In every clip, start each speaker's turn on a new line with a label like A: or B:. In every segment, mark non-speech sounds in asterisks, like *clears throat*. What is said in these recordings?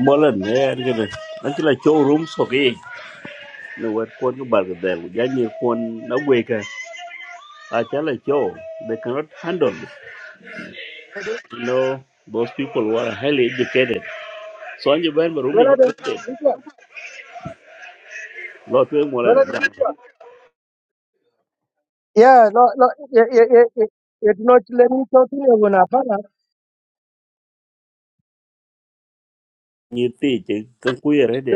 A: bolan er gene akila chow room so ge no wet kon ko bar de ya ni kon na we ka akila they cannot handle it.
B: It is-
A: you know those people who are highly educated so anje ban room ni
B: Where are the
A: bukote
B: usual?
A: lo to
B: Where
A: molan
B: are the usual? Yeah, no, no, yeah, yeah, yeah. yeah. It not let me talk to you when I find
A: ni ti je kan ku yere de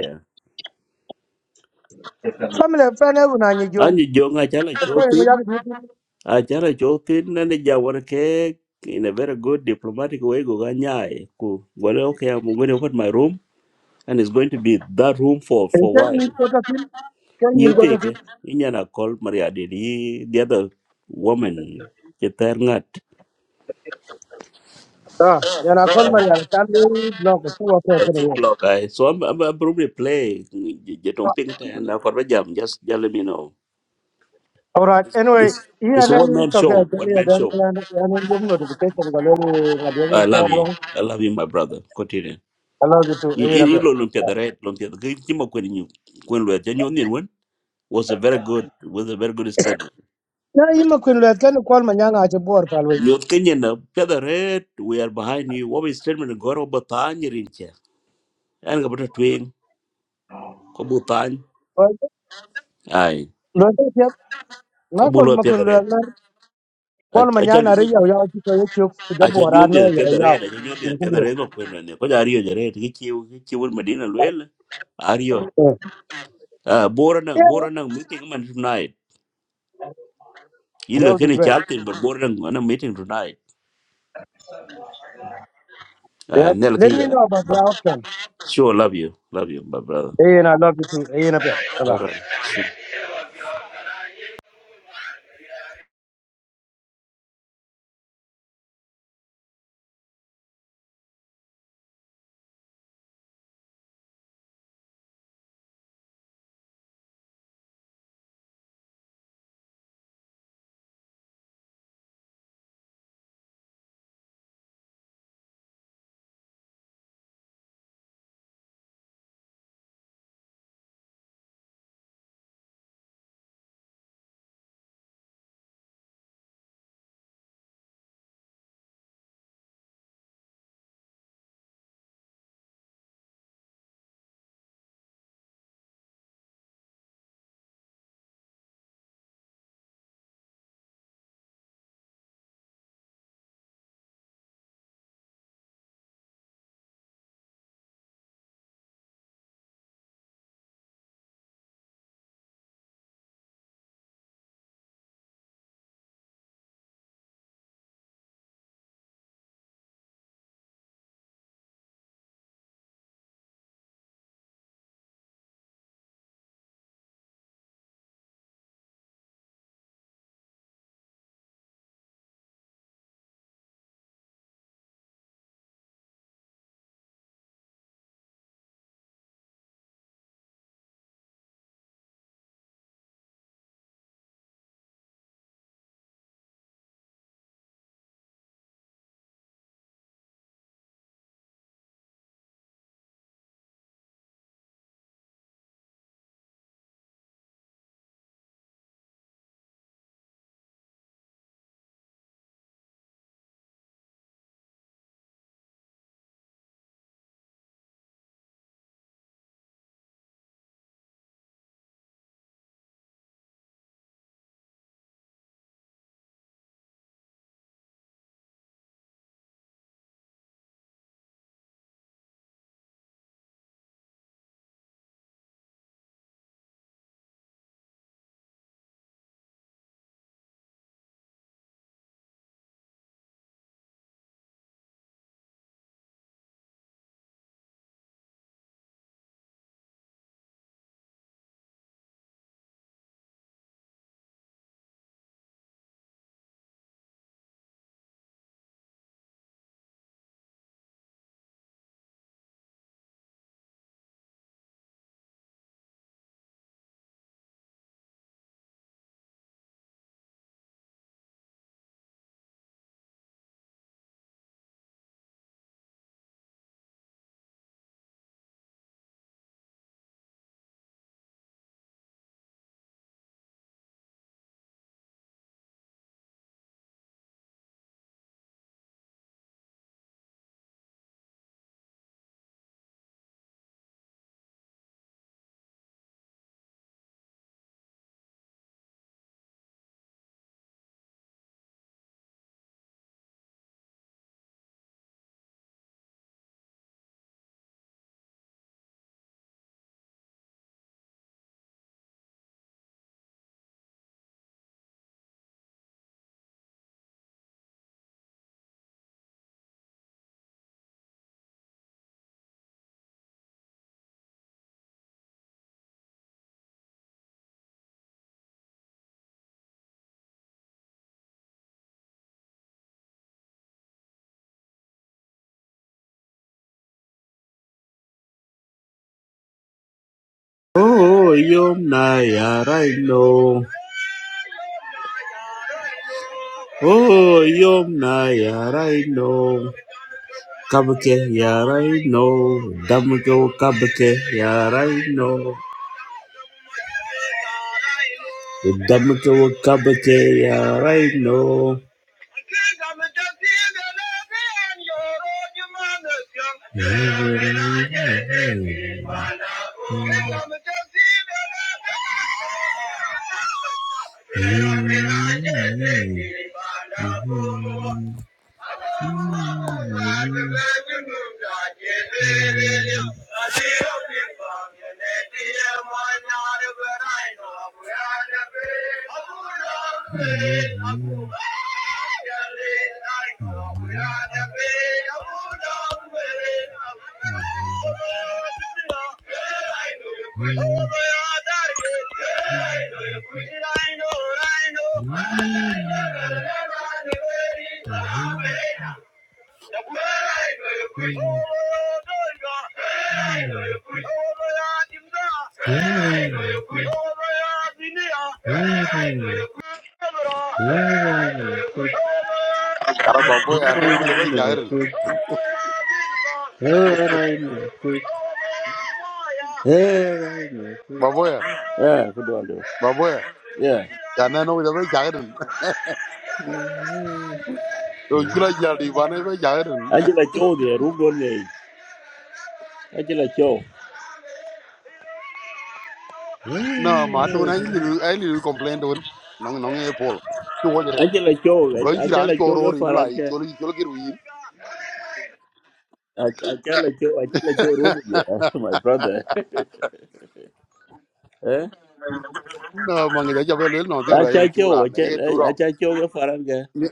B: out. Family, find out when I need you.
A: anje jo nga akila
B: Of
A: chow
B: course, we
A: tin
B: are the usual.
A: akila chow tin na ne ja wor ke in a very good diplomatic way go ganyai ku wale okay i'm going to open my room and it's going to be that room for for a
B: Can you
A: while
B: go to him? Can
A: You
B: you go
A: take
B: to
A: it.
B: him?
A: In yana call Maria Didi. the other woman, the third nut.
B: Ah, yeah, I call
A: I
B: Maria. I can't really block it. Two okay for the year.
A: block I so I'm, I'm, I'm probably play Jeton Pink and I for jam just just let me know.
B: All right. Anyway, here
A: It's
B: and
A: a one
B: then
A: man
B: talk.
A: show,
B: I tell
A: one
B: you,
A: man
B: then
A: show.
B: and then you notification. Go learn radiation
A: I love you.
B: wrong.
A: I love you, my brother. Continue.
B: Allow you to
A: You
B: hear up
A: you
B: here.
A: look know Lumpia the right, Lumpia the great Timo Queen you Queen Lua Genuine one was a very good was a very good statement.
B: Na yi ma kun lwet kan kwal ma nyanga che bor palwe.
A: You're Kenyan the red, we are behind you. What is statement go over Tanya Rincha? And about a twin,
B: Lo
A: ai
B: te pet
A: ka
B: na kol
A: bulo
B: ma
A: pia da
B: kun lwet
A: a
B: Kwan
A: a cha
B: manyak na riyao yao chiko yechuk kujabora
A: nyonde
B: no yao yao.
A: pia da
B: Included.
A: redo kwenda ne ko jariyo jare ti chiu chiu medina lwel ariyo
B: Yeah,
A: Ah, bora na
B: yeah,
A: bora na meeting man tonight
B: that
A: yirga
B: would be
A: kene
B: great.
A: chalting but bora na na meeting tonight Ah,
B: Yep.
A: nel ki
B: Let me
A: ya
B: know about the outcome.
A: sure love you love you my brother
B: Hey, and I love you too. Hey, and Bye bye.
A: all right Oh, yom na yara ino. Oh, yom na yara ino. Kabake yara ino. Damgo kabake yara ino. Idamutawakabateya right now. Mm-hmm. Mm-hmm. Thank you.
C: Yara baboya anene mo jabe chairin.
A: Hey,
C: Baboya,
A: yeah, good one. though.
C: baboya.
A: Yeah.
C: Anene mo jabe chairin. Yung kila jadi bana jabe chairin.
A: Angela Cho there, Rugone. Angela Cho.
C: No, ma tu na ili ili complain tu. Nong nong e pol. Tu wajere.
A: Angela Cho.
C: Gon kira ni
A: Angela Cho
C: choro
A: go
C: ri no
A: for
C: lai
A: Anke.
C: choli choli kiru yin.
A: Angela Cho. Angela Cho room here. *laughs* My brother. Eh?
C: No, mangi jabe jabe lo no tu la yung
A: Angela Cho.
C: chura na e tu
A: Angela
C: rong.
A: Cho go for Anke.
C: Mi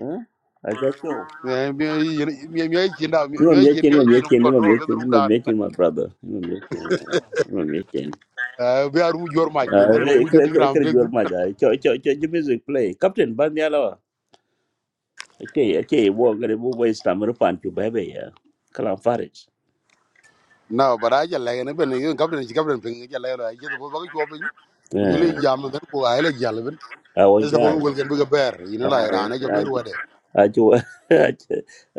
A: Eh? Angela Cho.
C: mi mi mi chinda mi
A: You are
C: mi chin
A: making, you
C: mi
A: are
C: chin fu
A: making, you are
C: control fe
A: making,
C: dum
A: you are
C: dan.
A: making my brother. You are making, you are making.
C: Eh be aru jor ma
A: Uh,
C: jon den ko
A: I
C: bu
A: could, I
C: joting
A: could, I
C: ram
A: could,
C: tek
A: you are my guy. Cho, cho, cho, cho music play. Captain, ban the Okay, okay, wo gare bu wai stammer fan chu bebe ya. Kalam Faris.
C: no but i just like ne ben yo kapten ci kapten ping ja le ay ci bo ba ko ping ku jole
A: I,
C: jam ben ko ay la jall ben
A: awo
C: es ta bo
A: jar.
C: wel gen bu ga ber you know la
A: I,
C: irane jo ber wade
A: chu a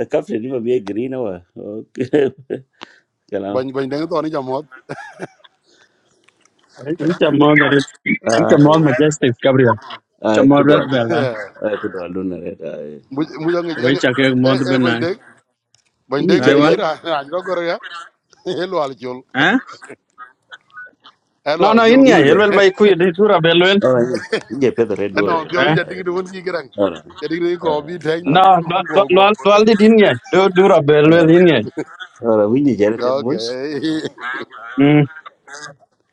A: kafre ni be a green wa. Okay. Kalam.
C: bañ bañ de to ni jamot
D: It's a mod, it's a mod
A: Ai.
D: majestic, Gabriel. It's a
A: Ai
D: mod that
A: kudwal.
D: bella.
A: Ai kudwal luna red ai.
C: mu mu nga
D: Which a cake
C: e
D: mod
C: e bañ
D: benai.
C: de bañ de
A: Inyi
C: ngi
A: jar ko.
D: Taiwa?
C: ngi ra ra ko gor ya e lo *laughs* al jol
D: Eh?
C: e lo
D: No,
C: al
D: no,
C: jol
D: in ya.
C: gor
A: Inyi jar.
D: Helwell by Kuya, they do a bellwell.
A: Oh, inyi. Inyi pe red do.
C: no yo
D: Eh?
C: ja ding de won ki gran
A: Ora.
C: ja ding ni *laughs*
D: No, no,
C: go
D: no,
C: go
D: no, no, did in ya. Do do a
A: Ora.
D: bellwell in ya.
A: Ora, inyi jar pe
C: okay
A: mois.
C: *laughs*
D: Hmm.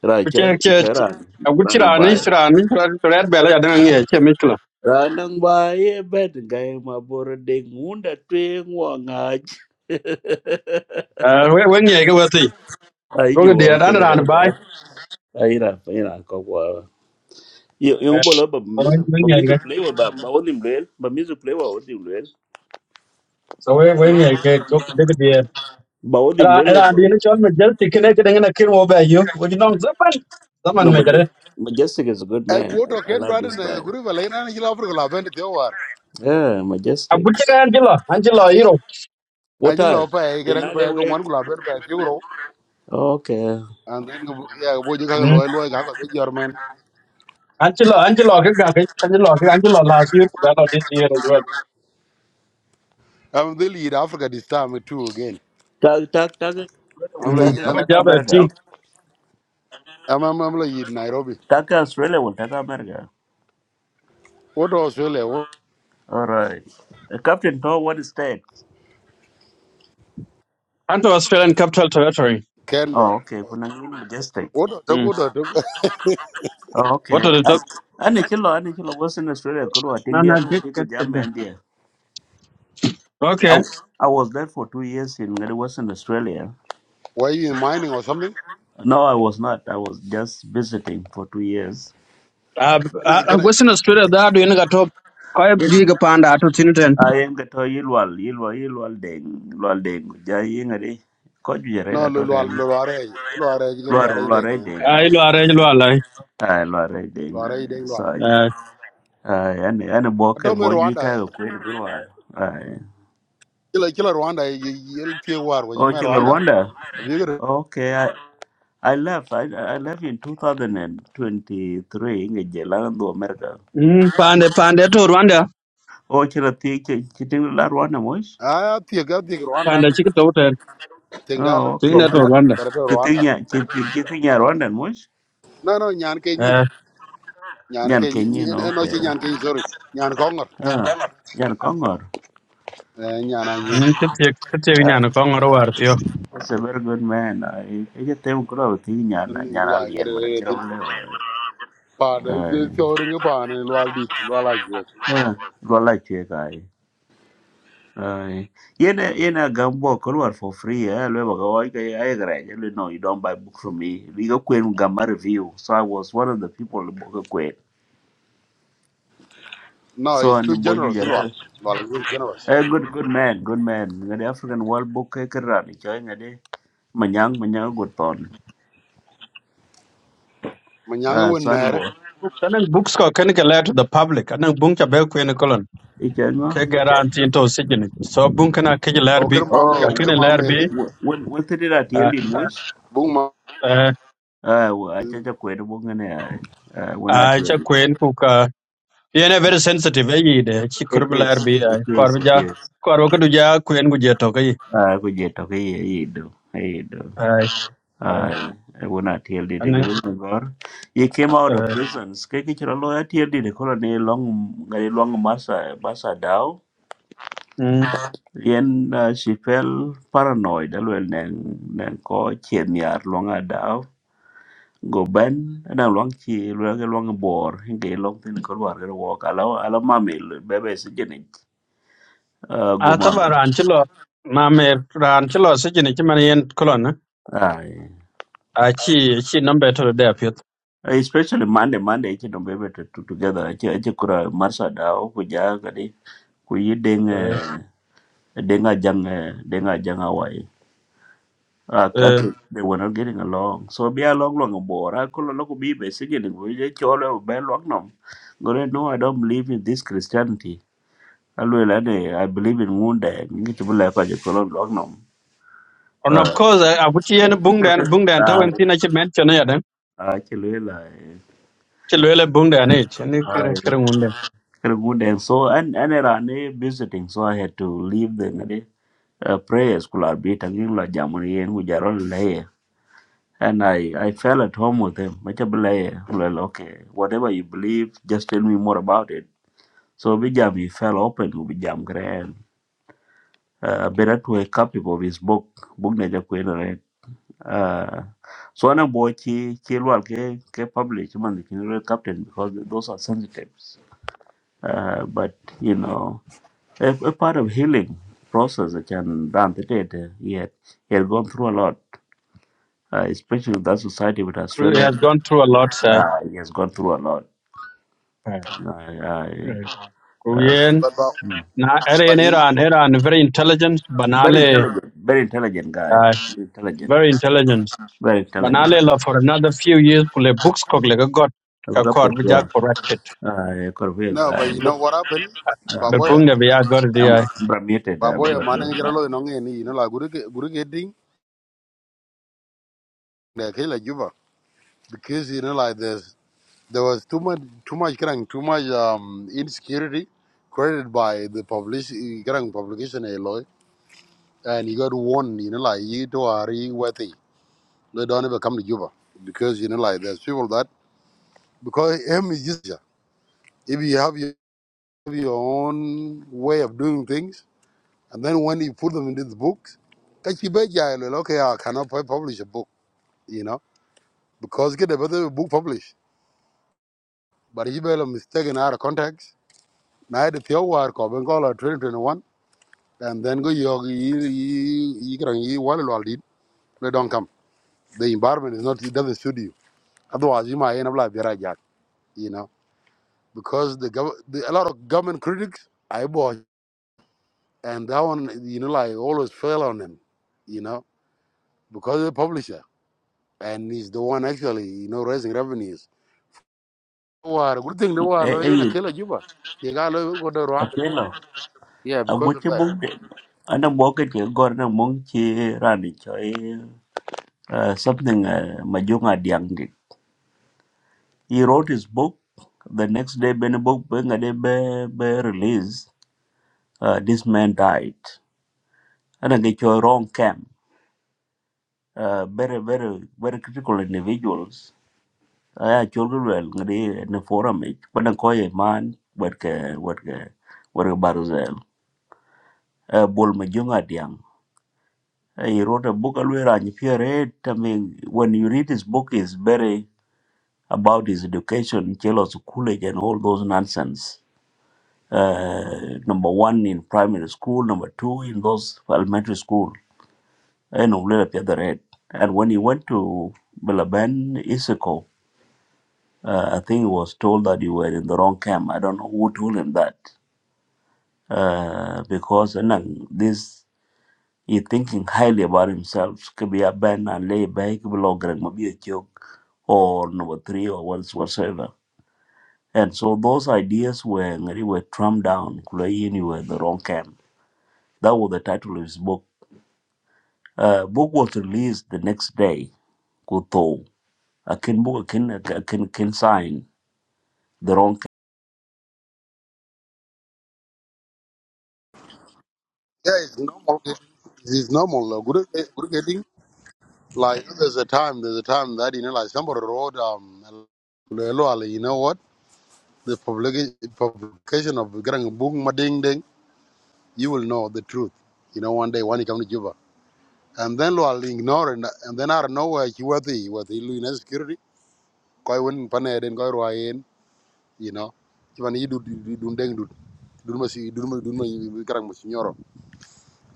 A: Ra
D: Which
A: jar,
D: a church.
A: ichara.
D: A good
A: Ranam
D: chirani,
A: bai.
D: chirani, red bella, I don't get a mikla.
A: Ranang baye bet gay mabor ding unda twing wangaj.
D: Uh, when ya go with the
A: *laughs* Ai
D: look at the
A: jua
D: other
A: fiada
D: and by.
A: reta. Ai na, ai na ko kwa. Yung
D: So
A: bolo ba misu ba
D: when ya
A: misu
D: get.
A: play wa ba ba odim lel, ba misu play wa odim lel.
D: So when ya get,
A: Ba odim
D: ra
A: lel wa
D: ra
A: ba.
D: di ni chol me jel tikene ke dengena kin wo ba yu wo di zaman zaman
A: No,
D: me
A: but
D: jere
A: Majestic is a good
C: e
A: man.
C: ko to
A: I, I
C: ken
A: love
C: brother
A: this
C: na
A: guy.
C: guru ba le na ni la fur ko la ben te war
A: Yeah,
D: a bu
A: Majestic.
D: che kan jilo an jilo iro
C: a
A: What
C: ji lo
A: time?
C: pa e gran pa
A: Ale
C: ko ngwan
A: wake. Okay.
C: And then, yeah, boy, you can't
D: mm
C: loy loy. How could your man?
D: an jilo an jilo ke ga ke an jilo ke an jilo last year ba lo this year as well
C: I'm the lead Africa this time too again.
A: Tag, tag, tag. Australia
C: I'm
A: will
C: like,
D: mm
A: take
C: I'm,
D: aba ja
A: Taka
D: ba ti
A: Berga.
C: I'm, I'm, I'm like in Nairobi.
A: Taka Australia will take Berga.
C: What to Australia? What
A: All right. Uh, Captain Paul, what is that?
D: an to australian capital territory
C: Canberra?
A: Oh, okay. Kuna ngini majestic.
C: What to
D: mm
C: go to? *laughs*
A: Oh,
D: what
A: okay.
D: are the top
A: Ani chilo, ani chilo was in Australia. Kuru
D: no
A: ating dia
D: no
A: tu
D: get get
A: kiku
D: get
A: jam and dia.
D: that okay
A: I, I was there for two years in Ngadi Western Australia.
C: Why you in mining or something?
A: No, I was not. I was just visiting for two years.
D: uh,
C: Can
D: uh,
C: I?
D: uh
C: Can I?
D: western australia da do ni ga top ko di
A: Il-
D: ga panda to tiniten
A: I am the to Yilwal, Yilwal, Yilwal Deng, Yilwal Deng. Jai Yingari. Koju jere
C: No,
A: la
C: lo
A: tota
C: lo
A: en.
C: lo lo are lo are again lo are ide can
A: Ai,
D: a ilo are ilo ala
A: ai, lwa re
C: lo
A: deng.
C: are ide
A: Ai,
C: lo are.
A: so ai.
D: eh
A: ane ane boke,
C: Ato me
A: boju
C: Rwanda,
A: ka ikayo kwenye kwenye.
C: kila kila Rwanda yel tie war wo me
A: Oh, Chile,
C: Rwanda.
A: Rwanda.
C: Have you got?
A: Okay, I, I left. I, I left in 2023 in Jelando, America.
D: mm pande pande to rwanda
A: Oh, Chile, Chiting La Rwanda, Mush?
C: Ah, tie ga tie
D: pande
C: Rwanda.
D: chik to ten
A: Oh,
C: Tengdalo
D: tin
A: okay.
C: juko
D: to
C: barat
D: rwanda
C: barat Rwanda.
A: Chiting Chiting Rwanda, Mush?
C: No no nyan ke ñaan ke
A: Jan Kenyan,
C: no
A: okay.
C: ci ñaan ke sori ñaan ko ngor
A: Ah, Jan Kongor.
C: eh ñaan ay ñen
D: Mm, ka tiek ka tiek
A: Ah,
D: nyano ko ngor war tio
A: It's it's a very good man. I I just think grow thing, Yan,
C: ni
A: Yan
C: la ngere
A: Alien, but
C: re
A: I can't
C: din
A: remember.
C: pa de de sori nga pa ne lwal dit lwal ay jwe
A: Ah, well, I check. Aye. Yena yena gambo kolwar for free eh lwe baga wai ka ai gara je no you don't buy book from me we go kwen gamma review so i was one of the people who go kwen
C: no
A: so
C: it's
A: and
C: too
A: boju
C: generous lwal
A: jara
C: lwal is too generous
A: eh good good man good man ngade african world book ke kra ni chai ngade manyang manyang good ton
C: ma ñanga
A: ah
C: won
A: so and
C: neere
A: bo
D: kanan books ko ken ke let to the public anan bung cha be ku en kolon
A: i chen ma
D: ke garan tin to sigin so bung kana ke
C: o
D: lar bi
C: kër ma
D: ka
C: meere
A: oh
D: ken
C: kër ma
D: lar
C: meere
D: bi
C: ke
A: wh- when when did i
D: a
A: tell you
D: a
A: mois
C: bu ma
A: ah wa cha cha kwen bo ngane ah when i
D: a
A: tell
D: cha
A: you
D: kuen ku ka yen a very sensitive e de chi
A: it
D: kurb
A: is
D: lar bi ai,
A: it
D: kor
A: is
D: bi
A: it
D: ja
A: is
D: kor ko du ja kuen gu je to ke ai
A: Ah, ku je to ke ye do ye do
D: ai,
A: ah e wona tiel de de
D: anan eh,
A: jibun gor he came out of prisons ke ke chiro lo tiel de de kolo ne long ngari long masa masa dao
D: mm,
A: yen ah, she felt paranoid alwel nen nen ko chen yar long dao go ben na long chi lo ke long bor ke long tin ko war ke wo ka lo ala mami bebe se jeni ah
D: a
A: go
D: ta ran chi lo ma me ran chi lo sigin chi man yen kolon a
A: mami
D: chi chi nombe to de pit
A: Uh, especially Monday Monday ichi don't be able to, to together ichi ichi kura marsa dao kuja kadi kuyi deng eh, denga jang eh, denga jang awai ah kaki they were not getting along so be along long bora kulo loko bi basically we je chole be long nom gore no I don't believe in this Christianity alwe lane I believe in ngunde ngi chubula kwa je kulo long nom
D: And of
A: ah
D: course, I put you in a bung dan, bung dan, to
A: ah
D: and thin, I should mention it.
A: ah, chilwe la eh,
D: Chilwell bung dan, it, and you
A: ah,
D: can
A: very good and so and and era ne visiting so i had to leave them uh, prayers kula be tagin la jamon yen ku jarol laye and I, I fell at home with him. Much Well, okay, whatever you believe, just tell me more about it. So Bijam he fell open to Bijam Grand. Uh, better to a copy of his book, book na ja kwena right. Uh, so ana boy chi chilwal ke ke publish man the general captain because those are sensitives. Uh, but you know, a, a part of healing process that can done today. yet he had gone through a lot. uh, especially with that society with
D: He
A: Australia,
D: has gone through a lot, Sai.
A: uh, he has gone through a lot. Uh, I- uh, so-
D: Kuyen,
C: ba ba
A: Mm.
D: na ere
C: ba
D: in
C: din
D: Iran, Iran, very intelligent,
A: very
D: banale,
A: intelligent, very intelligent guy,
D: uh,
A: intelligent,
D: very intelligent.
A: very
D: Banale
A: intelligent.
D: la for another few years, kule books kog lega got,
A: I look up
D: kakor,
A: at John,
D: bija corrected.
A: uh, a Korean
C: no ba
A: guy.
C: you know what happened
A: Uh,
D: The
C: baboya
D: bung da bija got it,
A: I'm
D: yeah.
A: I'm I'm a
C: baboya ma ne jara lo no ngeni no la guru ke guru ke ding ne ke la juba because you know like this There was too much, too much, crime, too much um, insecurity created by the publish, current publication alloy, and he got warned. You know, like you two are really worthy. They don't ever come to Cuba because you know, like there's people that because him is just yeah, if you have your, your own way of doing things, and then when you put them into the books, that you bet yeah, like, okay, I cannot pu- publish a book. You know, because get a better book published, but you bet a mistaken out of context. Now the pure work of Bengal 2021. and then go you you you. You can you wall wall it they don't come the environment is not it doesn't suit you otherwise you might end up like Vera Jack you know because the, gov- the a lot of government critics I bought and that one you know like always fail on him you know because of the publisher and he's the one actually you know raising revenues War, good thing the
A: Hey,
C: war in a
A: hey,
C: killer juba you got to go to Rwanda
A: okay, now.
C: yeah
A: I'm
C: because
A: going
C: of
A: to
C: that
A: mong ana moke ke gor na mong chi rani choi uh, something uh, majunga diang He wrote his book. The next day, when the book when the day be, be released, uh, this man died. And I get your wrong camp. Uh, very, very, very critical individuals. I had children well in the forum. it, But I call a man, work, work, work, Baruzel. Uh, Bol Majunga Diang. Uh, He wrote a book, Alwera, and if you read, I mean, when you read his book, it's very about his education, Chelos Coolidge, and all those nonsense uh, number one in primary school, number two in those elementary school, and Umlela Piadaret. And when he went to Belaban Isiko, uh, I think he was told that you were in the wrong camp. I don't know who told him that. Uh, because Anang, this he thinking highly about himself. Could be a Ben and lay back below maybe a joke or number three or what whatsoever. And so those ideas were really were trumped down. Kulaini were in the wrong camp. That was the title of his book Uh, book was released the next day. Kuto, akin book akin akin akin sign the wrong.
C: yeah it's normal it's normal good good Like there's a time, there's a time that you know, like somebody wrote um, Kulelo, you know what? The publica- publication of getting book Mading Ding, you will know the truth. You know, one day when you come to Juba, and then lo Lual ignore and, and then out of nowhere he was the was the Luina security. Koi win paned and koi royen, you know. Even he do do do ding do. Dunma si dunma dunma karang musinyoro.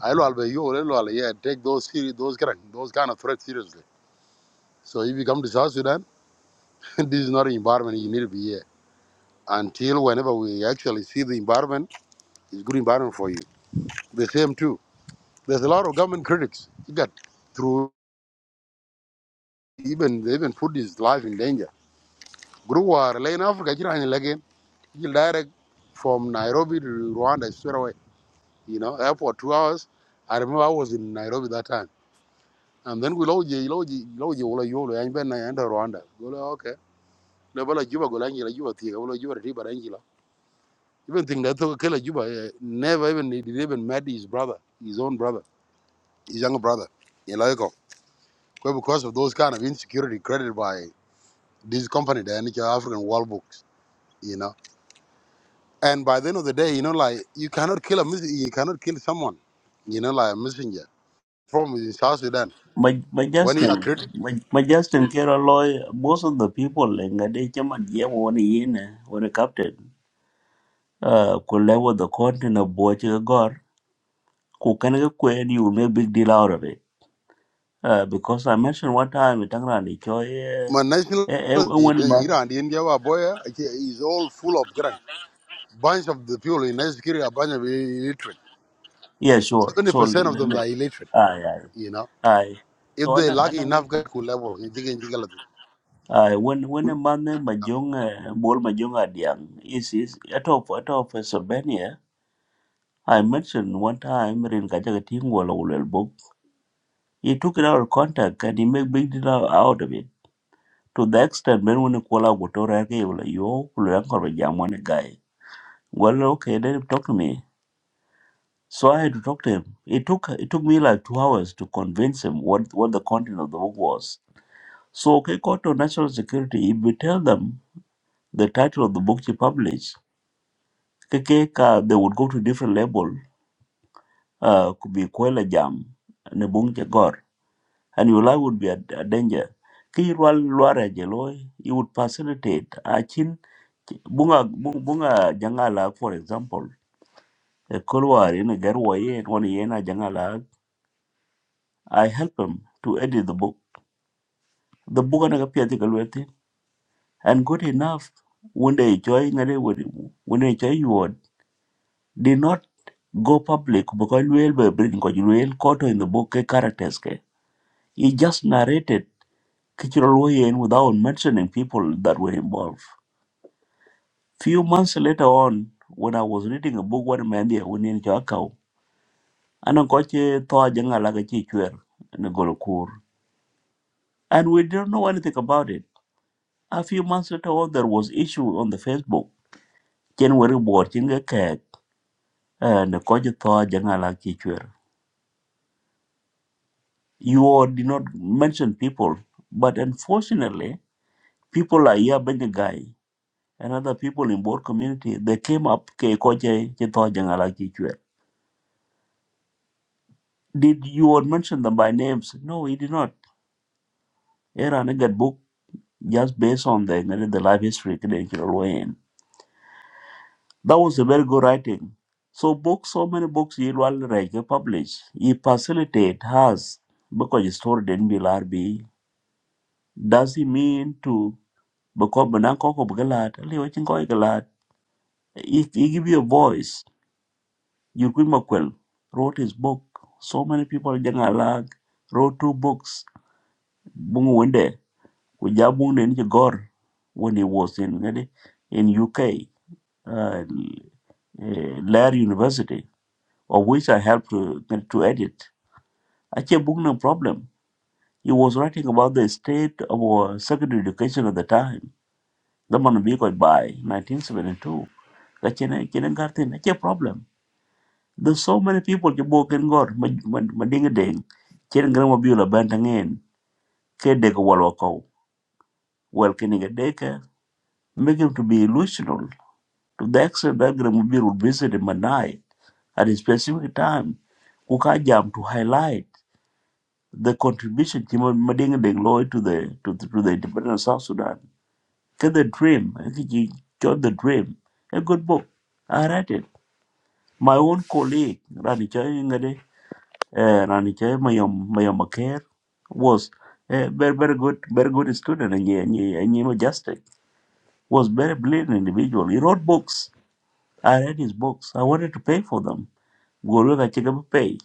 C: I lual be yo le lual yeah take those seri- those karang those kind of threats seriously. So if you come to South Sudan. *laughs* this is not an environment you need to be here. Until whenever we actually see the environment, it's good environment for you. The same too. There's a lot of government critics. You got through even they even put his life in danger. Guru war in Africa, you know, again. you direct from Nairobi to Rwanda straight away. You know, airport two hours. I remember I was in Nairobi that time. And then we load you, load you, load you, load you, load you, load you, Rwanda. Go like, okay. Nebala Juba Golangila, Juba Tia, Juba Riba Even think that Kela Juba uh, never even he didn't even met his brother, his own brother, his younger brother, in Loico. But because of those kind of insecurity created by this company, the NHL African World Books, you know. And by the end of the day, you know, like you cannot kill a mes- you cannot kill someone, you know, like a messenger. From in South Sudan,
A: My my
C: when you are
A: Justin,
C: created,
A: my, my Justin Kira most of the people in Gade Chaman Yem one yin when a captain. Uh, could level the content of Boachiga Gor, who can get queen, you make big deal out of it. Uh, because I mentioned one time, itangra ni Choi, eh,
C: my national,
A: eh, eh.
C: you
A: one month.
C: know, and the India boy eh, is all full of grime. Bunch of the people in national security are bunch of illiterate.
A: Yeah, sure.
C: Seventy
A: So, l-
C: percent of
A: l-
C: them are
A: l-
C: illiterate,
A: aye, aye,
C: you know
A: aye.
C: if
A: So,
C: they
A: anang,
C: lucky enough
A: anang,
C: ka ku level ni jigen jigala tu.
A: ai when when a man majong uh, bol majong adiang is is at of at of Pennsylvania I mentioned one time in Kachakating book. He took it out of contact and he made big deal out out of it. To the extent when when Kuala Gutora yo Kuluang one guy. Well okay let him talk to me. So I had to talk to him. It took it took me like two hours to convince him what, what the content of the book was. So okay, go to national security, if we tell them the title of the book you publish keke ka they would go to different level uh, could be kwela jam ne bung and your life would be a, a danger ki rwal lwara je you would facilitate a chin bunga bunga bunga jangala for example a kolwar in a garwa ye one ye na jangala i help him to edit the book the book na ka pia and good enough when they joy ngare when they join you did not go public because Luel were bringing Luel Koto in the book ke characters. Ke. He just narrated cultural Wayen without mentioning people that were involved. Few months later on, when I was reading a book one man there when in Chakao, and I got Thoa Janga Lagachi Chwer and a Golokur. And we didn't know anything about it. A few months later on there was issue on the Facebook. January board chinga kek and the coach Thoa Janga You did not mention people, but unfortunately, people like Yabeng Guy and other people in board community, they came up, "Ke koje che tho jangala chi chwe." did you mention them by names? No, he did not. Era Nugget book just based on the, the life history credential way in. That was a very good writing. So books, so many books he Rajke published. He facilitate has because the story didn't be larbi. Does he mean to because bananko ko bgalad liwa chinko galad if he give you a voice you could makwel wrote his book so many people janga lag wrote two books bungu wende kuja bungu ne ni gor when he was in ngadi, in UK uh, eh, Lair University of which I helped to to edit ache book no problem he was writing about the state of our secondary education at the time the man bi ko by 1972 kachene kene garden ache problem There's so many people ke bo ken God, ma ma ma deng. Chen gran ma biula banta ngen ke de ko walwa ko. Well ken ga de ka make him to be illusional to the extent that gran ma biula visit him at night at a specific time. Kuka jam to highlight the contribution Madinga deng loy to the to the, to the independence of South Sudan. Ke the dream, e ke ji the dream. A good book. I read it. My own colleague, Rani Chayingade, uh, Raniche Mayom Mayom care was a very very good very good student and he, and he, and he majestic was very brilliant individual. He wrote books. I read his books. I wanted to pay for them. Gorilla I could pay,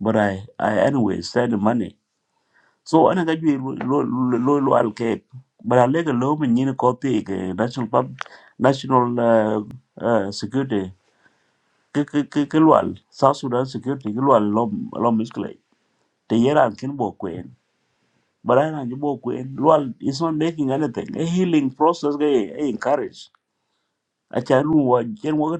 A: but I I anyway sent the money. So I got you loyal cake. But I like a low and you copy national pub national uh, uh, security. Kilwal South Sudan security kilwal lom lom misclay. The year I'm But I know Queen. Well, it's not making anything. A healing process I encourage. I can work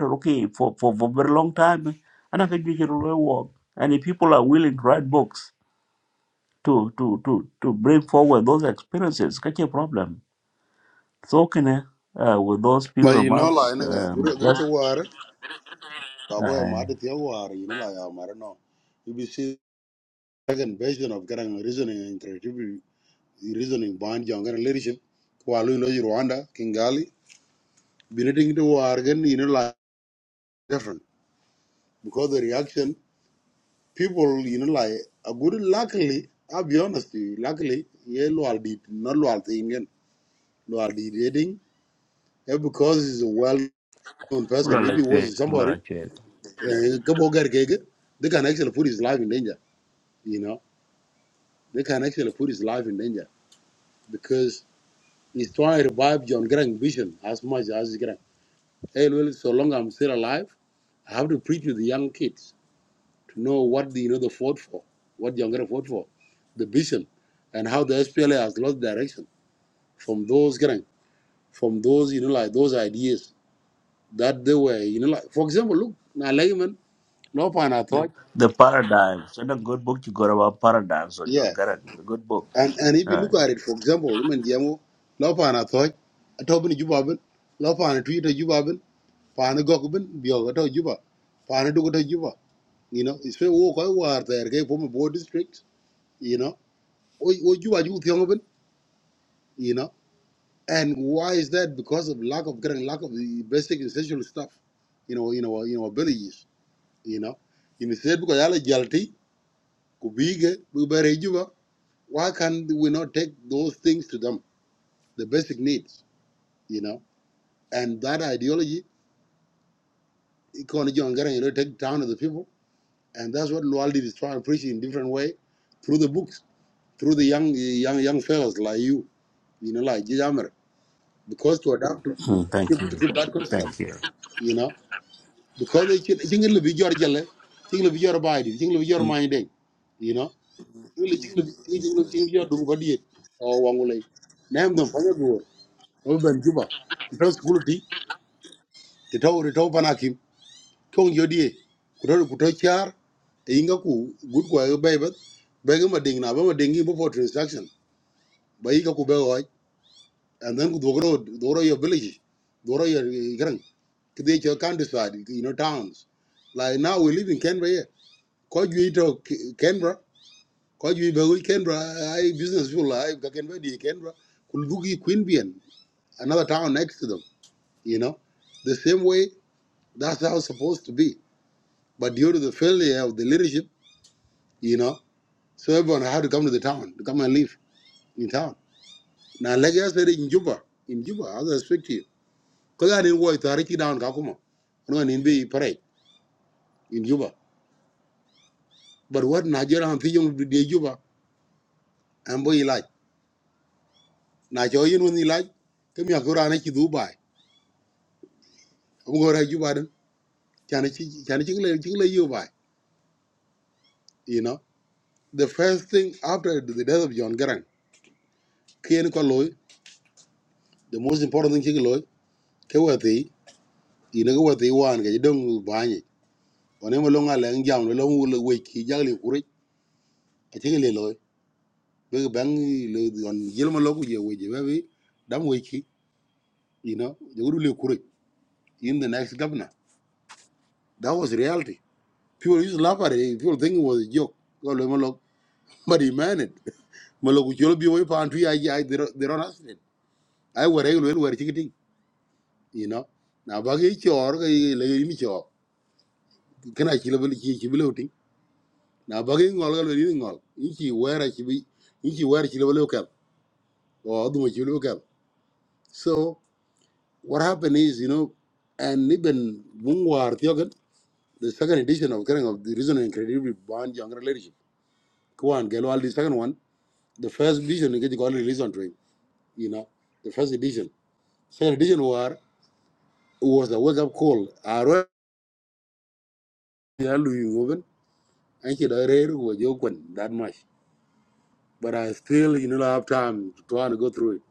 A: okay for, for, for very long time. And I can work. And if people are willing to write books to to to, to bring forward those experiences, catch a problem. So can I uh, with those few
C: But you know la
A: remarks,
C: ne
A: um,
C: guru guru to war babo e
A: uh,
C: ma de tiya war you know la ya mare no you be see second version of getting reasoning and creativity reasoning band young and leadership kwalu no rwanda kingali biniting to war gen you know la different because the reaction people you know like a good luckily I'll be honest to you luckily yeah loyal did not loyal thing loyal did dating yeah, because he's a well known person
A: well,
C: if
A: like
C: he
A: that,
C: was
A: well,
C: somebody
A: like that.
C: Uh, Gabo they can actually put his life in danger, you know. They can actually put his life in danger because he's trying to revive John Grant's vision as much as he can. Hey, well, so long I'm still alive, I have to preach to the young kids to know what the, you know, they fought for, what John Grant fought for, the vision, and how the SPLA has lost direction from those Grant, from those, you know, like those ideas that they were, you know, like, for example, look, now Lehman, Lopan, I thought,
A: the paradigm. So a good book you got about paradigms or John
C: yeah.
A: Garang. It's a good book.
C: And and if
A: All
C: you look
A: right.
C: at it, for example, women Jamo, Lopana Thoy, a Tobin Jubabin, Lopana Tweet a Jubabin, Pana Gokubin, Biogato Juba, Pana Dugata Juba. You know, it's very walk over there, gay from a board district, you know, or Juba Youth Yongabin, you know. And why is that? Because of lack of getting lack of the basic essential stuff, you know, you know, you know, villages, you know. Instead, because Ala Jalti, Kubige, Bubere Juba, why can we not take those things to them, the basic needs, you know? And that ideology, Ikon John Garang, you know, take down to the people. And that's what Lual did is try and preach in different way through the books, through the young young young fellows like you, you know, like Jijamar. Because to adapt to,
A: Hmm, thank
C: keep, to
A: you.
C: keep that concept,
A: Thank you.
C: you know. Because they think it'll be your jale, think it'll be your body, think it'll be your mind, eh, you know. Really Think it'll be think it'll be- think it'll be your dung body, eh, or Wangulay. Name them, Panyagur, Oban Juba, the first school tea, the tow, the tow tong yodie kutor kutor char e inga ku good kwa ga bay bat bay ma ding na ba mading gi before transaction bay ka ku bay hoy and then ku dogro dogro your village dogro your gran kide your countryside you know towns like now we live in canberra here ko ju ito K- canberra ko ju be we canberra i business people i ga canberra di canberra ku dugi queanbeyan another town next to them you know the same way that's how it's supposed to be but due to the failure of the leadership you know. So everyone had to come to the town, to come and live in town. Now, like I said, in Juba, in Juba, as I speak to you, because I didn't work, I already down Kakuma. No, and in the parade in Juba. But what Nigeria and Fiji did Juba, and boy, like, Nigeria, when you like, come here, go around to Dubai. I'm going to Juba, then, can I chill you by? You know, the first thing after the death of John Garang, Kian Koloy, the most important thing, Kiloy, Kawati, you know what they want, you don't buy it onem lo nga lang jam lo ngu lo we ki jagli kuri a ti le loy be bang lo on yel mo lo ku je we je be dam we ki you know You guru le kuri in the next governor that was reality people used to laugh at it people think it was a joke go lo but he meant it mo lo ku jo bi we pa antu they three, they're not ask it i were ai lo lo ti you know now ba ge ti or ge le ni ti or kana chi lo bi chi chi bi lo ti na ba ge ngol ga lo ni ngol ni chi wera chi bi ni chi wera or otherwise So what happened is, you know, and even Mungwar Thiogan, the second edition of Kerang of the Reason and Credibility Bond Younger Leadership, Kwan Gelwal, the second one, the first edition you get got release on train, you know, the first edition. Second edition war was a wake up call. I wrote and she that much. But I still, you know, have time to try to go through it.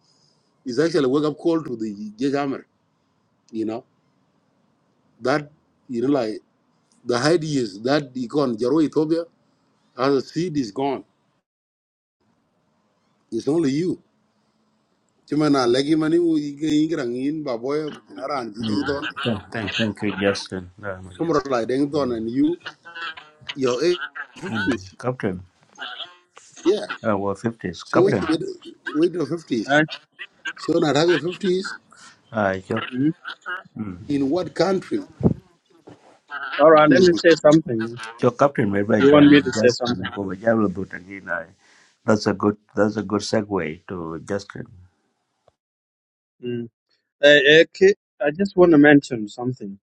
C: It's actually a wake up call to the Jajamar, you know, that, you know, like. The ideas that you can Jaro Ethiopia as a seed is gone. It's only you. Chimana legi mani u ige ingrang in baboy naran
A: Mm.
C: jidengton.
A: Thank, thank, thank you, Justin. Uh, my
C: Sumra
A: Justin.
C: lai
A: Mm.
C: dengton and you your age
A: Mm.
C: fifties.
A: Captain,
C: Yeah.
A: uh, well, 50s.
C: So which
A: Captain,
C: wait till wait your fifties.
D: Eh?
C: So not have your fifties
A: uh, your,
D: Mm.
A: mm.
C: in what country?
D: All right, let me
C: Mm.
D: say something.
A: your captain, maybe I
D: you want me to say
A: Justin.
D: something.
A: go with Jalo Butagina. That's a good. That's a good segue to Justin.
D: Mm. Eh, eh, ki- I just want to mention something.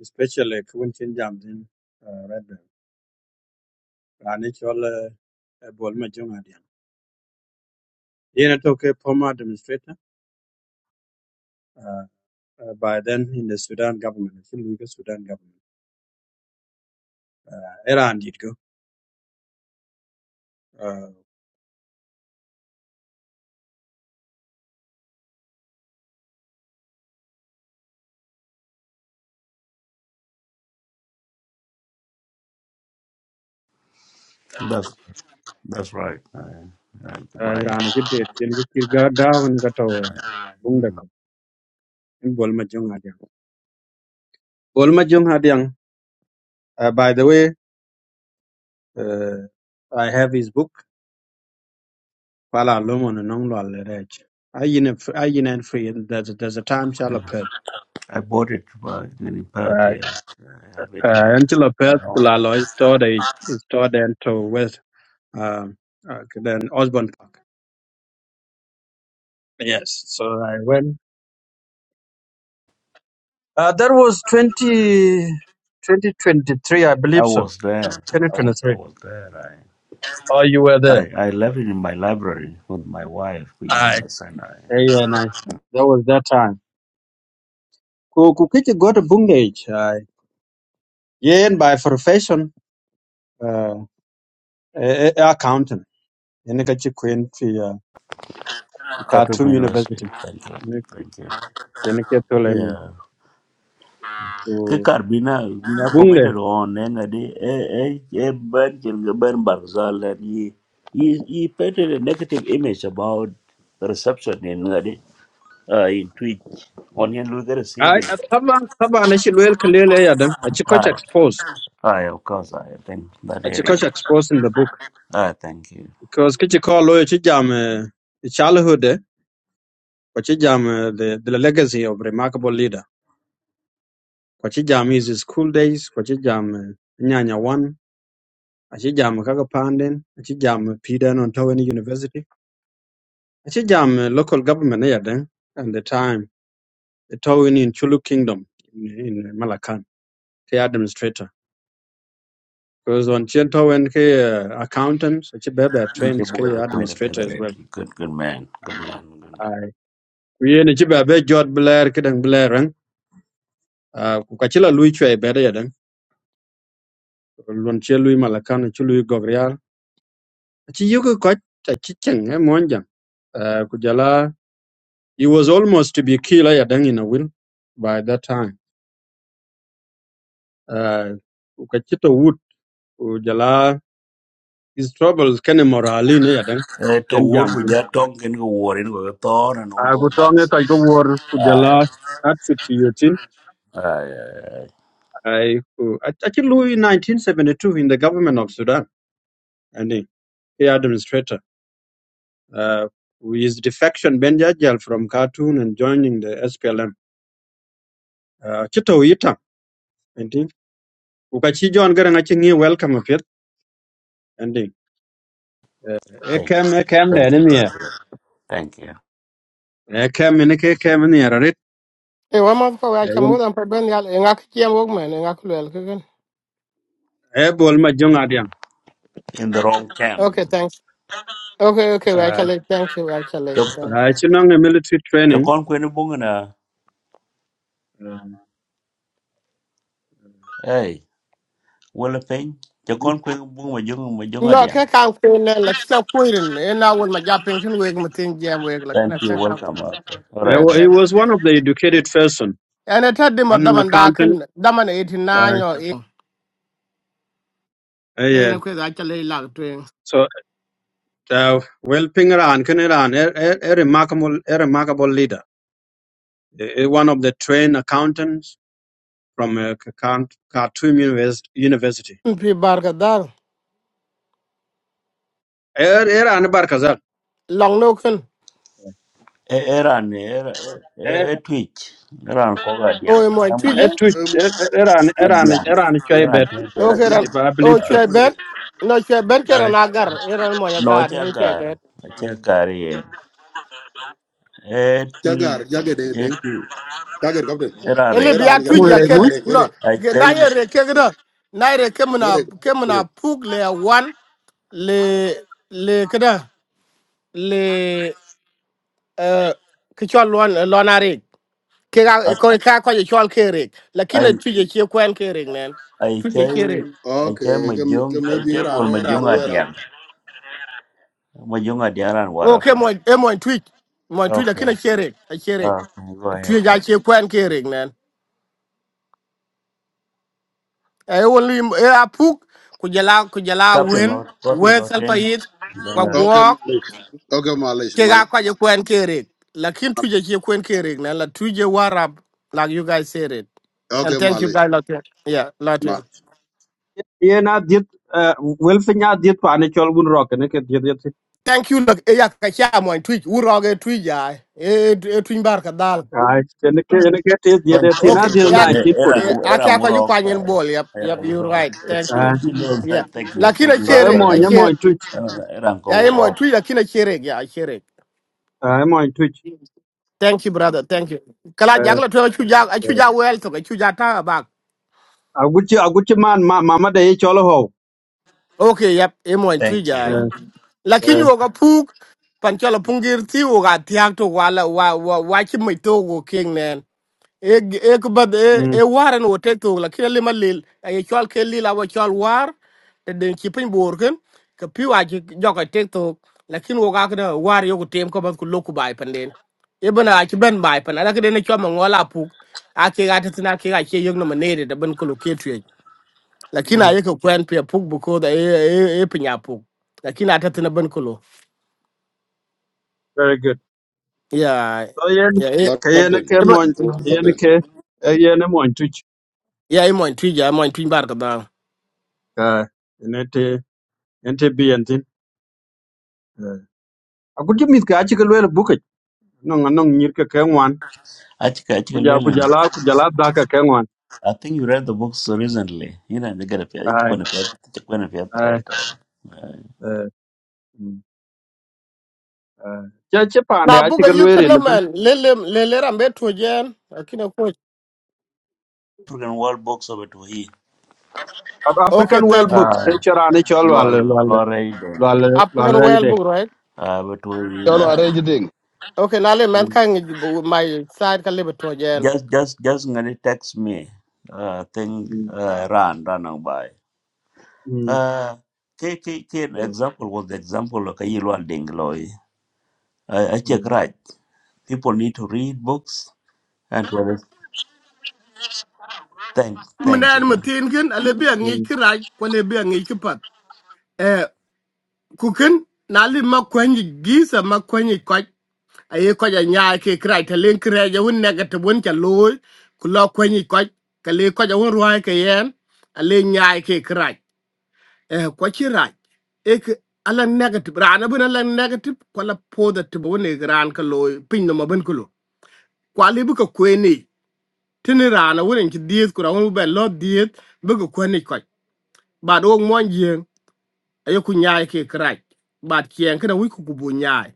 D: especially Kuintin Jamdin uh, Red Bell. Ranichol uh, Bolma Jongadian. Yena took a former administrator uh, uh, by then in the Sudan government, the Luga Sudan government. Iran did go. Uh,
A: That's that's right. Uh, uh,
D: uh,
A: my,
D: Iran did it. Kirga down that over.
A: mm.
D: Bundako. In Bolma Jongadian. Bolma Jongadian, uh, by the way, uh, I have his book, Pala Lomon and Nonglo Alerech. I in a, I in a free, there's, there's a time shall appear.
A: I bought it by an
D: Uh,
A: imperative. I have it in
D: Uh,
A: my.
D: Angela Perth Kulalo is stored is stored into West um uh, then Osborne Park. Yes. So I went uh, that was 20, 2023, I
A: I
D: believe so.
A: was there.
D: Twenty
A: I
D: twenty
A: was. I
D: three.
A: was there. I.
D: Oh you were there.
A: I, I left it in my library with my wife, with
D: I
A: my son.
D: yeah, and I that was that time. Ku ku kike go to Bungage. I yeah and by profession uh a- a- accountant. Ene kachi Queen to uh,
A: Khartoum
D: Khartoum
A: University.
D: University.
A: Thank you.
D: Ene
A: Thank you.
D: ene ke tole
A: Yeah. Ke Carbina, Mina
D: ni.
A: commented on Nengadi, eh, eh, eh, ban Ben ban Barzal, and he, he, he painted a negative image about the reception in Nengadi, uh, in Twitch. On your look
D: I, I
A: at
D: kama kama anachilwel kelele ya dan achikoch
A: Aye,
D: expose
A: aye, of course, I think that area.
D: achikoch expose in the book
A: Ah, thank you.
D: because kichi ko lo chi jam eh, childhood eh, ko chi jam eh, the the legacy of remarkable leader ko chi jam his school days ko chi jam eh, nyanya one achi jam kaka panden achi jam piden on Towini university achi jam eh, local government eh, ya dan and the time the Towini in Chulu kingdom in, in Malacan the administrator Because on Chiento when he uh, accountants, Chibebe
A: Thank you,
D: trains he
A: Buga, the Queen of the
D: administrator
A: other
D: as
A: end.
D: well.
A: Good, good man, good man, good man.
D: Aye. We in Chibebe Jod Blair Kidang Blair and uh Kachila Lui Chwe Bede Yadan, Lunche Lui Malakan, Chului Gogrial. Chi Yuku Koch, a Chicheng, a Monjang. Uh Kujala, he was almost to be killed Yadan in a will by that time. Ah, Uh Kachito Wood, Kujala, his troubles can moralin Yadan,
A: Eh, to
D: Ken
A: work with
D: Jamtin.
A: that tongue and go war in with a thorn and all
D: I
A: those
D: could tell me Kajawar
A: nonsense.
D: Kujala at 50
A: Aye, aye, aye.
D: I who actually Louis in 1972 in the government of Sudan, and he he administrator. Uh, his defection Ben from Khartoum and joining the SPLM. Uh, Chito Ita, and he Ukachi John Garang welcome of it, and he he
A: Thank you.
D: came he came the
A: thank
D: enemy here.
A: you. Thank you.
D: He came and he came in here, right?
E: Hey, one month ago, I came more than prepared. I got a workman and I could well.
D: He bol ma jong adiang.
A: In the wrong
E: Okay,
A: camp.
E: thanks. Okay, okay, we
D: Uh,
E: actually thank you, actually
A: The
E: thank
D: I
E: you.
D: Chinong a military training.
A: con queen bungana.
D: Uh,
A: Hey, well, a thing. The con queen bunga jung
E: No, I
A: majungadian.
E: can't feel like so quitting. And now with my job pension, we can think jam we like
A: Thank
E: let's
A: you.
E: check out.
A: Welcome. Arthur. All
D: I,
A: right.
E: Yeah,
D: wa-
A: man.
D: he
E: thanks.
D: was one of the educated person.
E: And I told them of them
D: Anong
E: and dark
D: accountant.
E: and them and eighty nine
D: Uh,
E: or eight. And
D: yeah.
E: of course, actually like doing.
D: So, Uh, well, Pingaran, Kiniran, a, a, a remarkable, a remarkable leader, a, a one of the trained accountants from uh, K- Khan- Khartoum Univers- University.
E: P. Bargadar,
D: Iran Barkazal.
E: long no can.
A: Eh, Eran, eh,
D: Iran,
A: eh, eh, twitch. Eran, Kogadian.
E: Oh, my
A: Ramon,
E: teacher.
D: Iran,
A: Adian.
D: Iran,
A: Eran,
D: Chaibet,
E: Okay,
A: Chadian.
E: then.
D: if I believe
E: Oh,
D: so.
E: chair bed. No, chair bed, get
D: Aye.
E: an agar. You don't want your
A: No, Chagar.
E: guard.
D: Yeah.
A: Chagari. Eh, Eh, E,
C: Jagar
A: twitch.
C: jagar deng
A: Eh,
C: deng
A: twitch.
C: jagar captain.
E: ele
A: Eran,
C: Era an
E: bia
D: Emo
C: gerang
E: tuji ya
D: here,
C: era
E: ke
D: Mus?
C: era era
E: no
A: I
E: ge na ye re
A: tell
E: ke gida na ye re ke muna ke
C: era.
E: muna pug le ya wan le le kada le eh ke chol lon lona re ke ga e ko e ka ko ye chol ke re lakini
A: you.
E: tuji ke kwen ke re nen
A: ai chơi
E: tuji ke re
A: ai chơi
C: Okay,
A: mà giống ai
C: maybe
A: chơi
C: era
A: buồn mà giống ở
C: era
A: điện mà giống ở điện là what
E: o
A: up
E: ke mo e mo tuji mo tuji
A: okay
E: lakini ke re ke re
A: okay go ahead
E: tuji ja ke kwen ke re nen e won li e a puk ku jala ku jala
A: captain lot
E: wen
A: có từ
E: wen
A: lot
E: salpa
A: riêng
E: yit
A: nên là
C: Okay,
E: kwa
C: Malish. Okay, Malish.
E: ke ga
C: Malish.
E: kwa je kwen kerek lakin
C: Malish.
E: tuje ke kwen kerek na la tuje warab like you guys said it
C: Okay,
E: and thank you
C: Malish.
E: guys lot yeah lot
C: Malish.
D: Yeah, na diet, uh, well, thing na diet pa ni chol bun rock, ne ke diet diet.
E: thank you look e ya ka cha mo tuj uroge tuj ya e e tuj bar ka dal
D: Ay, ne ke ne ke diet diet
A: con
D: diet
A: con
D: na
E: okay
A: cái
D: diet
E: eh,
A: captain ấy era
E: ya
D: 1946.
E: a
A: era
E: cha
A: ngu
E: ko ju
A: rồi
E: kwa
A: cái
E: nyen yep
A: era
E: yep
A: ngu
E: you are
A: rồi
E: right thank you
D: Ay,
A: *laughs* you know that
E: yeah
A: thank you
E: lakin
A: thank
E: a
A: you my
D: so
E: kerek
D: emo
E: a
A: brother
D: nya
E: che
D: mo twitch,
A: era
E: ya
A: ngu
E: e mo
A: rồi
E: tuj lakin a kerek ya a
D: ay mo twitch.
E: thank you brother thank you kala
D: Uh,
E: jagla to chu jag a
D: uh,
E: chu ja to ka chu ja
D: Aguchi, Aguchi man, ma, mama de cholo ho.
E: okay yep e mo
A: thank you
E: twiga
D: Eh,
E: lakini
D: eh,
E: wo ga puk pan chola pungir ti wo ga tiak to wala wa wa wa chi mai to go king nen e e ko bad e
D: mm,
E: e waran wo te to lakini le malil e chol ke lila wo chol war te den chi pin bor ken ka pi wa chi joka te to lakini wo ga ka war yo ko tem ko bad ku loku bai pan den e bana a chi ben bai pan ala ka den chol ma ngola puk a ke ga te na ke ga che yo no manere da ban ko lo lakini
D: mm,
E: aye ko kwen pia puk because e e e pinya puk lakini atatina ben kulo
D: Very good.
E: ya
D: So yen,
E: ya e
C: Lord
D: kayen
C: Captain.
D: ke
E: eba
D: mon,
C: Lord
D: yen
C: Captain.
D: ke, eh, yen mon tuch.
E: ya e mo twija mo twin bar kada
D: Ka, nete, nete bi yentin. Eh, Aguchi mit ka achi kalwele buke. Nong, nong nyir ke kengwan.
A: I think I think
D: Kuja,
A: Llewellyn,
D: kujala, kujala daka kengwan.
A: I think you read the books recently you know they got a fair it's
D: Ay,
A: going to fair it's going to fair
D: ay,
A: right
D: eh, mm, eh. Che, che pande
E: na
D: achi
E: buga you can
D: kalwele
E: no
D: nipen.
E: man lele lele rambe to jen lakini ko
A: program world books over to
D: Ab-
E: okay
D: African well
E: thank you
D: book.
A: he
D: Ke chirani chol wale,
A: Well,
D: wale,
A: already,
D: wale, wale
E: african well
D: rajde.
E: book right
A: uh, but we
F: Y'all
D: Eh,
F: don't
A: uh,
F: arrange a thing.
E: okay na le man
D: mm,
E: kan my side ka lebe to jen
A: just just just gonna text me. Uh, thing
D: mm,
A: uh, ran running by. Uh, k k k an
D: mm.
A: example was the example of Kayilwa Dengloi. I, I
D: eh.
A: check right. People need to read books and to under- thank thank
E: imnan
A: you.
E: matin kin ale bi angi
D: Mm.
E: kirai ko le bi angi kipat eh kukin na le makwanyi gisa makwanyi aye ko ja nya ke kra ta len kra ja un nega te bon cha loy ku lo ko ni ko ka le ko ja un ruai ke yen ale nya ke kra e ko chi ra e ke ala negative rana bun ala negative ko la po da te bon ne gran ka loy pin no ma ben ku lo ko ale bu ko ko ni tini rana won ki diet ku ra un be lo diet bu ko ko ni ko ba do mon yen aye ku nya ke kra ba kien kana wi ku bu nya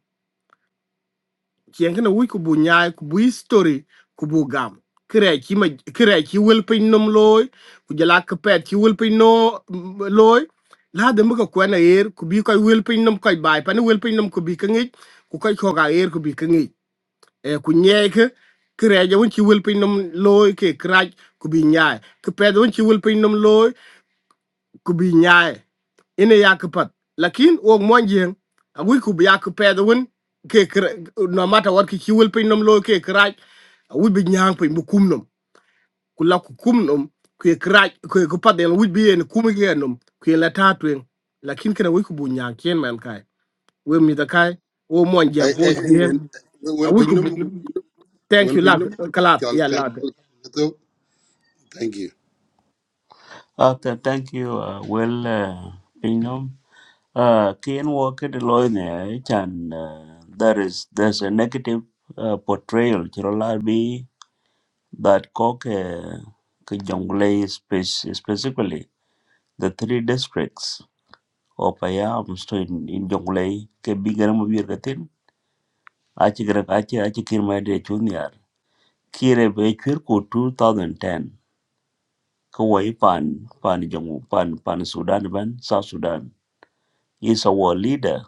E: kienkene wic ku bu nyaai ku bu history ku bu gam kirɛc ci ma kirɛc ci wel p i n o m looi ku jala kepɛɛt ci wel piny no looi laade mi ke k u n a e r ku bi kɔc wel p i n o m kɔc baai pani wel p i n o m ku bi keŋic ku kɔc k o k a e r ku bi k e ŋ i Eh, ku nyɛɛke kirɛc awun ci wel p i n o m l o o ke kerac ku bi nyaai k e p ɛ t h awun ci wel p i n o m l o o kubi nyaay ina yak pat lakin wo mon jeng a wi kubi yak pedo won ke kra- no mata wat ki kiwel pin nom lo ke kraj a wi bi nyaang pin bu kum nom ku la ku kum nom ku kraj ku ku pat den wi bi en kum ge nom ku la ta twen lakin kana wi kubu nyaang ken man kai we mi da kai wo mon
C: Hey,
E: jeng ko
C: hey, hey.
E: jeng a
C: Well,
E: wi
C: pay
E: kubu
C: them.
E: thank
C: Well,
E: you
C: pay
E: lad
C: them.
E: kalat
C: Chal,
E: ya
C: chal,
E: lad
C: chal. Thank you.
A: After thank you, uh, well, uh, Pingam. Uh, Keen work at the and uh, there is there's a negative uh, portrayal. Chirolabi. that Koke Jonglei spec- specifically the three districts of Payam so in, in Jonglei ke bigger mabir gatin achi gran achi achi kirma de junior kire be kir ko 2010 ko pan pan jongu pan pan Sudan ban South Sudan is our leader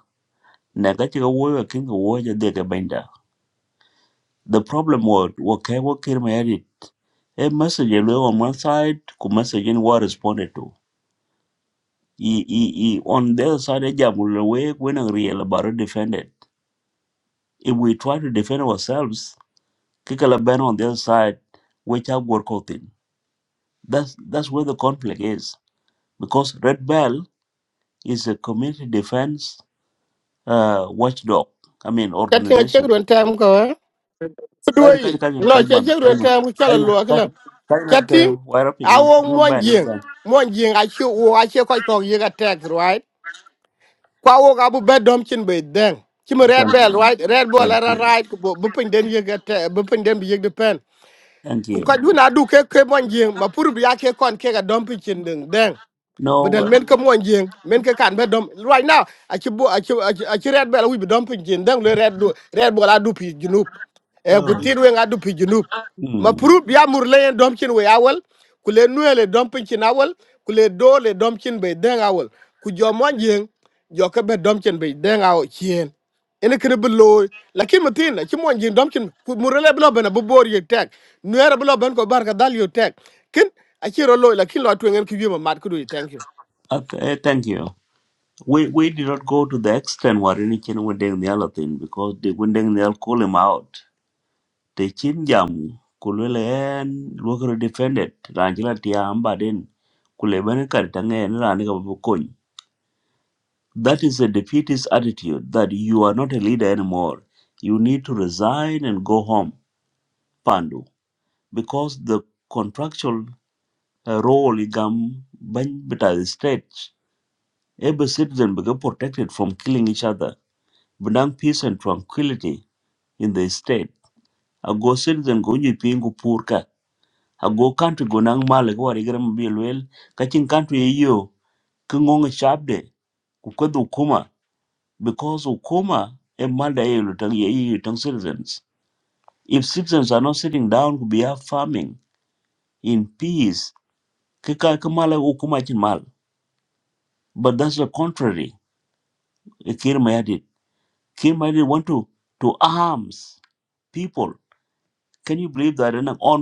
A: naga chi wo king wo ja de ke benda the problem was wo ke wo kirma a message on one side ku message in war responded to He, he, he, on the other side, way when a real about defended. If we try to defend ourselves, Kikala ban on the other side, which are work out in. That's that's where the conflict is. Because Red Bell is a community defense uh, watchdog, I mean
E: chatin a
A: organization.
E: chegron tam ko eh? Ku
A: Kaji kaji
E: duwai,
A: kaji
E: no,
A: kaji
E: ce
A: man
E: ce
A: kaji
E: ruwan
A: man
E: kaya mu kyala
A: kaji man
E: luwa
A: kaji kaji man
E: chatting
A: kaji wire up in
E: awo
A: you
E: mon
A: ban you
E: jing
A: ban.
E: mon jing a chu wo a che ko ko ye ga tax right kwa wo ga bu bedom chin be den chim a red
A: Thank
E: bell
A: you.
E: right red ball
A: Thank
E: era
A: you.
E: right ku bu bu pin den ye ga te bu pin den bi ye pen
A: Thank
E: ku
A: you.
E: do not do du ke ke mon jing ma pur bi a ke kon a dumping dom pin chin den
A: No
E: bedel
A: uh,
E: men ke mon jeng men ke kan be dom right now a ci bo a ci a ci red bela wi be dom pin jin dang le red do red bola du pi junub e ku
A: Oh.
E: tir we nga du pi junub ma
A: hmm.
E: proup ya mur le dom cin we awal ku le nuele dom pin cin awal ku le do le dom cin be deng awal ku jo mon jeng jo ke be dom cin be deng aw cien ene kene be loy lakin matin ci mon jeng dom cin ku mur le bla bena bu bor ye tek nuere bla ben ko barka dal yo tek kin a ci ro loy lakin lo twengen ki yema mat ku du thank you
A: okay, thank you. We we did not go to the extent where any chen wendeng the other thing because the wendeng they'll call him out. The chin jam kulwele en lwakere defended ranjila tiamba den kulebene karitange en rani kabukony. That is a defeatist attitude that you are not a leader anymore. You need to resign and go home, Pandu, because the contractual uh, role igam bany beta state. Every citizen become protected from killing each other bring peace and tranquility in the state. Ago citizen go nyi pingu purka. Ago country go nang male go arigira mbilwel. Kachin country iyo kungong shabde kukwadu kuma because ukuma a mada yelu tang ye iyo tang citizens. If citizens are not sitting down to be out farming in peace, kika kamala ukuma chin mal. But that's the contrary. Kirmayadit. Kirmayadit want to to arms people. Can you believe that an envoy.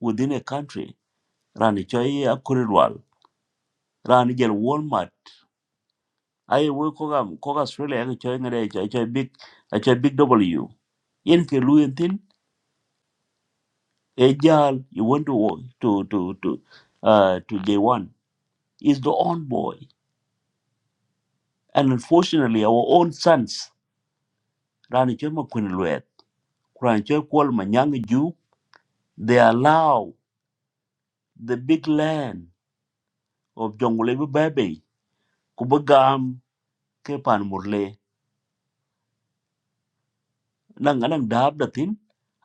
A: within a country rani choi a kurirwal rani jel walmart ai we koga koga australia ga choi ngare choi choi big a choi big w yen ke luyen tin e jal you want to wo- to to to uh to j1 is the own boy and unfortunately our own sons rani choi ma kun luet rani choi kwal ma nyang ju they allow the big land of jongulebi bebe kubagam ke pan murle nang anang dab the tin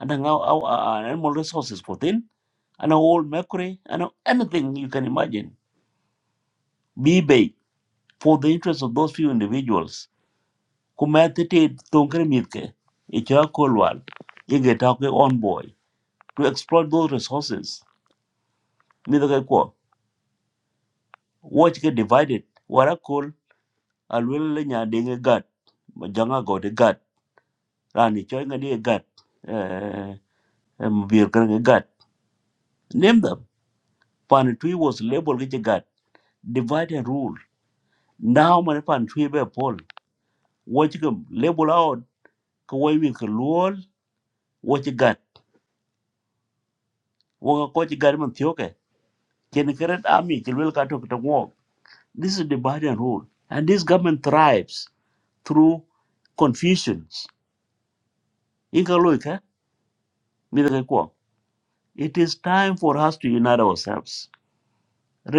A: anang au au uh, animal resources for tin anang old mercury anang anything you can imagine be big for the interest of those few individuals kumatete tongkere mitke icha kolwal ige take on boy to exploit those resources mitke ko watch get divided wara kol alwele le nya dinge gat janga gode gat rani choy ngadi gat eh eh, eh, mbir kan gat name them pan was labeled with a gat divide and rule now my pan twi be poll, what you can label out ko wo wi ko lol What you got? wo ka ko chi gat man thioke chen keret ami chi wel ka to to this is divide and rule and this government thrives through confusions in ka loy ka mi da ko it is time for us to unite ourselves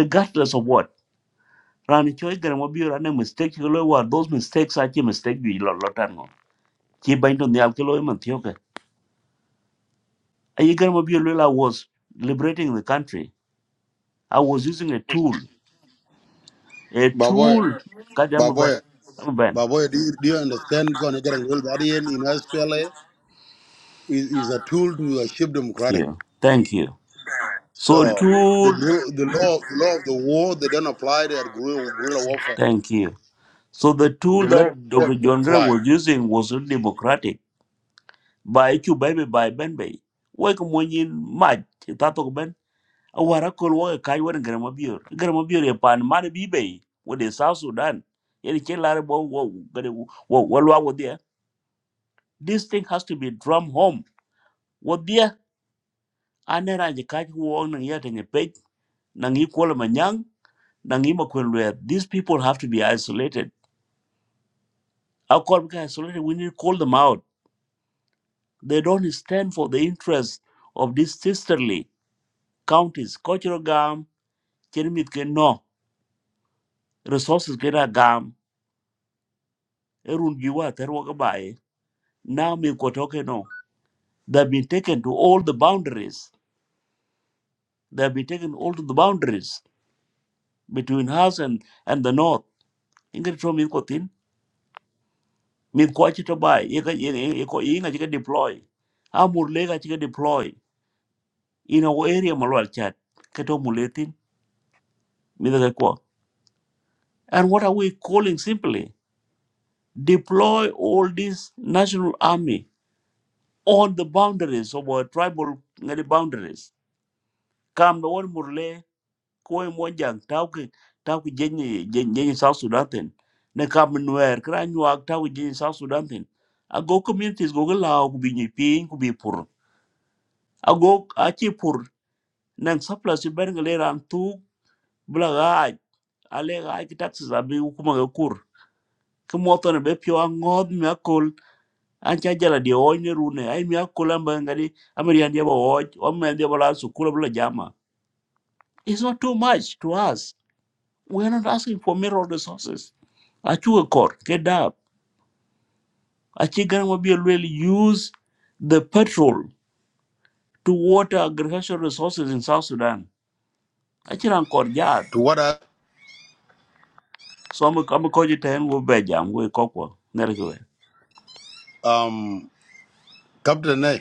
A: regardless of what rani choi gar mo bi rani mistake ko loy war those mistakes are chi mistake bi lo lo tan ngo chi bain to nyal ko man thioke Egan Mobile Lula was liberating the country. I was using a tool, a tool.
C: Baboy.
A: God, I'm a ban.
C: Baboy.
A: I'm a ban.
C: Baboy, do you, do you understand going to get a real guardian in SPLA is, is a tool to achieve
A: Thank
C: democratic.
A: you. Thank you. So, t-
C: So the gru- the law the law of the war they don't apply to at guerrilla guerrilla warfare.
A: thank you. So, the tool
C: The law of
A: that
C: war
A: Dr.
C: doesn't
A: John Gray
C: apply
A: was using was not democratic. By you, baby, by Ben Bay. Wake Munyin Mad, Tato Ben. A Warakol, Waka Kaiwan, Gramabir. Gramabir, a pan, Mad Bibe, with the South Sudan. Yet, Kilarabo, what, what, what, what, what, what, what, what, what, what, what, what, what, what, what, what, what, what, what, what, what, ane raje kaj wong nang yate nye pej nang yi kwala manyang nang yi makwen lwer these people have to be isolated how call ka isolated we need to call them out they don't stand for the interests of these sisterly counties kochiro gam chermit ke no resources ke ra gam erun jiwa terwa ka bae now mi kotoke no they've been taken to all the boundaries they've been taken all to the boundaries between us and and the north ingrid from kotin mid ko ci to bay e ka e ko e nga ci deploy amur le ga ci deploy in our area malwal chat ka to muletin mid ka ko and what are we calling simply deploy all this national army on the boundaries of our tribal nga di boundaries kam no won murle ko e mo jang taw ke taw ke jenye jenye south sudan ten ne kam nuer kra nyuak taw ki jenye south sudan ten ago communities go ga law ku bi nyi piny ku bi pur ago achi pur nang surplus ci ben ngale tu bla gaaj ki taxes abi kuma kur ki moto ne be pio angod mi akol an jala di o rune ai mi akol am ngadi amerian dia ba o o men dia ba la su bla jama it's not too much to us we are not asking for mineral resources achu ga kor ke dab achi gan mo bi lwel use the petrol to water agricultural resources in south sudan achi ran kor yar.
C: to what I
A: So I'm I'm call you ten be jam go kokwa nerkwe.
C: um Captain A.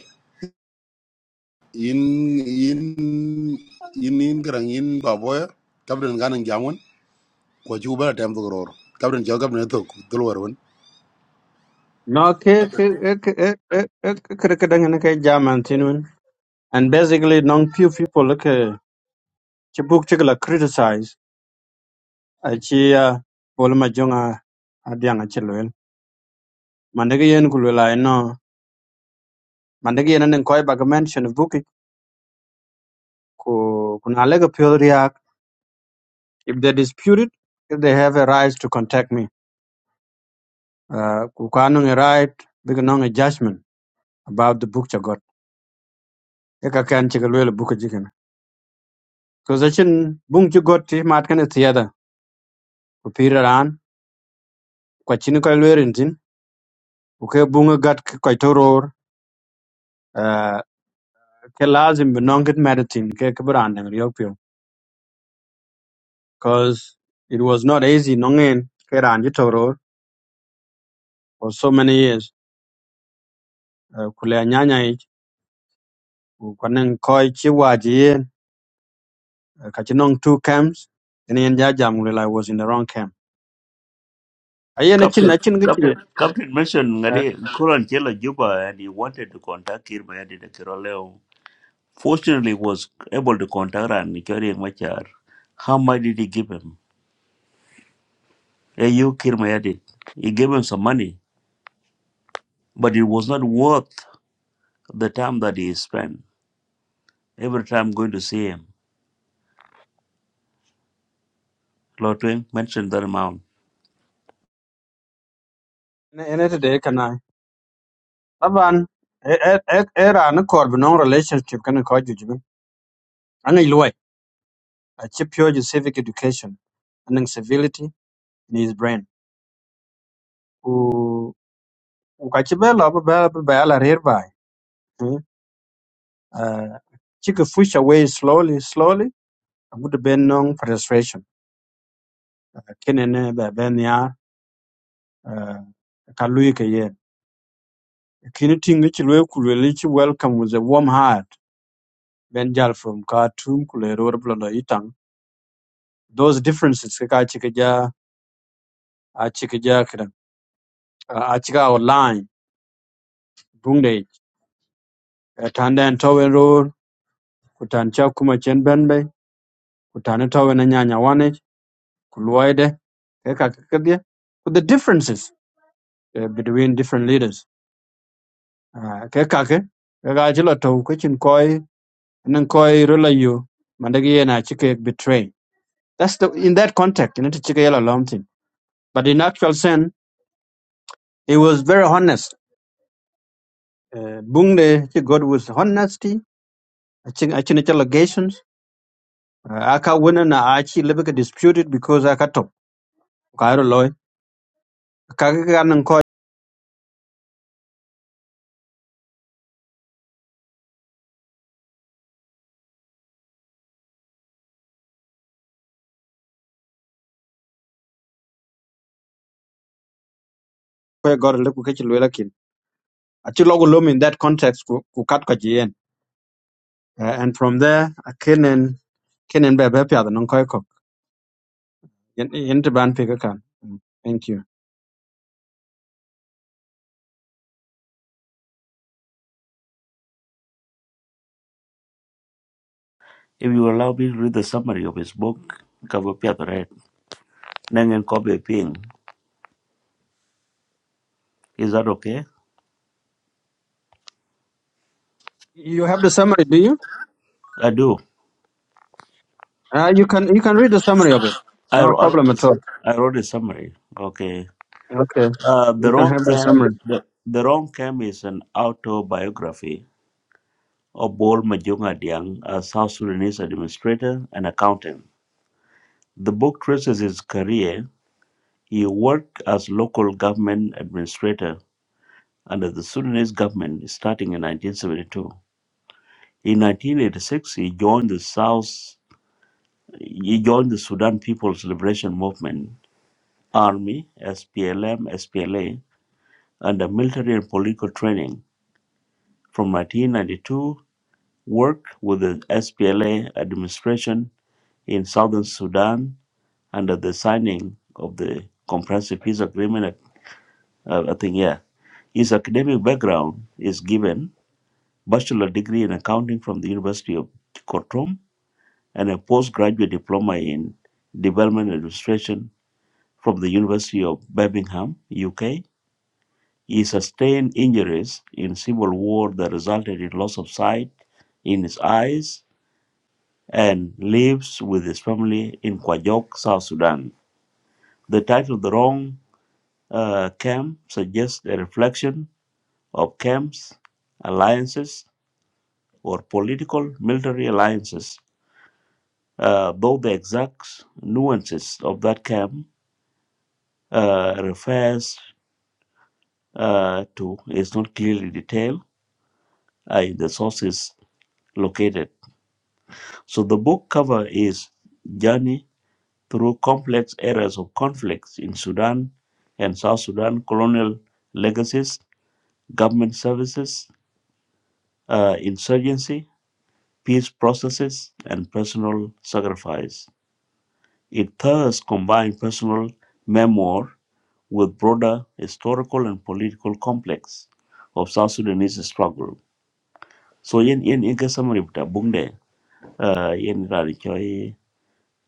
C: in in in in garang in baboya kabren ganan jamon ko ju bala to ror kabren jo kabren to dulwar won
D: No, ke ke ke ke ke ke ke ke dengan ke zaman tinun. And basically, non few people like chibuk chikla criticize. Achi ya bolma jonga adiang achilwel. Mandegi yen kulwela ino. Mandegi yen neng koi baga mention buki ku kunalega pure react. If they dispute it, if they have a right to contact me. Uh, kukanung a right, biganong a judgment about the book chagot. Eka kan chikalwel buka jikana. Because achin bung chigot ti matkan ku pir ran kwa chin ko lwerin tin ku ke bunga gat ko toror uh, ke lazim be non medicine ke ke bran nang riok pio cause it was not easy nongen ke ran ji toror for so many years uh, ku le nyanya i ku kwanen ko chi wa yen uh, ka chi nong two camps and yen ja jam le i was in the wrong camp ayen chin
A: Captain
D: a chin gi chi
A: Captain Captain mentioned
D: uh,
A: ngadi Kuran Chela Juba and he wanted to contact Kirma and the Kiroleo. Fortunately he was able to contact her and Chori Machar. How much did he give him? Hey you Kirma Yadid. He gave him some money, but it was not worth the time that he spent. Every time going to see him. Lord Twing mentioned that amount.
D: ne kana aban era na korbi non relationship kana ko juju angai luwai a chi pure civic education and civility in his brain. U ukachibela baba bayala hereby. Uh, chika push away slowly, slowly. Good ben nong frustration. Kenene ba ben ya kalui ke ye. Kini tingi chilwe kulweli chi welcome with a warm heart. Ben jal from Khartoum kulero blando itang. Those differences kaka chika ja a chika ja kira a chika outline bungde. eh, Tanda and Towen Road kutancha kuma chen kutane tawe na nyanya wane kuluwaide keka kekadie with the differences uh, between different leaders uh, keka ke keka chila tau kachin koi nang koi rula yu mandagi ye na chike betray that's the in that context in chike yala lomthin but in actual sense he was very honest uh, bungde chi god was honesty achin achin allegations uh, aka wina na achi lebeka disputed because aka top kairo loy kaka kaka nang koi koi god leku kachin Achilogo Lum in that context ku ku kat ko jien. Uh, and from there akenen kenen kenen be be pya non koy ko. Yen yen te ban pika kan. Mm, Thank you.
A: If you allow me to read the summary of his book, cover paper, right? Nangan copy ping. Is that okay?
D: You have the summary, do you?
A: I do.
D: Uh, you can you can read the summary of it.
A: I,
D: No
A: wr- I wrote
D: problem
A: a,
D: at
A: s-
D: all.
A: I wrote a summary. Okay.
D: Okay.
A: Uh,
D: You
A: the
D: can
A: wrong
D: have the
A: cam
D: summary.
A: the, the wrong cam is an autobiography of Bol Majunga Diang, a South Sudanese administrator and accountant. The book traces his career. He worked as local government administrator under the Sudanese government starting in 1972. In 1986, he joined the South. He joined the Sudan People's Liberation Movement (ARMY), SPLM, SPLA, under military and political training. From 1992, worked with the SPLA administration in southern Sudan under the signing of the Comprehensive Peace Agreement. At, Uh, I think, yeah. His academic background is given bachelor degree in accounting from the University of Khartoum and a postgraduate diploma in development administration from the University of Birmingham, UK He sustained injuries in civil war that resulted in loss of sight in his eyes and lives with his family in Kwajok, South Sudan. The title The Wrong uh, Camp suggests a reflection of camps, alliances, or political military alliances, uh, though the exact nuances of that camp uh, refers uh, to is not clearly detailed uh, in the sources located So the book cover is Journey Through Complex Areas of Conflicts in Sudan and South Sudan, Colonial Legacies, Government Services, uh, Insurgency, Peace Processes, and Personal Sacrifice. It thus combines personal memoir with broader historical and political complex of South Sudanese struggle. So yen yen yen ke summary buta bung de uh, yen rari choi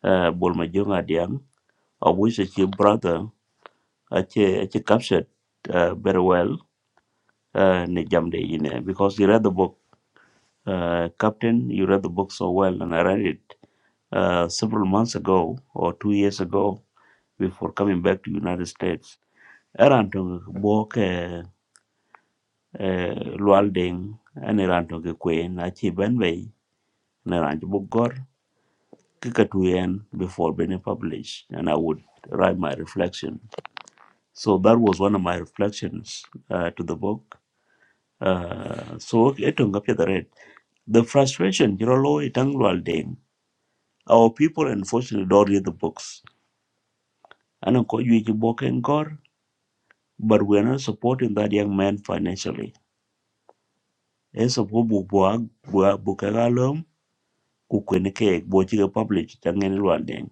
A: uh, bol ma jong adiang of which is your brother, actually, actually captured uh, very well uh, in Jamde, you know, because he read the book. Uh, Captain, you read the book so well, and I read it uh, several months ago or two years ago before coming back to United States. Around book, walk Lualding and around to Queen, Achi Benway, and around to book Gor, Kikatuyen before being published, and I would write my reflection. So that was one of my reflections uh, to the book uh, so etong up the red the frustration you know low itangwal den our people unfortunately don't read the books and ko you book and gore but we're not supporting that young man financially es of bu bua bua bukagalom ku kwen ke bo chi publish tangen lwan den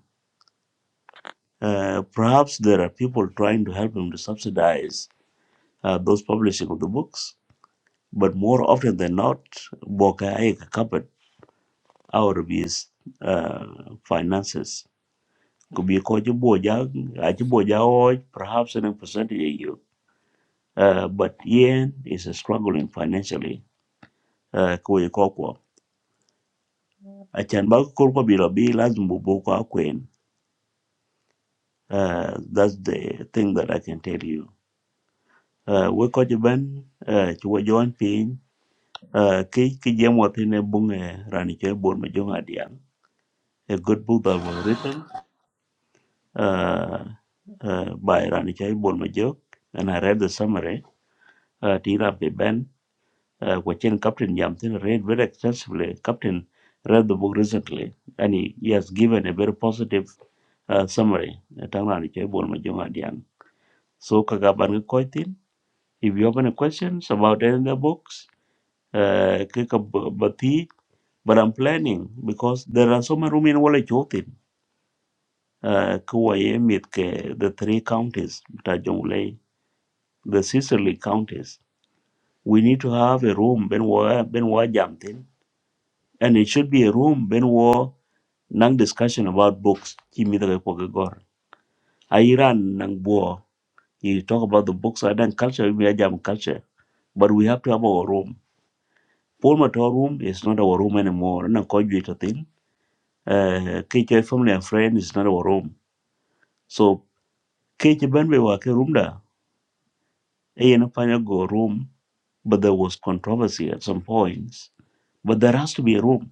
A: uh, perhaps there are people trying to help him to subsidize uh, those publishing of the books, but more often than not, Boka ek covered out of his uh, finances could be ko ci boja a ci boja o perhaps in a percentage a you uh, but yen is struggling financially uh, ko ye ko ko a chan ba ko ko bi lo bi uh, that's the thing that i can tell you uh, we ko ci ben uh, ci wo jon pin uh, ki ki jem wo tine bunge a good book that was written uh, uh, by rani che and i read the summary uh, tira pe uh, which in Captain Yamtin read very extensively. Captain read the book recently and he, he has given a very positive uh, summary. Eh, tang rani che bol ma jong adiang. So kagaban ka koi if you have any questions about any of the books, uh, ki ka ba- but I'm planning because there are so many rooms in Wala Chotin. Uh, ki wa ye ke the three counties, ta Jonglei, the sisterly counties. We need to have a room, Ben Wa Ben Wa Jamtin, and it should be a room, Ben War. Nang discussion about books, Kimi the Gor. Iran Nang Boer. He talk about the books and then culture, we are jam culture. But we have to have our room. Paul Matar room is not our room anymore. Nang Kojuita thing. KJ family and friend is not our room. So KJ Benbe Wake room da. Ayan Panya go room. But there was controversy at some points. But there has to be a room.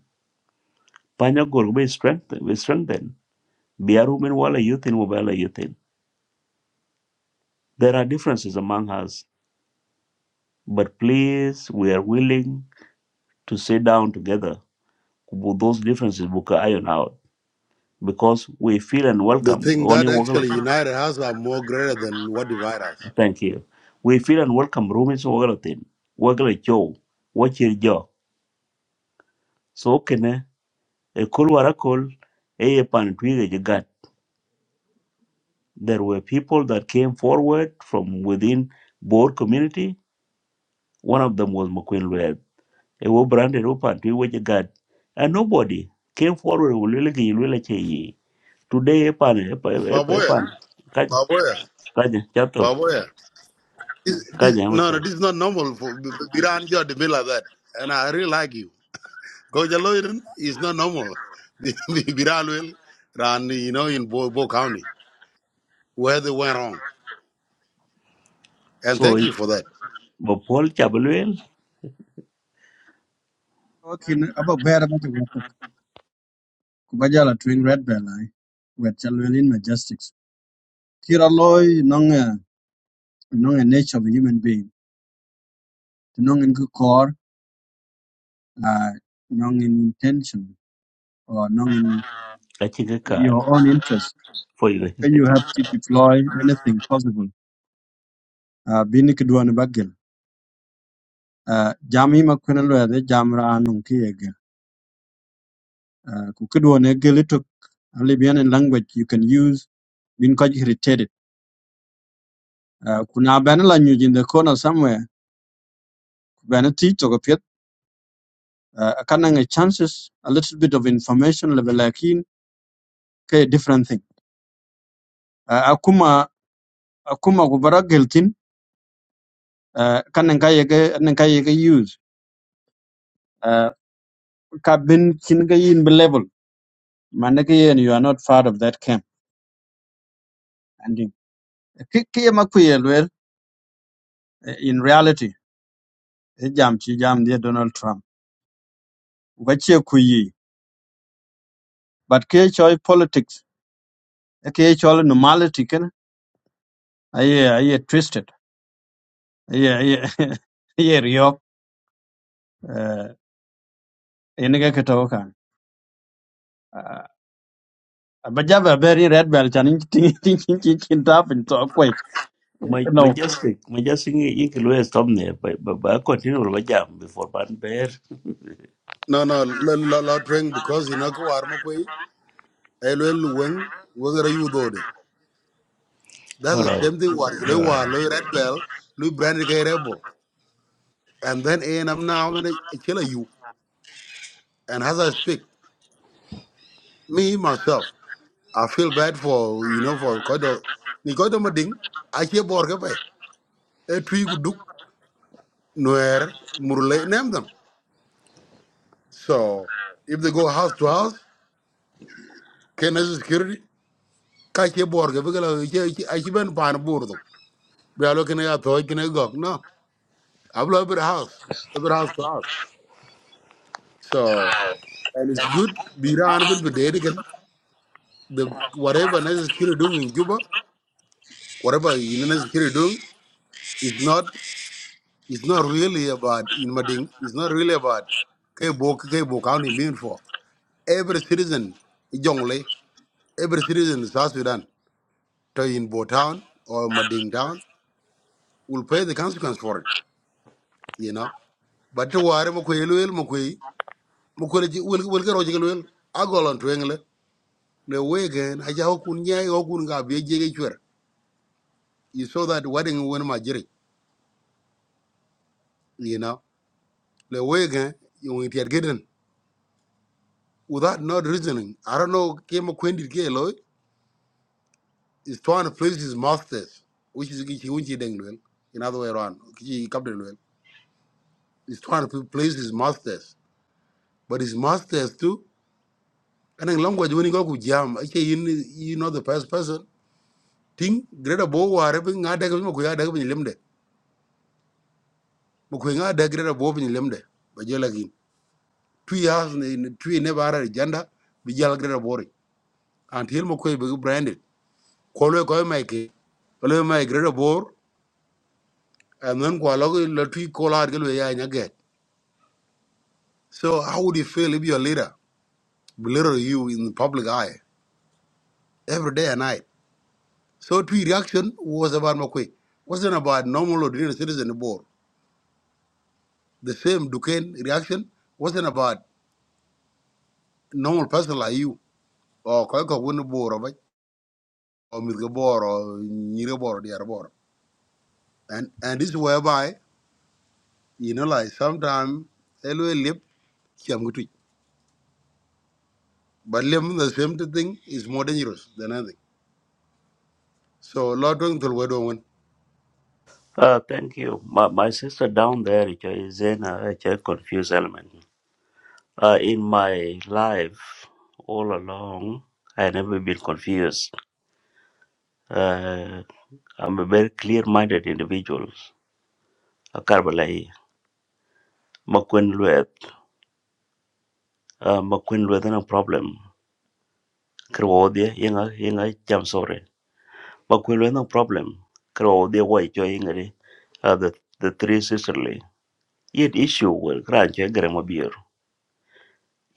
A: Panya go be strengthened. We strengthen. Be a room in Wala Youth in Wala Youth in. There are differences among us But please, we are willing to sit down together. With those differences book iron out because we feel and
C: the
A: welcome.
C: thing
A: Oni
C: that actually
A: wagalatin.
C: united us are more greater than what divide us
A: Thank you. We feel and welcome roomies wagalatin. Wagala cho. Watch your jaw. So kene a kul warakul a pan twiga jagat. There were people that came forward from within board community. One of them was McQueen Lued. A wo branded open twiga jagat. And nobody came forward with Liliki today epan epan epan
C: baboya
A: epan kaje
C: baboya
A: kaje chato
C: baboya this,
A: kaje
C: this, no
A: amato
C: no this is not normal for iran you are the middle of that and i really like you go jalo is not normal *laughs* Biral will ran you know in bo, bo county where they went wrong and
A: so
C: thank you for that
A: bo pol chabluel
D: Okay, about bear about the work. Kubajala twin red bell I wet chalwelin majestics. Kira loy nong a nong a nature of a human being. Nong in good core, uh, nong in intention or nong in
A: kachi *laughs* ke kar
D: your own interest
A: for you
D: you have to deploy anything possible. Uh, bini kidwoni bagil. Uh, jam hima kwena yade jam ra anung ki egel. Uh, ku kidwoni egel ito Libyan language you can use Bin kaj irritated. Uh, kuna bana la nyuji in the corner somewhere. Bana ti toka piet. Uh, kana nge chances a little bit of information level lakin kay different thing. Uh, akuma akuma kubara geltin. Uh, kana nka yege nka yege use. Uh, ka bin kin ga yin be level. Manake and you are not part of that camp. And you- Ki- ki ye ma kuye lwel, eh, in reality, eh, jam chi jam dia Donald Trump. Wachie kuyi. But ke choi politics, eh, ke choi normality ken, aye aye twisted. Aye aye *laughs* aye riok. Enige kito kan. Bajaba very red belt. chan ting ting ting ting ting tap in to kwai.
A: my my
D: No.
A: just my just thing you can always stop there but but but I continue with my jam before ban bear
C: No, no, la la la twang because you know ko war mo kwe elwel weng weng ra yudo de. That's
A: All
C: the same thing war lo war lo red bell lo brand ke rebel. And then A and I'm now gonna kill you. And as I speak, me myself, I feel bad for you know for kodo ni kodo mo ding I che bor ke pe. E twi ku duk noer murle name them. So if they go house to house, can I security? Ka che bor ke pe ke la che I che ben pan bur We are looking at toy can go. No. I blow every house. Every house to house. So and it's good be around even with the dedicated. the whatever necessary doing in Cuba, whatever you necessary doing, it's not it's not really about in Mading, it's not really about Kebo Kebo County being for. Every citizen in Jongle, every citizen in South Sudan, to in Bo Town or Mading Town, will pay the consequence for it, you know. But to whatever Mukwe Mukwe. mukwele ji wel wel gero jigel wel agolon twengle le wegen aja okun nye okun ga bie jege chwer you saw that wedding when my jiri you know le wegen you in geden without not reasoning i don't know came a quendit ke lo is trying to please his masters which is which unchi dengwel in other way around ki kapdel wel is trying to please his masters but his masters too and in language when you go ku jam okay you you know the first person thing greater bo ware bi nga daga ko ya daga bi lemde bu ko nga da greda bo bin lemde ba jela gin tu ya tu ne bara janda bi jala greda bori antil mo ko be branded ko lo ko mai ke ko lo mai greda bor and then ko lo la tu ko la get so how would you feel if your leader belittle you in the public eye every day and night so two reaction was about mo wasn't about normal ordinary citizen bor the same Duquesne reaction wasn't about normal person like you or ko ko won bor Mizgabor or Nyirabor, Diarabor. And and this whereby, you know, like sometimes Elwe lip Chiamutui. But lim the same thing is more dangerous than anything. So Lord Wang Tulwedo one.
A: uh thank you my my sister down there she is in a a confused element uh in my life all along I never been confused uh I'm a very clear-minded individual. a makwen luet uh, makwen luet na problem kro dia yenga yenga jam sore makwen luet na problem kro dia wai cho yenga di uh, the the three sisterly yet issue wel kran che gre mo bier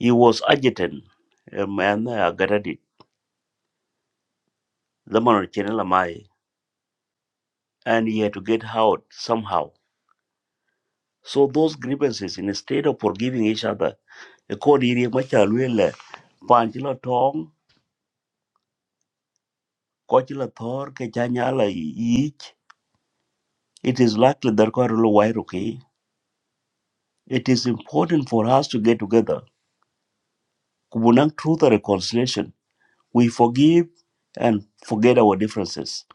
A: he was agitated. a man uh, The man chen la mai and he had to get out somehow so those grievances instead of forgiving each other e ko diri ma cha luel le pan chi la tong ko thor ke cha It is likely that Kwarilo Wairuki, it is important for us to get together. Kubunang truth and reconciliation. We forgive and forget our differences.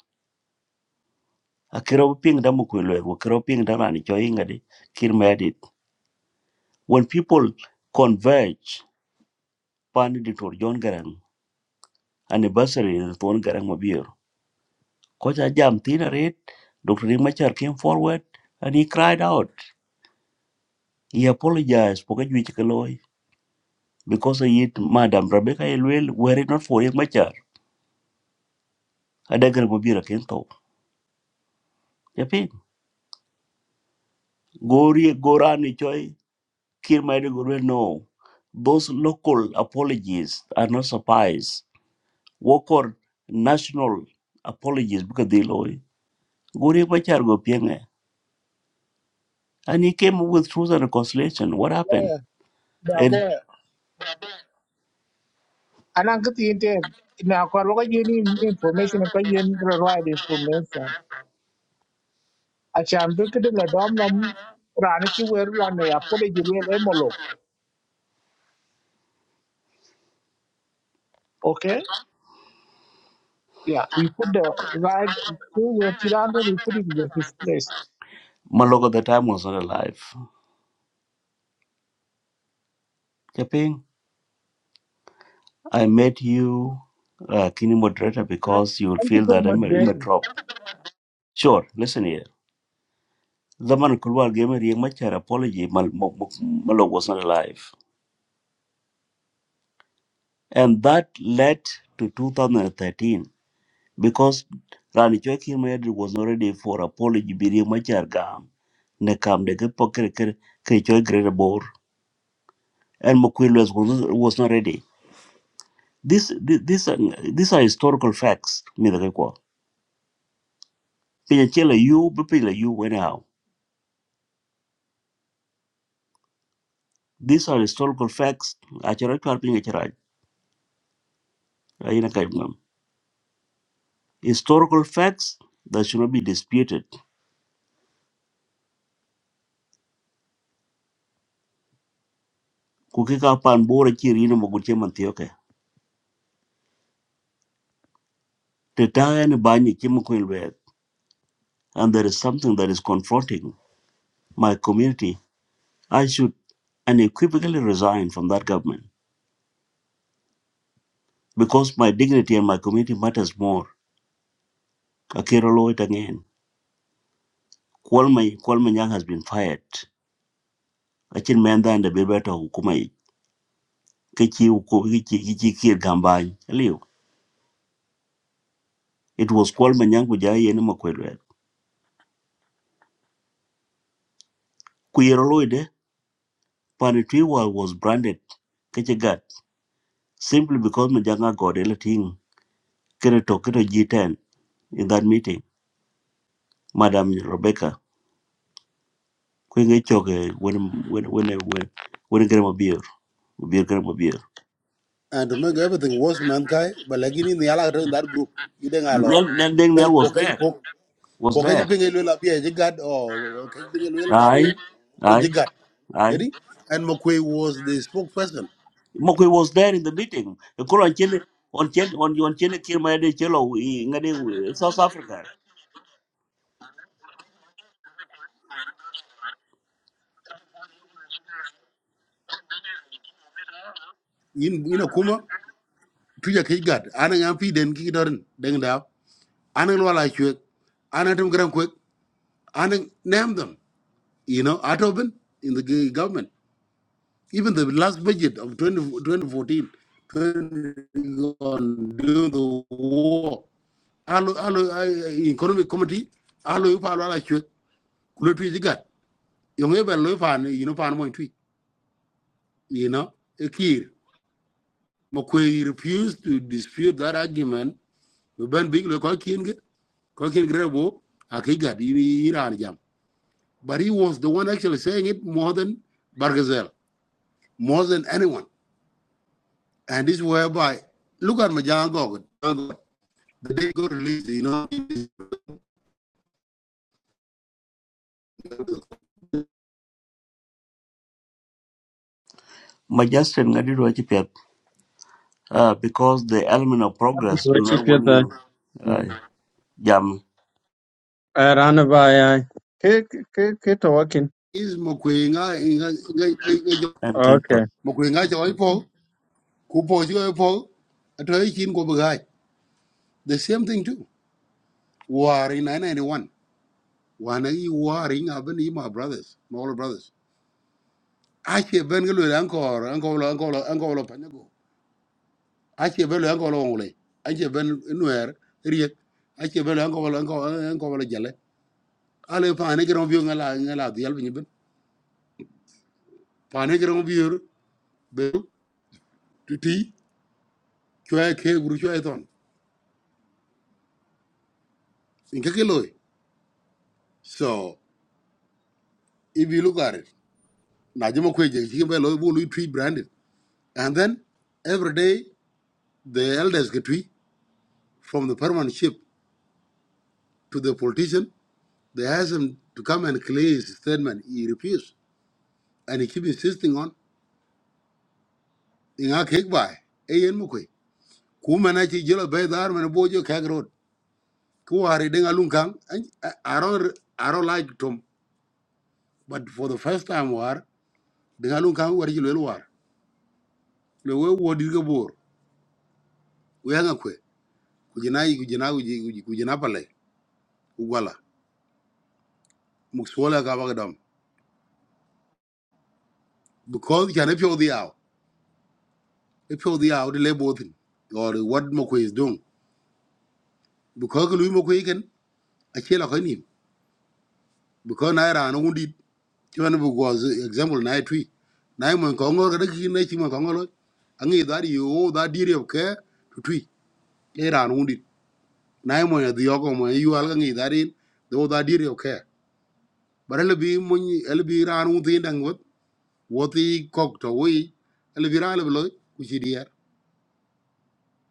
A: Akirau ping damu kuilwe, wakirau ping dama ni choi ngadi, When people converge, pani John Garang, anniversary in the Thorn Garang Mabir. Kocha Jam Tina Red, Dr. Rick came forward and he cried out. He apologized for Kajwichikaloi because he hit Madam Rebecca Elwell, were it not for Rick adeger go biro ken to ya gori gorani choi kir gore no those local apologies are not suffice wokor national apologies because they loy gori bachar go pienge and he came with truth and reconciliation what
G: boy
A: happened
G: da boy anan ka tin na ko ro ga yin information ko yin ro right information a chan bi ke de la dom nam ran chi wer wan ya ko de ji wen emolo okay yeah we put the right two where tiran we put it in his place
A: Malog at the time was not alive. Keping, I met you, uh, Kini moderator,
G: no
A: because you will
G: and to
A: feel
G: put
A: that I'm in the
G: more
A: drop. Sure, listen here. The Laman Kulwar gave me Riek Machar apology. Mal- Mo- Mo- Malok was not alive. And that led to 2013 because Rani Joaquin Mayadi was not ready for apology. Be Riek Machar gam. Ne kam de ke poker ke ke greater bor. And Makwil was, was not ready. This, this, these are these are historical facts. Me the kwa. Pinya you, be pila you anyhow. These are historical facts. Achara chwa pinya chara. Historical facts that should not be disputed. Kukika pan bora chiri ino moguche mantioke. Tetaya ni banyi chima kuilwe. And there is something that is confronting my community. I should unequivocally resign from that government because my dignity and my community matters more. Kakiro Lloyd again. Kwalma Kwalma Nyang has been fired. Achin Menda and the Bebeta Hukumai. Kichi Hukumai Kichi kichi Kir Gambay. Liu. It was Kwalma Nyang Kujai Yenima Kwilwe. Kuyero Lloyd Panitwiwa was branded Kechegat simply because Majanga got electing Kereto Keto G10 in that meeting. Madam Rebecca, Queen Choke, when when when when when Grandma Beer, Beer Grandma Beer.
C: And to make everything worse, mankind, but like in the Allah in that group, you didn't allow.
A: Then Daniel was there, was
C: Kokaji
A: there.
C: ping elwe la pia jigat or kaji ping elwe that
A: Aye,
C: in so
A: aye,
C: jigat.
A: aye.
C: Yadi? And Makwe was the spokesperson
A: Mokwe was there in the meeting. The Kura on Chile, on Chile, on on Chile, Kirmayade Chelo, Ngadi, South Africa.
C: in in a kuma tuja kai gad ana yan fi den ki dorin Anang Luala Chuek, Anatum Gram Quick, Anang name them, you know, at open in the g- government. Even the last budget of 20, 2014, 20, on during the war, Alo, Alo, I- Economic Committee, Alo, Palo, Ala Chuek, Kulatu Zigat, Yongeba Lufan, you know, Pan Moin Tweet, you know, ekir, key. McQuay refused to dispute that argument. We ban big local king, cooking grebo, a kigat, But he was the one actually saying it more than Bargazel, more than anyone. And this is whereby, look at Majan Gogon. The day got released, you know,
A: Majestic Ngadi Rochipet, uh, because the element of progress do
D: Wachie
A: not
D: kuye
A: want
D: ta.
A: you. jam
D: Arana ba ya. Ke ke ke to wakin.
C: is Mokwenga,
A: en
D: Okay.
A: ketho
C: Mokwenga, Joypo, Kupo, Joypo, Atoichin Gobagai. The same thing too. War in 991. Wana yi warring Abani, my brothers, my older brothers. Actually, Ben Gulu, Uncle, Uncle, Uncle, Uncle, Uncle, ache belo yango lo ngule ache ben nuer riek ache belo yango lo yango yango lo jale ale pa ne gero biyo ngala ngala dial bi ben pa ne gero biyo be tuti chwa ke guru chwa ton inka ke loy so if you look at it na jema kwe je chi be loy bulu tree branded and then every day the elders get we from the permanent ship to the politician they ask him to come and clear his statement he refused and he keep insisting on in a cake by ku mena ci jelo be dar mena bojo kagrot ku wari denga lun kan aro aro like tom but for the first time war denga lun kan wari jelo war le we wodi ga bor we nga kwe ku jina yi ku jina ku ji ku jina pale ku wala mu sola ga ba dam because can if you the out if you the out le botin or what mo is doing because lu mo ko igen a chela ko nim because na ra no ngudit ti wan was uh, example na tree, na when ko ngor ga ki ne ti mo ko ngor angi da ri o da di ri ke tu twi e ran undi na mo ya di ko mo yu al ga ngi da ri do da di ri ke bar le bi mo ni el bi ran undi what? What he kok away? wi el bi ran le lo ku ji di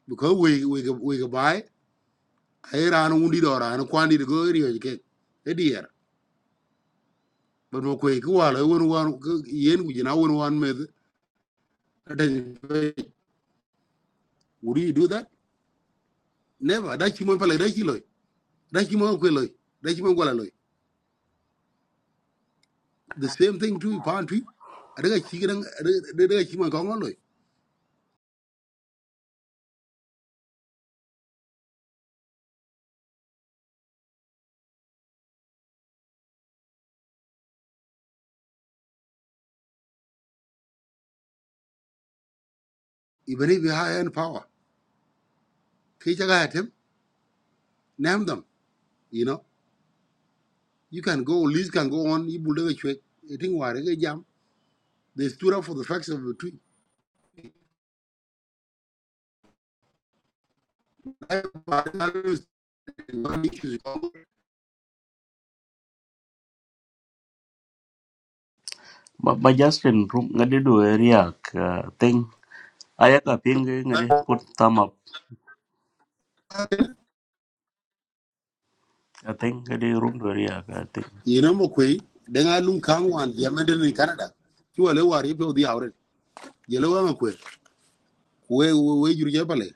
C: we we wi wi ga wi ga bai ai ran undi do go here ke e di er bar mo ko ki wa le won wan yen ku ji na won wan me would you do that never da chi mo pala da chi loy da chi mo ko loy da chi mo gola loy the same thing to pan twi daga chi gidan daga chi mo ko loy even if you have any power ke hatem name them you know you can go lease can go on you build a chwe i think wa daga jam they stood up for the facts of the tree
A: ba, ba Justin Rum ngadi du area ka thing ayaka ping ngadi put thumb up I think ngadi room du area ka thing
C: you know mo kwe daga lun kan wan ya meden in canada ki wale wari pe odi awre yelo wa mo kwe we we jurje pale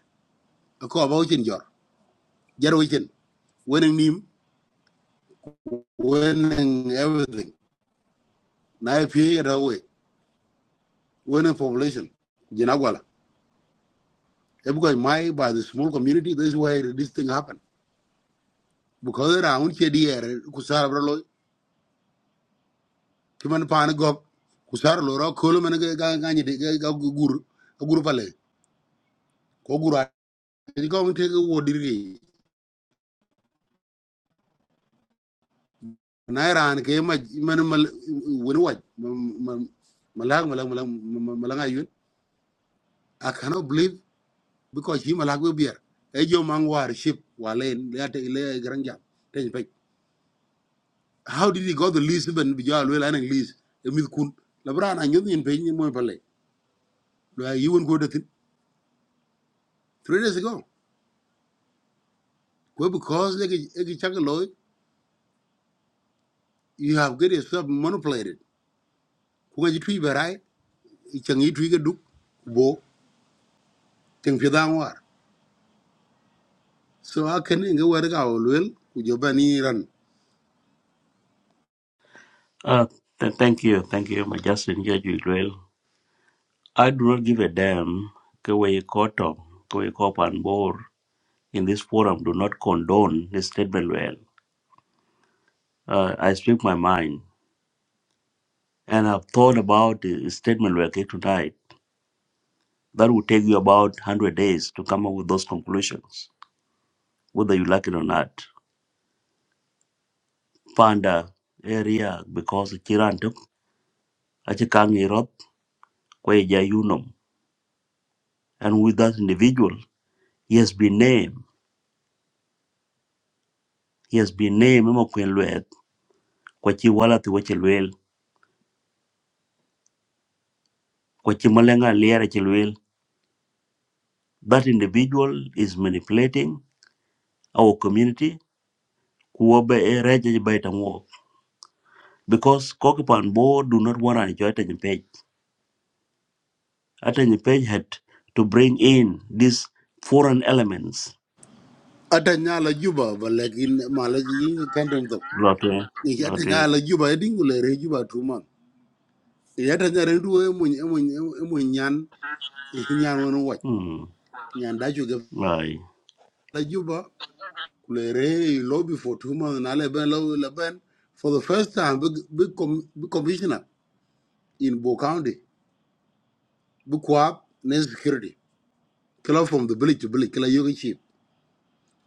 C: ko ba uchin jaro ichen winning nim winning everything na pye ra we winning population jina gwala e because my by the small community this is why this thing happen because around un che di er ku sar bro lo ki man pan go ku sar lo ro ko lo man ga ga ni ga ga gu- gur pale ko gur ni ko mun te ga na ra ke ma man mal wani waj malang malang malang malang ayun i cannot believe because him alak we beer e jo mang ship walen le ate le gran jam te pe how did he go to lisbon bi jo le lan english e mit kun la bran anyo nyin pe ni mo pale You ay won go datin three days ago ko because le e chak lo you have get yourself manipulated ku ga jitui berai chang yi tui ga duk bo teng pi so a ken nge war ga o le ku jo bani ran
A: ah th- thank you thank you my Justin ya ju well I do not give a damn ke we koto ke we kopan bor in this forum do not condone this statement well uh, I speak my mind and I've thought about the statement well tonight that will take you about 100 days to come up with those conclusions whether you like it or not Panda area because Chirantuk, Achikangi Roth, Kweja Unum. And with that individual, he has been named. He has been named Emma Quinlwet, Kwachi Walati Wachilwel, Kwachi Malenga Liara Chilwel. That individual is manipulating our community. Kuobe e reja baita mo. Because Kokipan Bo do not want an Atanyi Page. Atanyi Page had to bring in these foreign elements.
C: ata nyala juba ba lekin mala ji kan dem to
A: Lotwe.
C: ni ata
A: Lotwe.
C: nyala juba e dingule re juba tu yata nyare duwo emuny emuny emuny nyan nyan wono wach
A: Hmm.
C: nyan da juga
A: right.
C: la juba kulere lobby for two months na leben lo leben for the first time big big, com, big commissioner in Bo County big kwap ne security killer from the village to village killer yoga chief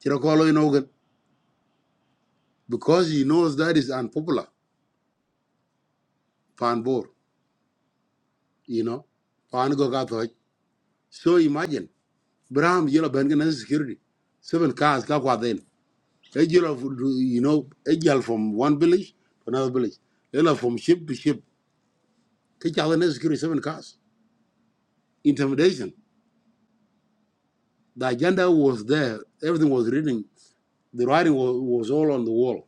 C: kira kolo in organ because he knows that is unpopular Fan bor you know pan go ka thoj so imagine Braham yellow ben ne security seven cars ka kwa A girl of, you know, a girl from one village to another village. They are from ship to ship. Each other necessary seven cars. Intimidation. The agenda was there. Everything was reading. The writing was, was all on the wall.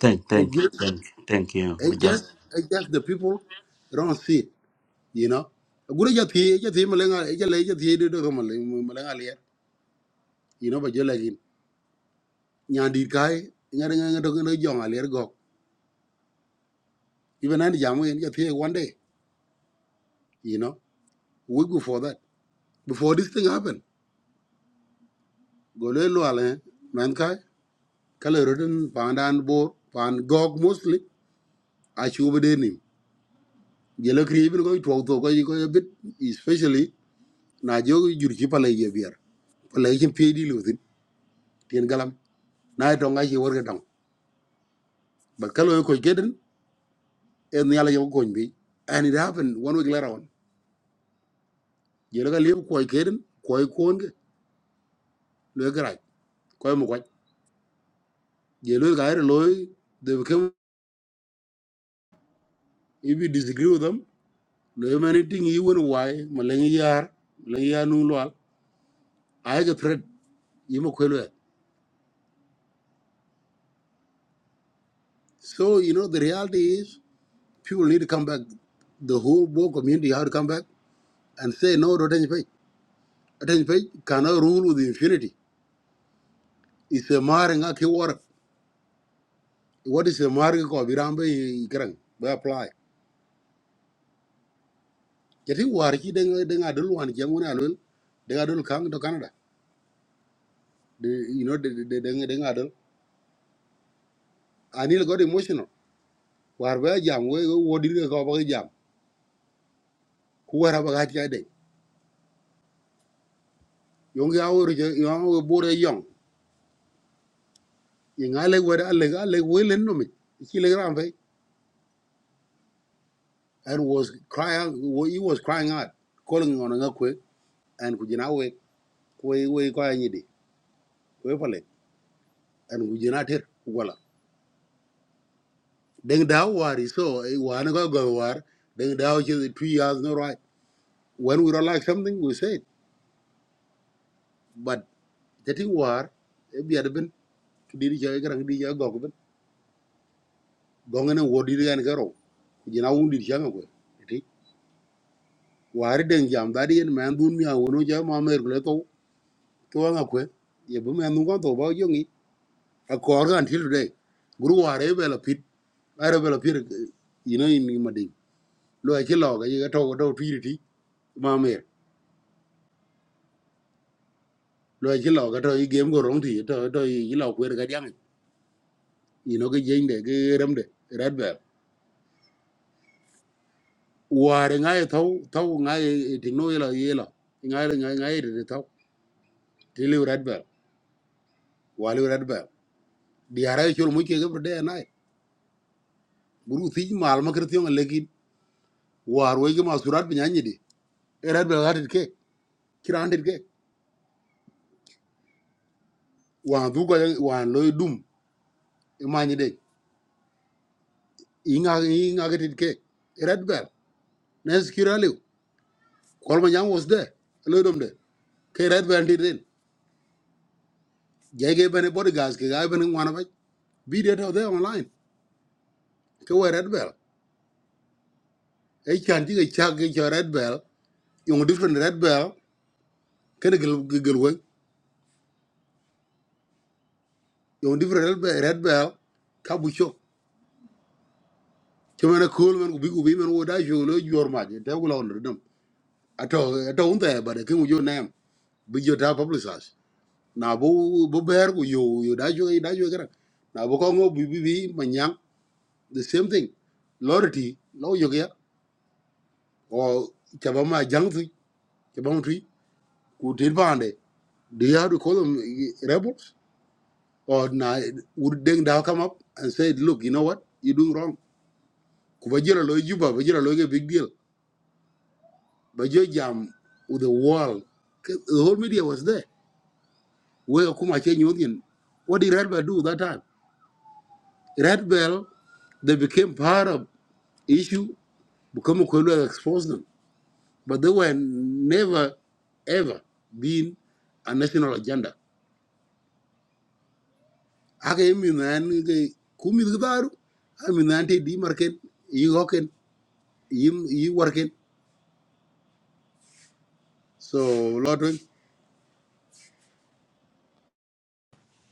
A: Thank,
C: They
A: thank,
C: just,
A: thank, thank you.
C: they
A: Maja-
C: just, they just the people don't see it, you know. Gure ja thi, ja thi malenga, ja le ja thi de do malenga malenga le. You know, but you like in. Nya di kai, nya de nga to no jong ale go. Even and jamu in ja thi one day, you know. We go for that. Before this thing happened. go le lo ale men kai kala rodin pandan bor pan gog mostly a chuba de nim gele kribi ko to to ko ko bit especially najo jo jur ci pale ye bier pale ci pedi lu tin tin galam na to nga ci worga dang ba kala ko geden en yala yo bi and it happened one week later on gele ga lew ko geden ko ko nge le mo ko gele ga re loy they became if you disagree with them lo mani ting yi wen wai maleng yar maleng yar nu lwal ai ga thread yi ma e. so you know the reality is people need to come back the whole Bo community have to come back and say no to Attention Page. Attention Page cannot rule with impunity. It's a marring a keyword. What is a marring ko birambe ikrang by apply. Jadi war ki deng deng adul wan jang wan alul deng adul kang to Canada. The, you know the the deng deng adul. Anil got emotional. War ba jam we wo dir ko ba kuwara bagat ya de yong ya wor je yong wo bore yong ingale wada alega alega welen no mi kilogram fe and was crying he was crying out calling on nga kwe and kujina we we, we ko anyi de kwe pale and kujina ter wala deng da wari so wa na go go war deng da o three years no right when we don't like something we say it but getting war e bi adben kidi ja garang di ja go ko ben gongene wodi di gan garo kujina wundi di ja ngwe wari den jam dari yen man dun mi awono ja ma mer le to to anga kwe ye bu man ngon to ba yongi a kor gan til guru ware be la pit are be la pit you know in ma ding lo a ki lo ga ye to do ti ti ma mer lo a ki lo ga to i game go rong ti to to i lo kwer ga yang you know ga yen de ga ram de red bell. ware nga ye to to nga ye ti no ye la ye la nga ye nga nga ye de to ti le red be wale red be di ara chul mu ke ga de na guru ti mal ma kir war wege ma surat de erat be gatit ke kirantit ke wan du wan loy dum imanyi de inga inga gatit ke erat be nes kiralew kol ma was de loy dum de ke erat be antit den jege bene body gas ke ga bene wana ba be there there online ke we red bell e chan ti ke cha ke cha red yung different red bell ke gel gel we yung different red bell red bell cool men ku bi ku wo da jo lo jor te ku lo ato ato unte but kin yo name bi yo ta publicize na bo bo ber ku yo yo da jo da jo gran na bo ko ngo bi bi bi manyang the same thing lority lo yo ya o chaba ma jang tu chaba ma tu ku dir bande do you have to call them eh, rebels or na would deng da come up and say look you know what you doing wrong ku ba jira lo juba ba jira lo ge big deal ba jo jam with the world 'Cause the whole media was there we kuma change union. What did Red Bell do that time? Red Bell, they became part of issue, become Kwelu exposed them. But they were never, ever been a national agenda. I mean, I mean, yan ga- ku min ga daru, ai min na yan te di marken, yi hoken, So, Lord, we-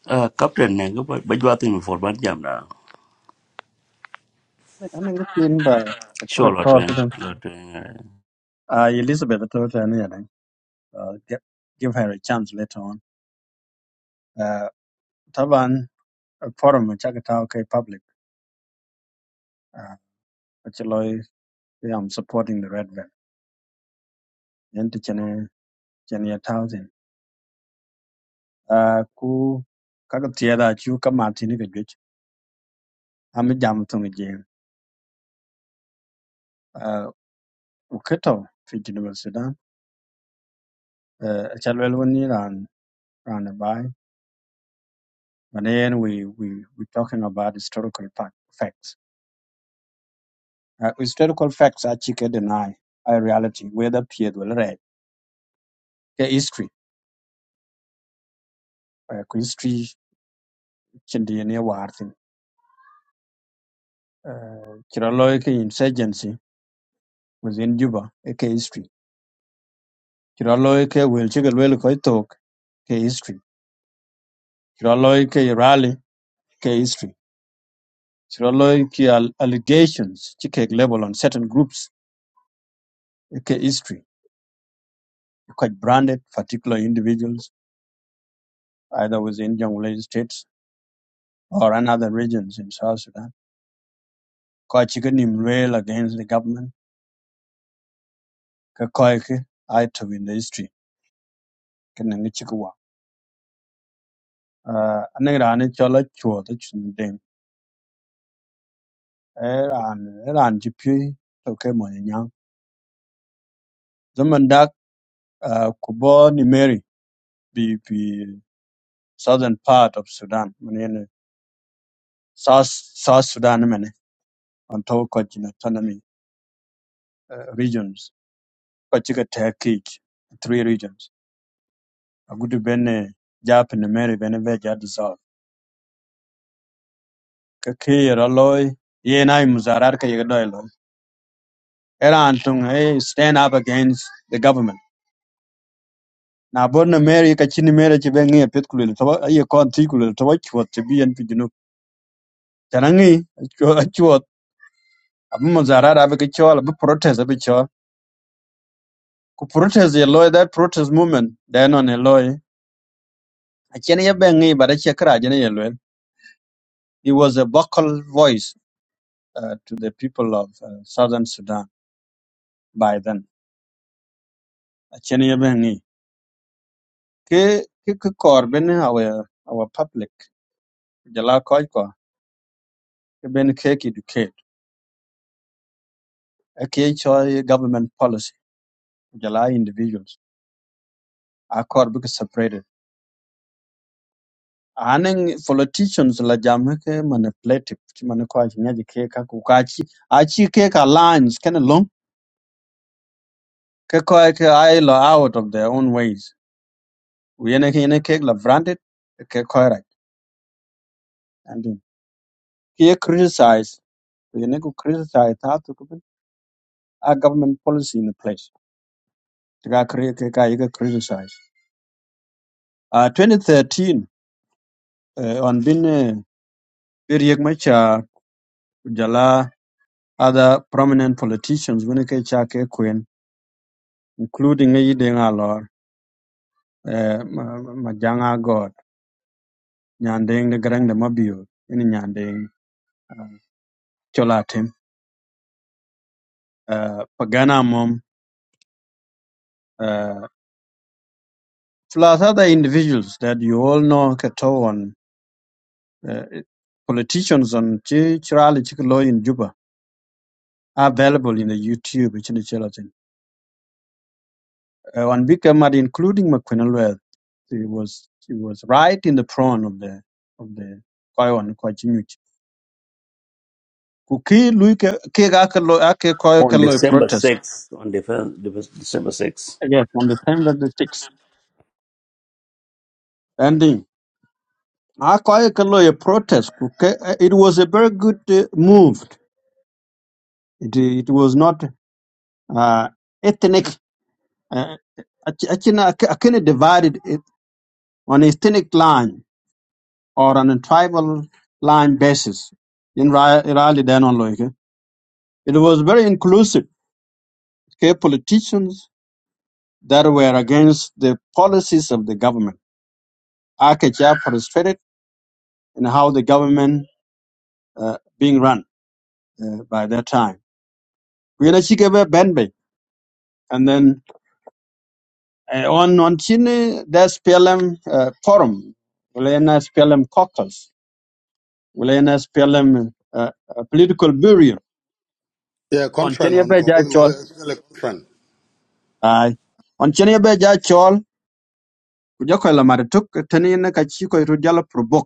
A: Uh, Captain, eh, go- but you are thinking for what jam now?
D: Like, I think in the put
A: Sure, lot eh,
D: across to them.
A: lot eh.
D: Uh, Elizabeth told her, you know, uh, give, give her a chance later on. Uh, Taban, a forum, a Chakatao K public, uh, which alloy, I'm supporting the Red Bell. Yanti Chene, Chene a thousand. Uh, ku, kaka tiada chu ka martini ke juch. Ami jam tungi jeng. Uh, uketo, fi Geneva Sudan. Uh, chalwel wani ran, ran a bai. But then we, we, we talking about historical fact, facts. Uh, historical facts are actually deny a reality whether peer will read the history uh, ku history chindi ne wartin kiraloy insurgency within Juba eh, ke history kiraloy ke will chigal will ko talk ke history kiraloy rally ke history kiraloy al- allegations chike level on certain groups eh, ke history quite branded particular individuals either within Jonglei states or another regions in South Sudan ko chika nim rail against the government ka ko ke ai to in the history ken ne chika wa uh ra ne chola chuo de chun ding e ran e ran ji pi to ke mo ni nyang zaman dak uh, ku bo ni meri bi bi southern part of sudan men ne south south sudan men on to ko jina autonomy uh, regions ko chika take three regions agudu bene jap ne meri bene ve kakir aloy yenai muzarar ka yegdoy loy eran tung hey stand up against the government Now, borno meri ka chini meri chi bengi pet kulil to ye kon ti kulil to chwat ti bien pi junu tanangi chwat abu muzarar abu ka chwal abu protest abu chwal ku protest ye loy that protest movement then on a loy a chene ye bengi but a chekra jene ye loy he was a vocal voice uh, to the people of uh, southern sudan by then a chene ye bengi ke ke ke kor ben our our public jala koj ko ke ben ke ki educate a ke cho government policy jala individuals a kor bi ke separated aning politicians la jam ke manipulative ti man ko ji nyaji ke ka ku ka chi a chi ke ka lines ken long ke ko ke ai lo out of their own ways we ne ke ne ke la branded ke ko right and then, ke criticize we ne ku criticize ta to a government policy in place ka cri- ka- ka- ka criticize. Uh, 2013, uh, on bin uh, bir yek ma cha jala other prominent politicians when ke cha ke queen, including yi de nga lor, uh, ma ma janga god, nyandeng de grang de mabio, ini nyandeng uh, chola tim, uh, pagana mom, uh, plus other individuals that you all know kato on uh, politicians on chi chirali chiklo in Juba are available in the YouTube, which is Uh, on Big Mat, including McQuinnelweth, he was he was right in the front of the of the Koyon Kochinuch. Kuki Luke Kig Akalo Ake
A: On
D: Koyakalo
A: December
D: protest.
A: 6th, on Defe- Defe- December 6th.
D: Yes, on the time that the six ending. Akoyakalo a protest. Okay, uh, it was a very good uh, move. It it was not uh, ethnic. Uh, Achina Akina divided it on a ethnic line or on a tribal line basis. In reality, Raleigh, then on Loike. It was very inclusive. Okay, politicians that were against the policies of the government. Akacha frustrated in how the government uh, being run uh, by that time. Kwina Chikebe Benbe. And then uh, on on Chini, there's PLM uh, forum, Ulena PLM caucus, Ulena PLM uh, uh, political bureau.
C: yeah,
D: On
C: conference
D: Chini
C: on go-
D: beja chol.
C: uh, conference.
D: Aye. On Chini Ebe Jachol, Kujokola Marituk, Tanina Kachiko Rujala Probok.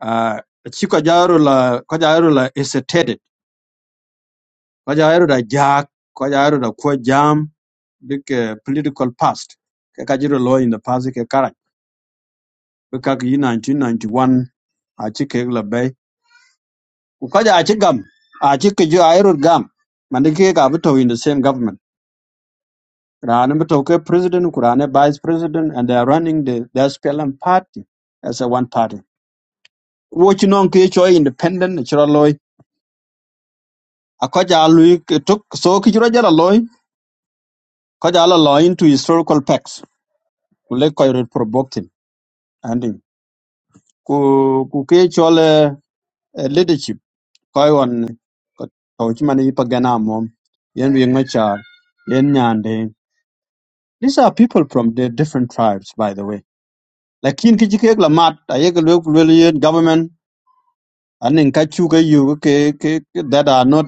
D: Ah, ci ko la ko jaru la is a tedet ko jaru da jak ko jaru da ko jam big eh, political past ke ka jiru lo in the past ke kara be ka yi 1991 a ci la bay ku ko ka ja ci gam a ci ke gam man de ke ga to in the same government rana to ke president ku rana vice president and they are running the the SPLM party as a one party wo ci non ke cho independent ci loy. a ko ja ke tok so ki jira jara ko jala law into historical facts Kule le ko reprovoke him and him. ku ku ke chol eh, eh, leadership ko on ko to chi man mom yen wi ngacha yen nyande these are people from the different tribes by the way lakin ki ke la mat ayek le government and in kachu ke yu ke ke ke- that are not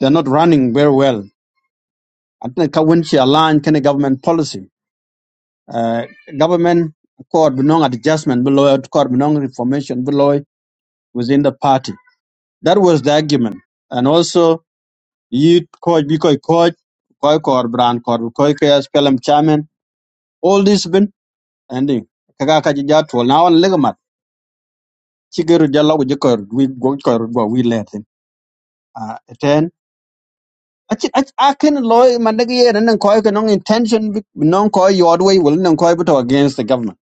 D: they're not running very well and ka when she align kind of government policy Uh, government court belong adjustment below court belong reformation below within the party. That was the argument. And also you coach because coach koi kor brand kor koi kayas pelam chairman all this been ending kaga ka ja to na on legamat chigeru jalo go jikor we go kor go we let him uh ten achi akin loy mandagi enen koi ka nong intention non koi your way will non koi but against the government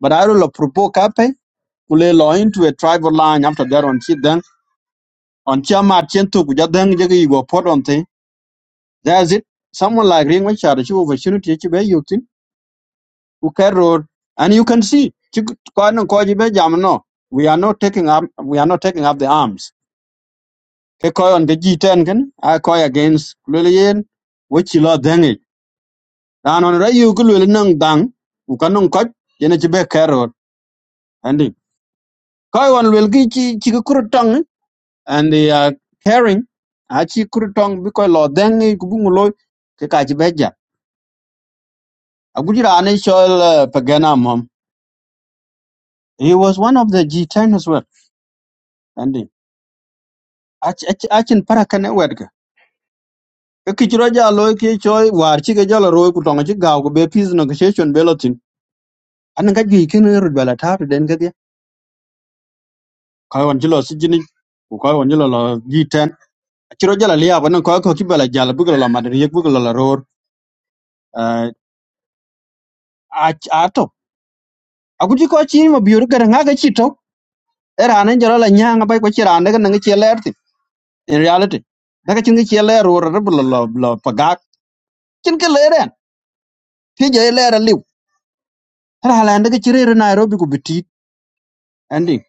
D: but i will provoke up kule lo into a tribal line after that on chit then on chama chen tu kuja then je ki go pot on thing that's it someone like ring which are chu opportunity chi be yuk tin ku road and you can see chi ko no ko ji be jam no we are not taking up we are not taking up the arms ke ko on the g10 kan i ko against kule yen which lo then it dan on ra yu kule nang dang ku kanong ko jene chi be road and ko on wel gi chi chi ku and they are caring a chi kuru tong bi ko lo deng ni ku bungu loy ke ka beja a guji uh, pagana mom he was one of the g10 as well and he- a chi- a chi- a chin para kan wed ka ke ki ro ja loy ke choy war chi ke jalo roy ku chi gaw ku be peace negotiation be lotin an ga gi ken ru bala ta to den ga dia ko won jilo si jini ku ko won jilo lo g10 a chi liya ko ko ko ki jala bu lo madri yek bu la ror uh, a a ko chi ma biur ga nga ga Iran in jala la nyanga bai ko chiran daga nang chi ler ti in reality daga chin chi ler ro ro bla la la pagak chin ke ler en ti je ler liu ra la daga chi re Nairobi ku biti ending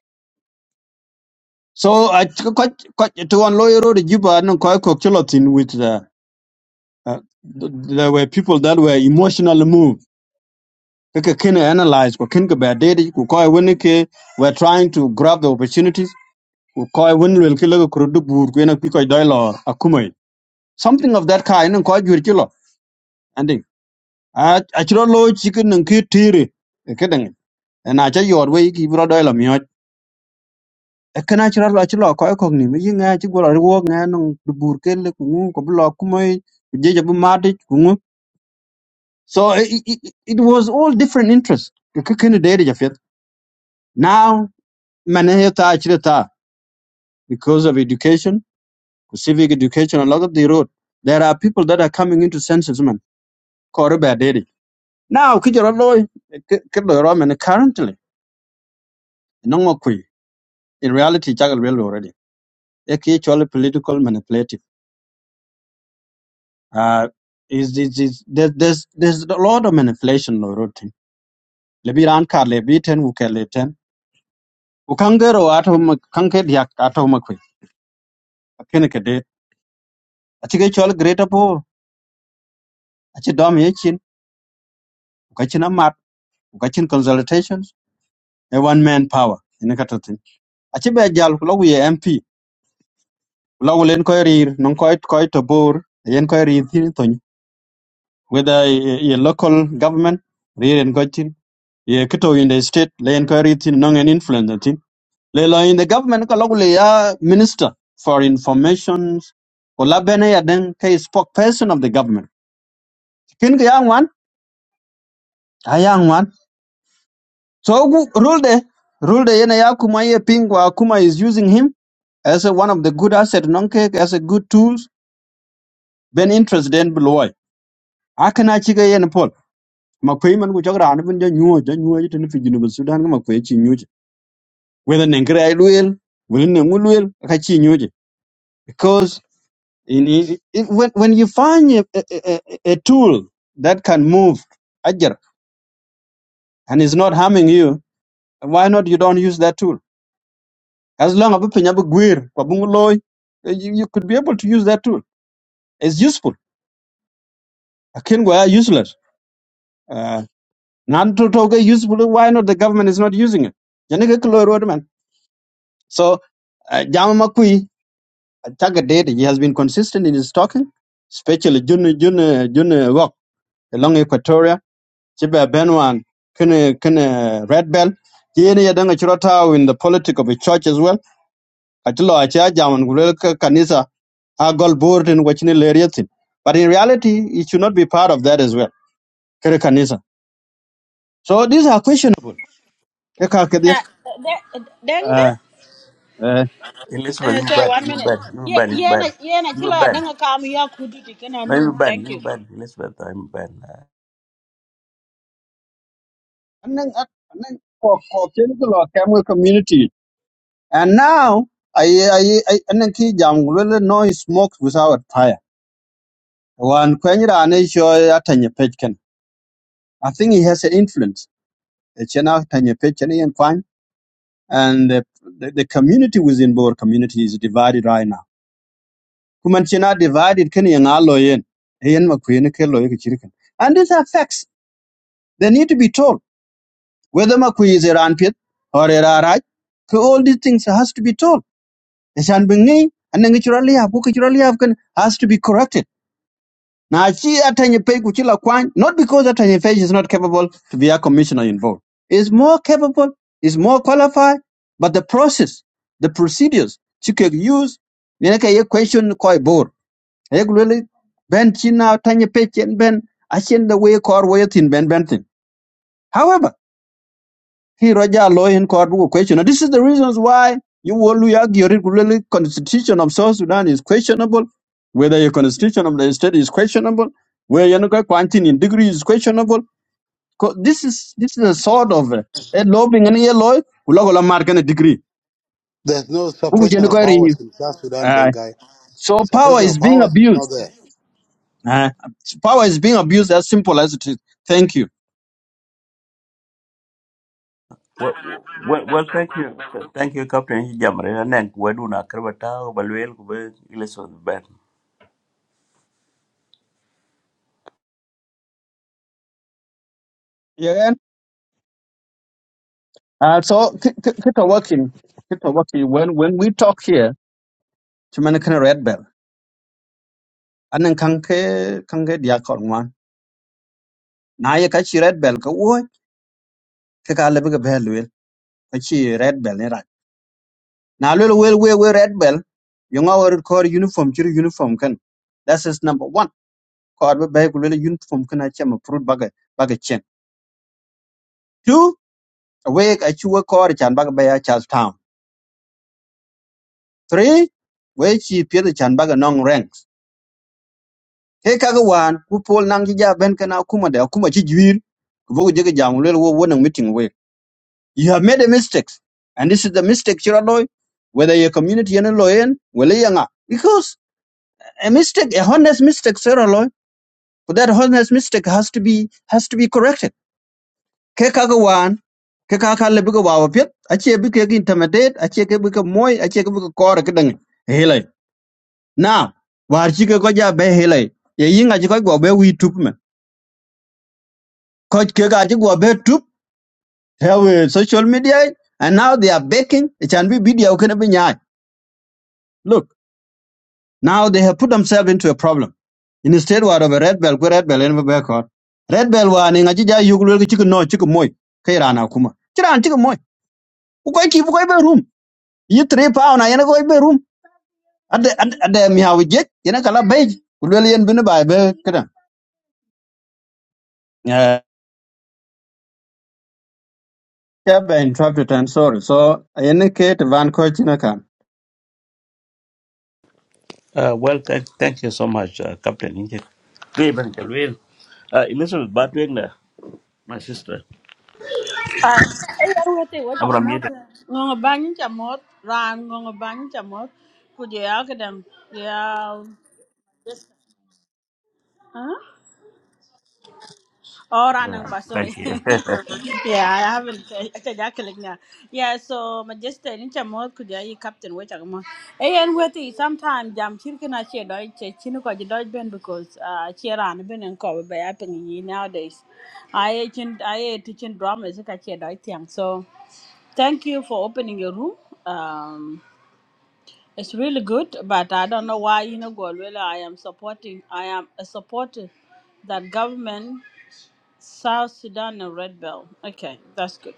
D: so I, ko ko to one lawyer ro de juba no ko ko chilo tin with the uh, there were people that were emotionally moved kaka kin analyze ko kin ka ba dai ku ko wani ke were trying to grab the opportunities ku ko wani wel ke la ko ru bur ku na ko dai la akumai something of that kind ko jur chilo a a chiro lo chicken nang ki tiri e kedang e na cha yor we ki bro do lo myo e kana chiro lo chiro ko ko ni mi nga chi gro ro nga nang du bur ken le ku ko blo ku mai je je bu ma ku ngu. so it, it, it it was all different interests ke ke ken de ja fet now man he ta chiro ta because of education civic education a lot of the road there are people that are coming into senses man ko ro ba de now ki jiro lo ke ke lo ro man currently no in reality, Jagal well already. Eki Actually, political manipulative. Uh, is is is there's there's there's a lot of manipulation lo rotin. Lebi ran kar lebi ten uke le ten. Ukanger o ato huma kanker diak ato huma kwe. Akene kede. Achi ke chol greater po. Achi dom yechin. Ukachin amat. Ukachin consultations. A one man power. Ine katotin. Achi be jal kulo uye MP. Kulo ulen koi rir. Nong koi koi to bor. Yen koi rir thin tony. Whether a, a a local government, rir en ye kito in the state le inquiry thin nong an influence na thin le lo in the government ka logule ya minister for information ko labene ya den ka is spokesperson of the government kin ga yang wan a yang wan so gu rule de rule de yana ya kuma ye pingwa kuma is using him as a one of the good asset nong ke as a good tools ben interest den beloy akana chiga yen pol makwai man ku chagra an bun ja nyuo ja nyuo tin fi jinu sudan ma kwai chi nyuo whether nengre ai luel whether nengu luel ka chi nyuo because in, in, it- when, when you find a, a, a a tool that can move ajar and is not harming you why not you don't use that tool as long as you have a gear, kwa bungu loy, eh, you you could be able to use that tool it's useful akin go useless uh, nan to to useful why not the government is not using it Jani ge kloy road man so uh, jama makui taga date he has been consistent in his talking especially jun jun jun rock along equatoria ci be ben wan kene kene red bell ci yene ye danga chiro taw in the politic of a church as well ati lo achi a jaman gulel ka kanisa a gol borten wachine leriatin but in reality it should not be part of that as well kere kanisa so these are questionable ke ka ke de
H: Ah, da- dangda
D: eh eh
A: Elizabeth,
H: uh,
A: you
H: sorry
A: bad,
H: one
A: you
H: minute
A: bad, you
H: Ye-
A: bad, you
H: yena
A: bad,
H: na yeah, na
A: you
H: chilo ya
A: bad.
H: denga kam ya kuditi kena
A: No, you
H: nur
A: bad,
H: thank
A: you
H: you
A: bad, Elizabeth, I'm bad. eh.
D: annan annan ko ko ken ko lo kam community and now I I I annan ki jam gulel no smoke without fire one kwenye ane sho atanye pechken i think he has an influence Chena Tanya Pechene and Kwan, and the, the, the community within Boer community is divided right now. Kuman Chena divided Kenny and Aloyen, Ian McQueen, Keloy, Chirikan. And these are facts. They need to be told. Whether McQueen is Iran Pit or Iraraj, so all these things has to be told. It's unbelievable. And then naturally, have, naturally have, can- has to be corrected. na achi hata nyepei kuchila kwany not because hata nyepei is not capable to be a commissioner involved is more capable is more qualified but the process the procedures she can use yenaka ye question koi bor ye really ben china hata nyepei chen ben achen the way kor way thin ben ben thin ki roja law in court bu question And this is the reasons why you will argue regularly constitution of south sudan is questionable whether your constitution of the state is questionable where you know quantity in degree is questionable Co- this is this is a sort of uh, a lobbying and a law ulo gola mar a degree
C: There's no
D: bu je
C: separation of
D: ko ri
C: powers in South Sudan,
D: Ah,
C: Denkai.
D: so power
C: Separation of
D: is being
C: powers is not
D: abused
C: there.
D: Ah, power is being abused as simple as it is thank you
A: Thank you, Captain. You jam, right? And then, we do not care about how, but we'll go back. Elizabeth, bad.
D: yeah uh, so keep working Keep working when when we talk here to red belt anan kan ke kan ke dia kon wan na ye ka chi red bell ko wo ke ka le be bel wel ka chi red bell ni rat na le wel we we red bell yo nga wor kor uniform chi uniform kan that is number 1 kor be be le uniform kan a chama fruit baga baga chen two we ka chi wo kor chan baga be ya charles town three we chi pye de chan baga nong ranks ke ka ga wan ku pol nang ji ja ben kana kuma da kuma chi jwir ku bo ge jam le wo wo nang meeting we You have made a mistake. And this is the mistake, Chiraloy, whether your community and in Loyen, Weleyanga. Because a mistake, a honest mistake, sir, Chiraloy, but that honest mistake has to be has to be corrected. Kekagawan, kekakale buka wawapit, achie buka intimidate, achie buka moy, achie buka kore kedang. Hele. Now, warchike koja be hele. Ye yinga chikoj gwa be we tup me. Koj keka chikwa be tup, have uh, social media, and now they are baking, it can be video, can be nyai. Look. Now they have put themselves into a problem. In the Instead word of a red bell, go red bell and be caught. Red bell wa ne ngaji ja yugul ki chicken no chicken moy. Kay rana kuma. Chiran chicken moy. Ku koy ki bu koy be room. Yi three pound na yana koy be room. Ade ade mi hawi je yana kala bay. Ku lel yen bin bay be kada. Eh yeah, be interrupted and sorry. So yana ke van ko china kan.
A: Uh, well, thank, thank you so much, uh, Captain. You just- Great, man, well. Uh, Elizabeth, bad, doing my sister.
H: Ah, eh, yar wote wota
A: I'm
H: ko mot
A: Ramiro.
H: ngongo banyi cha mot ran ngongo banyi cha kuje ya kedam ya Huh? Oh, Ranang
A: Yeah,
H: ba, sorry.
A: thank you. *laughs*
H: *laughs* yeah, I haven't. I Ita ja kalik na. Yeah, Yeah, so majesta ni chamo kuja i captain we chamo. Eh, and we ti Sometimes, jam chirke na che doi che chinu ko je doi ben because uh che ran ben en ko be ya ping yi nowadays. I chin I teaching drama is ka che doi tiang. So thank you for opening your room. Um it's really good, but I don't know why you know Golwela I am supporting I am a supporter that government South Sudan and Red Bell. Okay, that's good.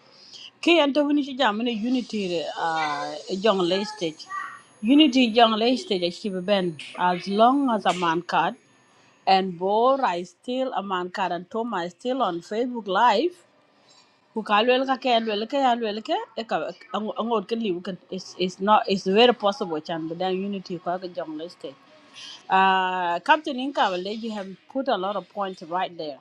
H: Okay, anta wini ci jam ne unity re uh, jong lay stage. Unity Young lay stage a ci ben as long as a man card and Bor I still a man card and Toma is still on Facebook live. Who ka lwel ka ke lwel ka ya lwel ka e ka angod ke liu kan it's it's not it's very possible chan but then unity ko ka Young lay stage. Uh, Captain Inka, well, you have put a lot of points right there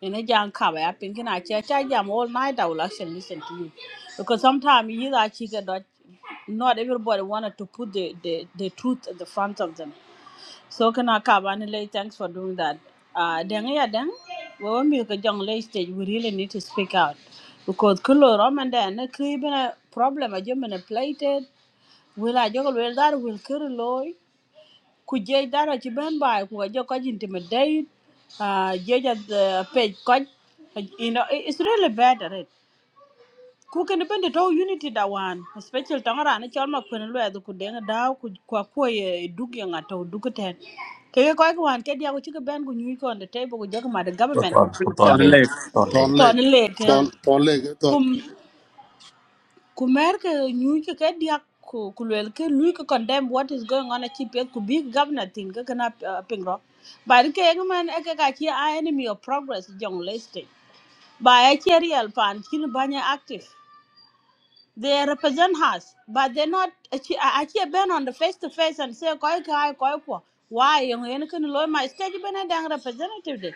H: in a jam cover up in can I check I jam all night I will actually listen to you because sometimes you either actually get that not everybody wanted to put the, the, the truth at the front of them so can I cover and lay thanks for doing that uh then yeah then well, when we get young late stage we really need to speak out because color Roman then a creeping a problem a German plated will I juggle with that will kill a lawyer ku jeej dara ci ben bay ku jo ko intimidate uh jeej at the page ko you know it- it's really bad at it ku ken ben to unity da wan especially tangara ne chol ma kun lwe ku de da ku kwa ko ye dug ye nga to dug ten ke ko ko wan ke dia ku ci ben ku nyu ko on the table ku jo ma the
A: put
H: government
A: on, put on
D: Ton
A: leg,
D: late.
A: put on
C: Thorn
A: leg.
H: to
C: Lake.
H: ne le ke
C: Thorn, Thorn Lake. Thorn.
H: ku mer ke nyuc ke ke diak ku ku luel ke lui ke condemn what is going on achi pet ku big governor tin ke kana uh, pingro but ke man e ke ka chi a enemy of progress jong leste ba e chi real pan chin banya active they represent us but they not achi achi ben on the face to face and say koi kai koi ko why yong yen ken loy my stage ben a dang representative de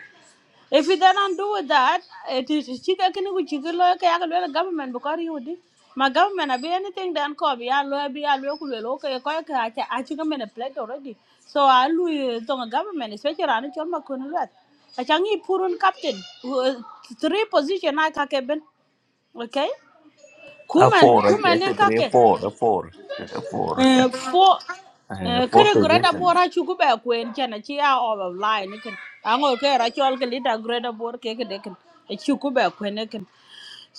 H: if you don't do with that, it is chicken can we chicken like I can government because you did. My government I be anything done call me, I will be I will okay, I chicken in a plate already. So I will the government, especially on the Choma Kunulat. I can eat Purun captain, who- three position I can okay?
A: A
H: Kuman,
A: four, I think, I
H: Kuman and
A: think three, a
H: Kake.
A: four, a four, *laughs* a four,
H: Eh, fo
A: uh,
H: eh,
A: four
H: kere greta
A: position.
H: bora chuku be kwen chana chi a over line ken ango ke ra chol ke lita greta bor ke ke deken e chuku be kwen ken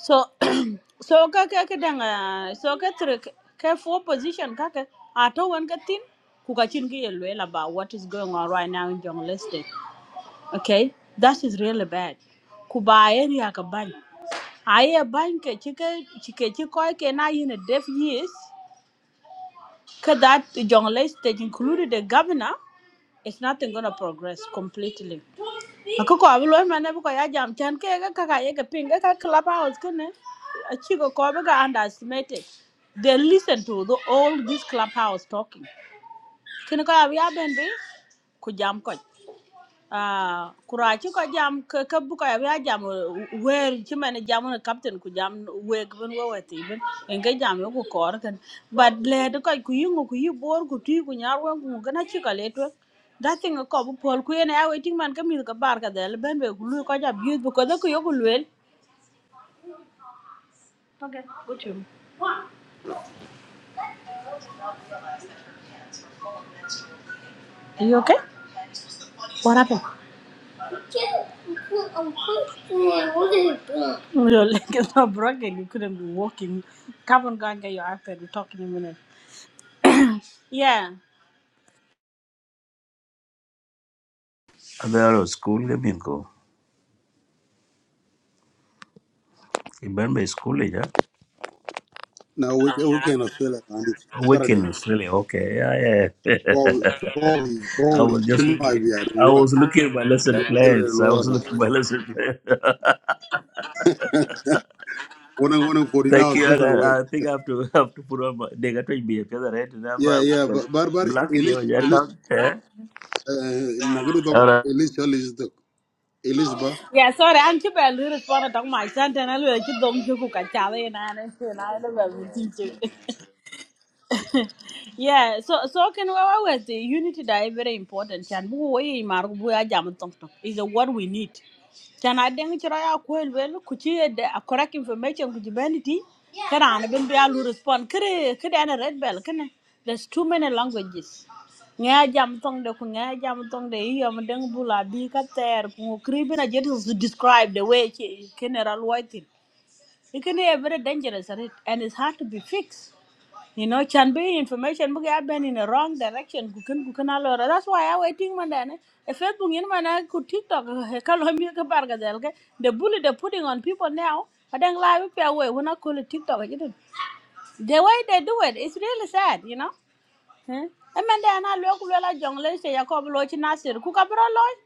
H: so *clears throat* so ka ke ke danga so ke tre ke fo position ka ke ato wan ke tin ku ka chin ke yelwe about what is going on right now in jungle estate okay that is really bad ku ba area ka ban aye ban ke chike chike chikoy ke na in a deaf years because that jonglei stage, including the governor, is nothing gonna progress completely. Akoko abulo mane buko ya jam chan ke ga kaka ye ga ping ga clubhouse kene. Achigo ko be ga underestimated. They listen to the all this clubhouse talking. Kene ko ya ben be ku jam ko. Ah, kura ko jam ke ke ko ya jam wer ci mene jam na captain ku jam weg bun wawati bun en ga jam yo ku kor kan but le de ko ku yingo ku yibor ku ti ku nyar wan ku gana ci ka to da thing ko bu pol ku ene awe ting man ka ka bar ka del ben be ku lu ko ja bi bu ko de ku yo ku lwel okay good you are you okay what happened Your leg is not broken. You couldn't be walking. Come on, go and get your iPad. We'll talk in a minute. Yeah.
A: And there was school, I mean, go. Remember school, yeah?
C: No, we we can Australia on it. Saturday.
A: Weekend is really okay. Yeah, yeah.
C: Probably, probably,
A: *laughs* I
C: probably
A: was just,
C: she might be at
A: I
C: work.
A: was
C: Yeah.
A: in plans. I was looking my lesson. plan.
C: One and one and
A: *laughs*
C: forty now
A: thank
C: is
A: you. And
C: different way.
A: I, I think I have to, *laughs* have to put on my, they got to be a feather, right? And I'm
C: Yeah,
A: a
C: yeah, but but but at
A: black,
C: least
A: yeah.
C: at least uh nagano dog
A: yeah.
C: at least at least dog at least ba
H: Yeah, sorry. I'm keep a little fun talk. my son, and I will keep them to cook a challenge and I don't know. yeah so so can we always the unity that is very important chan bu wo yi bu ya jam tong tong is what we need chan i deng chira ya ko el wel ku chi de a correct information ku jibenity kara an bin be alu respond kre kre an red bell kene there's too many languages nga jam tong de ku nga jam tong de yo mo deng bu la bi ka ter ku kri bina jet to describe the way general white thing it can be very dangerous right? and it's hard to be fixed you know, can be information book have been in the wrong direction. Kukan kukan alora. That's why I waiting man then. If Facebook in man I could TikTok kalomir ka barga delke. The bully they're putting on people now. I don't lie with your way. We're not call it TikTok. You know, the way they do it, it's really sad. You know. Hmm. I mean, then I look well at young lady. Jacob Loch Nasir. Kukabro Loch.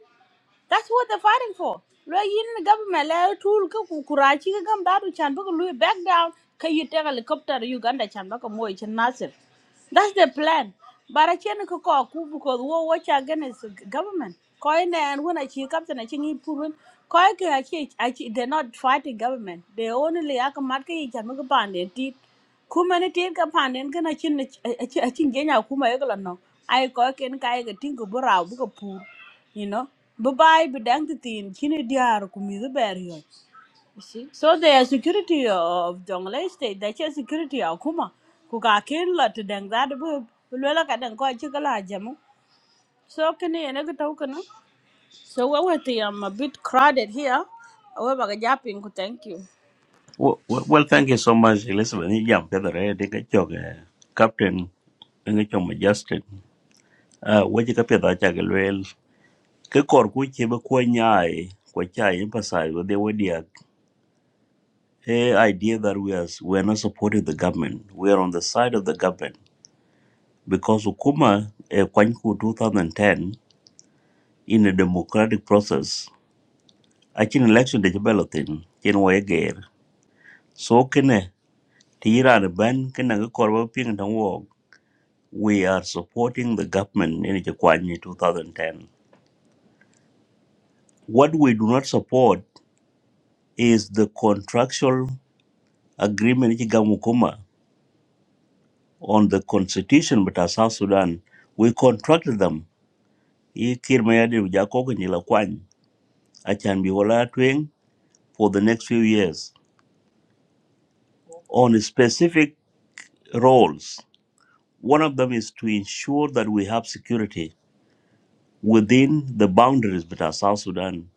H: That's what they're fighting for. Lo yin ni government la tool ka ku kurachi ka gam dadu chan baka lui back down ka you take helicopter Uganda chan baka moy chan nasir. That's the plan. Bara chen ka ko ku because wo wo cha gan is government. Koi ne and when I chi captain I chi ngi purun koi ka achi achi they're not fighting government. They only akamat ka mat ka yi chan baka pande tit kuma ni tin ka panen kana chin a chin genya kuma yegla no ai ko ken kai ga tin go bura bu ka pur you know bu bay bi dang ti tin chini diar ku mi the bear yo you see so the security of jongle state the security of kuma ku ka ken la ti dang that? bu bu lo la ka dang ko chi ka la jamu so kini ene ga taw kana so we were the um, a bit crowded here we ba ga japin ku thank you
A: Well, well, well, thank you so much, Elizabeth. Ni jam pedho re de ka chok eh, captain ngi chom Justin. Ah, we ka pedho cha ga lwel. Ke kor ku che be ko nyai ko cha emphasize with the idea eh that we are we are not supporting the government. We are on the side of the government because Ukuma eh, kwany 2010 in a democratic process. Akin election de ballot in chen wa eger. So kene tira ban kene ga kor ba ping tang we are supporting the government in Chikwani 2010. What we do not support is the contractual agreement in Gamukuma on the constitution with our South Sudan. We contracted them. I kir ma yadi nyila kwany, achan bi wala For the next few years, on specific roles. One of them is to ensure that we have security within the boundaries with our South Sudan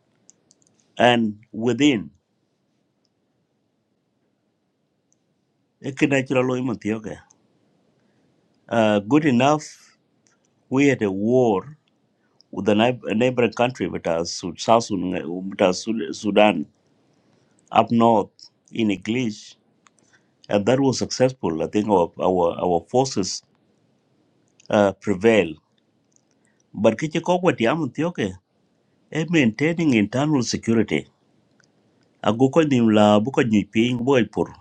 A: and within. Uh, good enough, we had a war with a neigh- a neighboring country, with us, Sud- South Sudan, with us, Sud- Sudan, up north in English. And that was successful. I think our our, our forces uh, prevailed. But Kichikogwa Tiamu Tioke, eh, maintaining internal security. Aguko Nimla, Buko Niping, Boypur,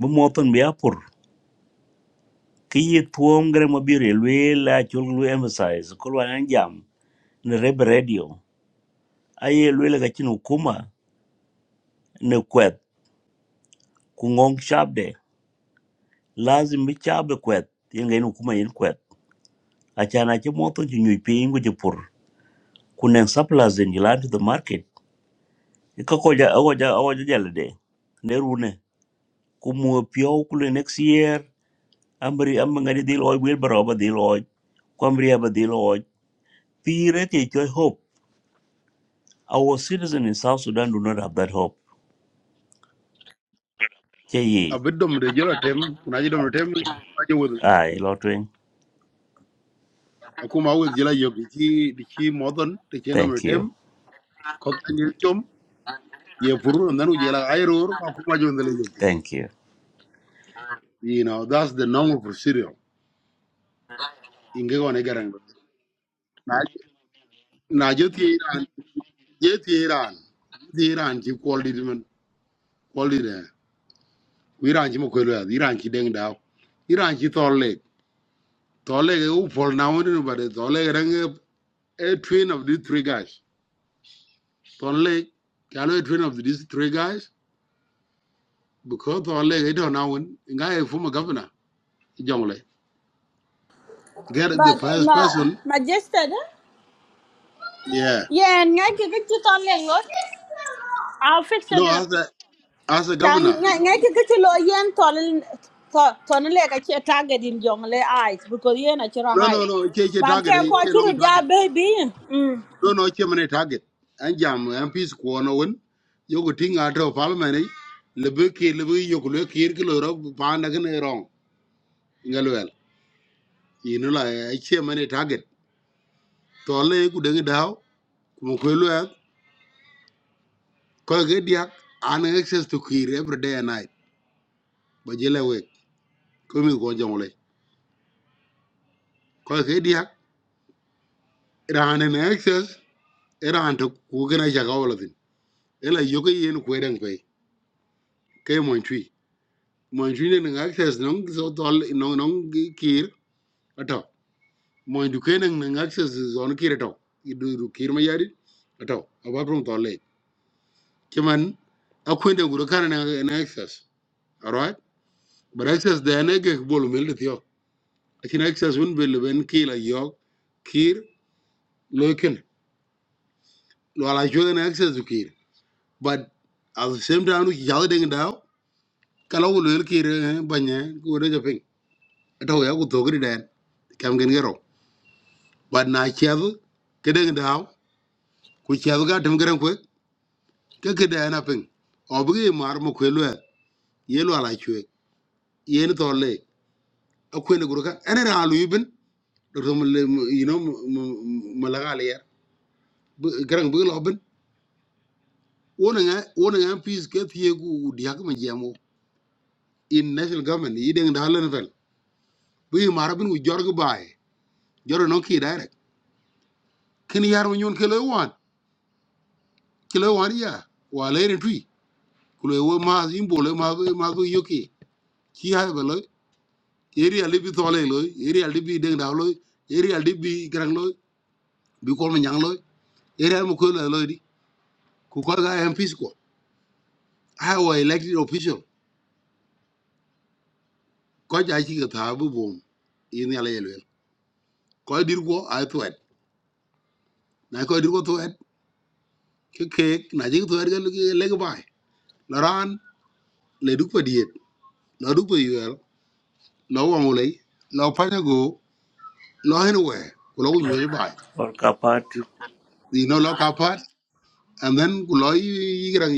A: Bumoton Biapur, Kiyi Tuom Gremobiri, Luela, Chulu emphasize, Kulwanjam, Reb Radio. Aye, Luela Gachin Ukuma. ne kwet ku ngong shabde lazim bi chabe kwet yengen kuma yen kwet achana che moto ju nyu pi ingu je pur ku nen supplies in yilan to the market e ka ko ja awo ja awo ja jale de ne rune ku mu pio ku le next year amri am ngani dil oy wel baroba dil oy ku aba dil oy pire te joy hope our citizen in south sudan do not have that hope che
C: a
A: ye
C: bit dom de jela tem kunaji dom de tem aje wudu
A: ai lotwing
C: akuma with jela yo ki di ki modon de jena dom
A: thank you
C: tem ko tan then ye furu nan u jela ayror akuma jondele
A: thank you
C: You know, that's the normal procedure. Inge gone garang. Na na jeti Iran, jeti Iran, jeti Iran ki quality man, quality de. Iran ki mo kwelo ya, Iran ki deng dao. Iran ki tolle, tolle ke u pol na wani no bade, tolle ke a twin of these three guys. Tolle, kalo a twin of these three guys because tolle ke do na wani, inga e former governor, jongle. Get the
H: but
C: first
H: ma
C: person,
H: ma just that
C: yeah.
H: yeah and ngai ki ga chi ton I'll fix that.
C: No,
H: in a
C: as a as a
H: Tang
C: governor.
H: ngai ke ke lo yen ton ton le ka che target in jong le eyes because yen a chira
C: No, no,
H: hide.
C: no. Che che
H: But ke
C: target. eh,
H: ko
C: Che long
H: chiru ja
C: target.
H: baby. Mm.
C: No, no. Che mane target. An jam MPs kuono win. Yoku ting ato parliament. eh, Lebe ke lebe yoku le kir ke loro panda kene wrong. Ngalwel. Inu la eh, che mane target. Tole ku dengi dao. Kumukwelu ya. Kwa ke diak. An access to kir every day and night. Bajele wek. Kumi kwa jongole. Kwa ke diak. Rahan an access. Rahan to kukena chakawala thin. Ela yoke yen kwedang kwe. Kaya mwen moy jine nang access nang so tol nong nong kir ato moy du kenang nang access zon kir ato idu du kir ma yari ato aba prom tolle kiman akwende guro kana nang nang access alright but access de ne ge bolu mel dit yo akin access un bel ben kila yo kir loken lo ala jode access du kir but at the same time ki jale ding daw kala wo lo kir eh, banye ko de japing ato ya ko togri den kam gen gero but na chel kedeng daw ku chel ga tem gren kwe ke ke da na ping obgi mar mo kwe lwe ye lwa la chwe ye ni to le akwe ne gurka ene ra lu ibn do mo le you know mo la ga le yer gren bu lo bin wona nga wona nga pis ke thie gu dia ko jamo in national government yi deng da len fel bu yi mar bin ku jor gu bae jor no ki direct kin yar mo nyon ke lo wan ke lo wan ya wa le ni tui ku le wo ma yin bo le ma ma yoki ci hay ba loy eri ali bi tole loy eri ali bi deng daw loy eri ali bi grang loy bi ko ma nyang loy eri am ko la loy di ku ko ga mp ko ha wa elected official ko ja ci ga ta bu bom yin ala yel wel ko dir ko ay tuet na ko dir ko tuet ke ke na ji tuet ga le ga bay la ran le du ko diet la du ko yel la wa mo lay la pa go la hen we ko
A: or
C: and then ku lo yi grang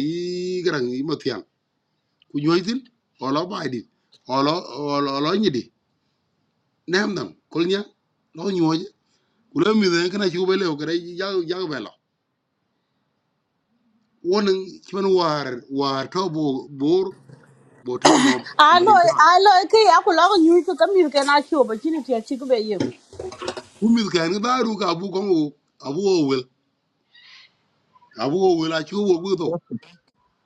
C: ku ñoy tin olo bay di olo olo olo ñi di nem nam kol ña lo ñoje ku la mi den kana ci ko belew kada jag jag bela won ci man war war to bo bor bo taano ma di
H: Alo
C: ta
H: alo ke ya ku lo nyu ke kam yu ke na chu ba chin ti chi ku be yu.
C: ku mi kan ga daru ka bu ko ngo abu o wel abu o wel a ci wo bu to
D: *laughs*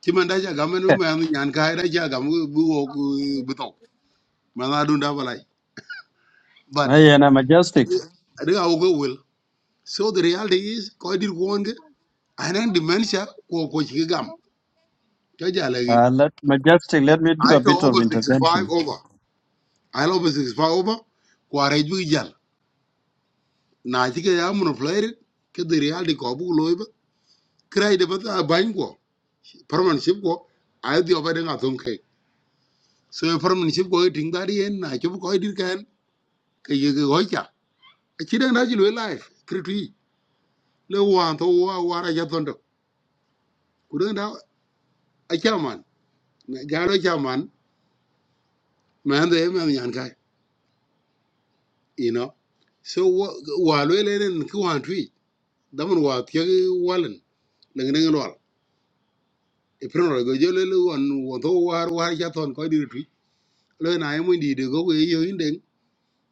C: ci man da ja ga man ma ñaan ka da ja ga bu wo bu to ma na dun da balai but
D: My yana majestic.
C: adiga wo ko wel so the reality is ko dir ko wonge anan dementia ko ko ci gam Kaja lagin.
D: Uh, let majestic. Let me do
C: I
D: a
C: to
D: bit of
C: over
D: intervention.
C: 65 over. I over 65 over. Kwarej bi jal. Na chike ya mun flyer ke the reality ko bu loy Kray de bata bain ko. Permanent ship ko. I di over de ngatum So permanent ship ko ting dari en na chup ko dir kan ke ye ke hoja. Chide na jilu life. Kritui. Le wan to wa wara ja tondo. Kude na a chairman. Jaro chairman. Man de man yan You know. So wa wa lo le nen ki damun wa tiag walan nang nang wal e prenor go jole le won won to war war ja ton ko dir tui le na e mun di de go go yo inden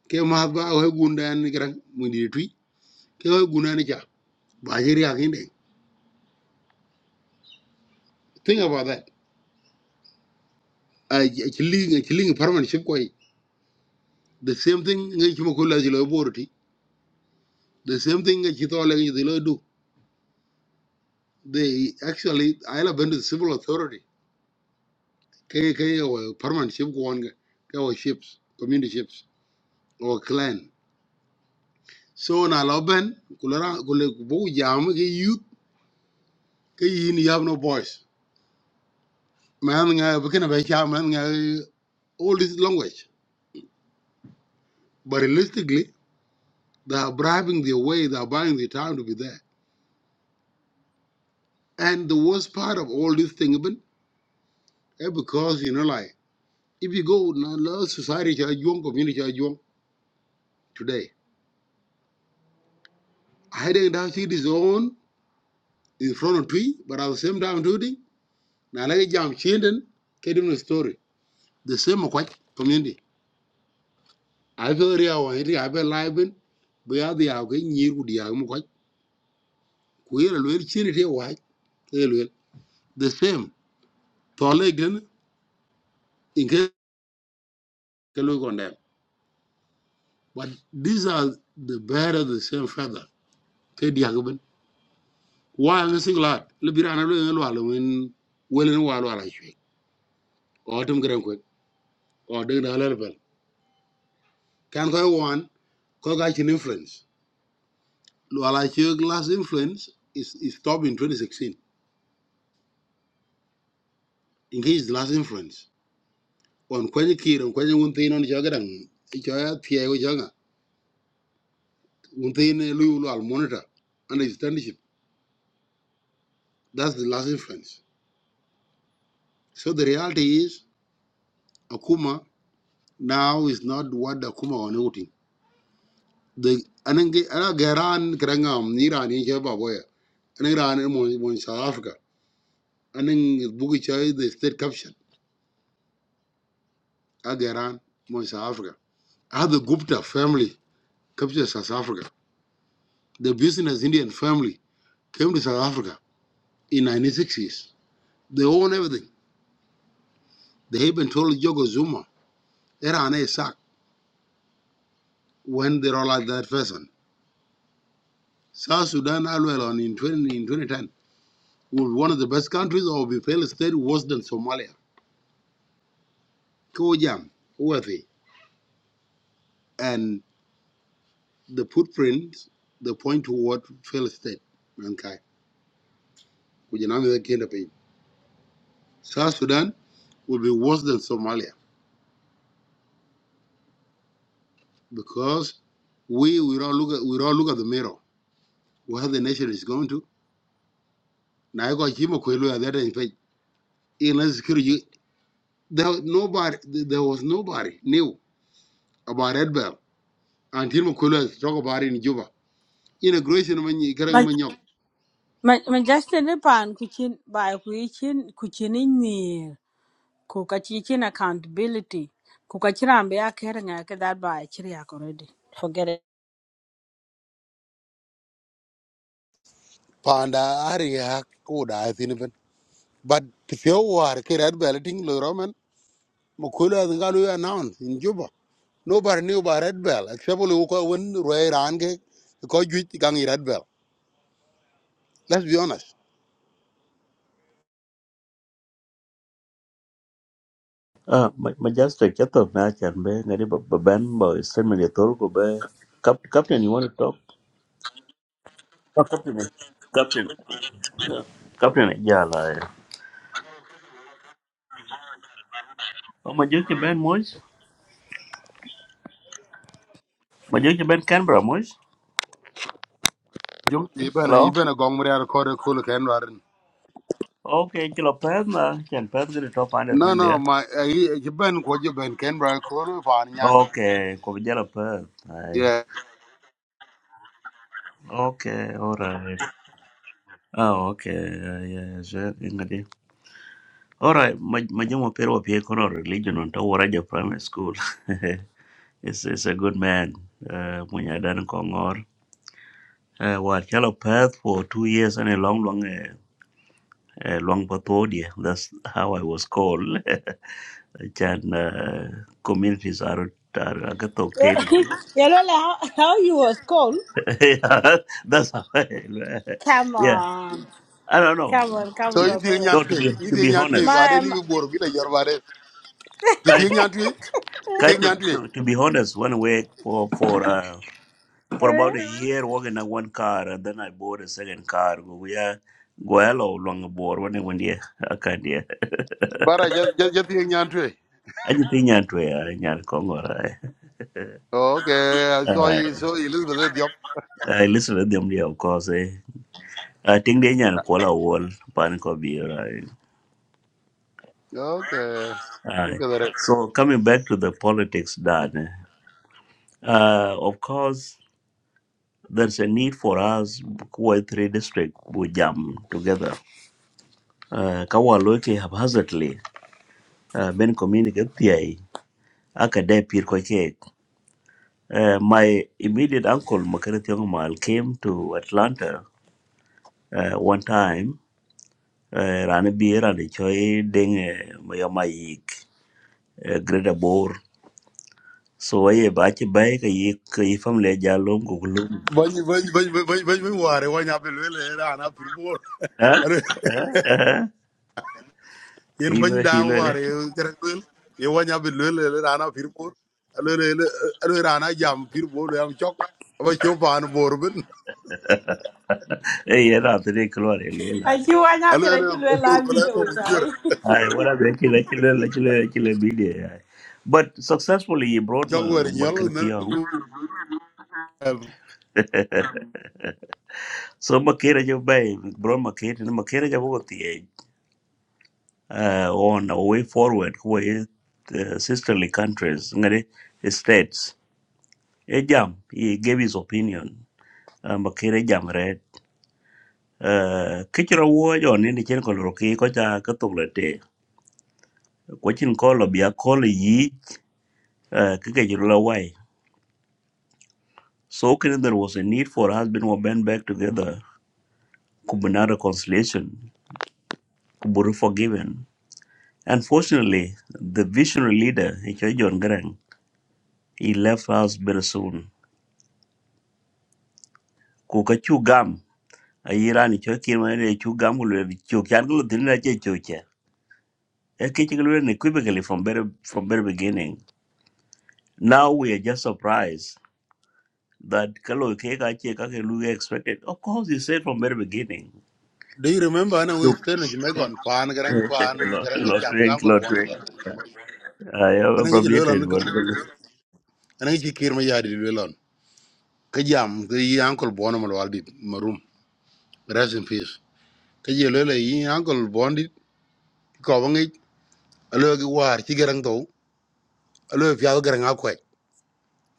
C: ke ma ba o gunda ni gran mun di tui ke o guna ni ja ba je ri akin think about that I, chilling chilling permanent ship koi the same thing ngai chimo ko la jilo boroti the same thing ngai chito le ngai jilo do they actually i love the civil authority ke ke o permanent ship ko on ke o ships community ships or clan So na lo ben kulera kule bo jam ke youth ke yin you have no voice. Man nga bekena be cha man nga all this language. But realistically, they are bribing their way, they are buying their time to be there. And the worst part of all this thing ben, eh, because you know like if you go now love society cha young community cha young today, hiding down see this own in front of tree, but at the same time doing na like jam chinden the story. The same quite community. ai fe ria other ri ai be lai ben be ya the ke nyir ku dia mu ko ku ye lo er the same to le in case ke lo kon but these are the bear of the same feather ke dia ke Why? wa ngi sing lat le bi ran lo ngi lo lo men welen wa lo ala chwe o tum gran ko o de na le bel kan ko wan ko ga chin influence lo ala last influence is is stop in 2016 in case the last influence on kwaje kir on kwaje un tin on joga dang jo ya tie go joga un tin lu lu al monitor and that's the last influence so the reality is akuma now is not what the akuma on outing the anange ana garan krangam niran in je baboya aniran mo mo south africa anan bugi chai the state caption agaran mo south africa how the gupta family captured south africa the business indian family came to south africa in 1960s They own everything. They even told Jogo Zuma, Iran is sack when they roll out that person. South Sudan, Alwell, on in, 20, in 2010, will be one of the best countries or be failed state worse than Somalia. Kojam, worthy. And the footprints, they point toward failed state. Okay. Kujanami the kind of pain. South Sudan will be worse than Somalia because we we all look at we all look at the mirror where the nation is going to. Now I got Jim Kwelu at that page. Inland security There nobody. There was nobody knew about Red Bell until McCullough talk about it in Juba. Integration man,
H: Ma
C: karang man yok.
H: ma ma just ne pan ku chin ba ku ni ku ka chi accountability. Ku ka chira be ya ke nga ke that ba chiri ya already. Forget it. *laughs*
C: panda ari ha ko da ai tin ben but pio war ke red bell ting lo roman mo ko la nga announce in juba nobody knew about red bell except lo ko won roy ran ke ko ju gang red bell let's be honest
A: Ah, ma- Majestic, I thought I can be ngadi baban boy send me the tour go be. Cap- Captain, you want to talk? Oh, Captain. eh. Captain. Yeah. Captain, eh, yeah, like. Oh, Majestic Ben Moise? Majestic Ben Canberra Moise?
C: You been you
A: Hello?
C: been a gong mriar ko de kul ken
A: Okay, kilo Perth na. Can Perth get a top under
C: No
A: thing
C: no
A: there?
C: my. You been ko je ben ken rar ko for pa nyande.
A: Okay, ko bijala Perth. Aye. Okay, alright. Oh, okay. Yeah, yeah, sure. Ngadi. Alright, majumo pero pie kono religion on to Waraja Primary School. *laughs* is is a good man. Uh, Munyadan Kongor. Uh, what yellow path for two years and a long, long, uh, uh, long pathodia. That's how I was called. *laughs* Chan uh, communities are are agatok
H: Yeah,
A: teddy. *laughs*
H: yeah, how, how you was called?
A: Yeah, That's how. I,
H: Come
A: yeah,
H: on.
A: I don't know.
H: Come
C: So
H: come
C: in the
H: baboya.
A: No,
C: Nyan
A: to
C: Tree,
A: be
C: in
A: to
C: the
A: be
C: Nyan Tree, I
A: honest,
C: didn't
H: ya.
C: even work with your body. You think
A: right?
C: Nyan Tree? You
A: Kai-
C: think Nyan
A: To,
C: Tree?
A: to, to be honest, one way for for uh, for
H: eh?
A: about a year working on one car and then I bought a second car. we are go hello long board when I went yeah I can't hear *laughs*
C: But I just just just think Nyan Tree.
A: I just think you're to Congo right.
C: Okay, so
A: Uh,
C: he- so Elizabeth said, yep.
A: I listen to them there of course. Eh. I think they are call a wall panic of beer. Right?
C: Okay.
A: Aye.
C: Look at that.
A: So coming back to the politics, Dad. Uh, of course, there's a need for us, Kuwait three district, we jam together. Uh, Kawaloke haphazardly, uh, Ben communicate aka de pir ko che uh, my immediate uncle makarati mal came to atlanta uh, one time uh, rana bi rana choi ding maya mayik uh, greater bor so aye ba ci bay ka yi ka yi fam le jallom ko lum
C: Bany bany bany bany bany bany ware wanya belwele rana firmor.
A: ha
C: Are
A: ha
C: yen bany
A: hilo
C: da
A: hilo le
C: ware kerel. Ye wanya belwele rana firmor. Alo le alo rana jam firmor yam chok. Aba chopan borbin.
A: *laughs* eh ya na te klo re le la
H: I see Aki wanya
C: Alo
H: pera
C: alo
H: ki lwe
C: bor
H: la
C: kala ko
H: video
C: chwer.
H: ita.
A: ay wala be like la ki la ki la ki la bi de but successfully he brought my
C: Jog wer nyol
A: makarati
C: nan ku
A: *laughs* So Makira, jo bay, bro makere ni makere jo bogo tiye uh, on a way forward with the sisterly countries ngare states. E jam he gave his opinion. Uh, makere jam red. Uh, kichira wo jo ni ni chen ko ro ki ko cha ka tuk le te. Ko chin ko lo bia ko le yi uh, ki ke jiro la wai. So kin there was a need for husband and band back together. Kubuna reconciliation. Kuburu forgiven Unfortunately, the visionary leader, Icho John Garang, he left us very soon. Kuka chugam, a year and Icho Kirmani chugam will be Chokango Dinra Chocha. A kitchen equivocally from very from very beginning. Now we are just surprised that Kalo Keka Cheka Luga expected. Of course, he said from very beginning.
C: Do you remember I know we
A: Look,
C: stay in Jamaica on fan
A: *laughs*
C: garang fan garang ke
A: not
C: jam ga
A: drink,
C: uncle
A: not
C: Bonny.
A: lottery. I have
C: Ana ngi lelo on
A: appropriated, but
C: I know kir ma yadi lelo on. Ke jam ke uncle Bonny mal waldi marum. Rest in peace. Ke je lelo yi uncle Bondi ko bangi alo gi war ci garang to alo fi al garang akwaj.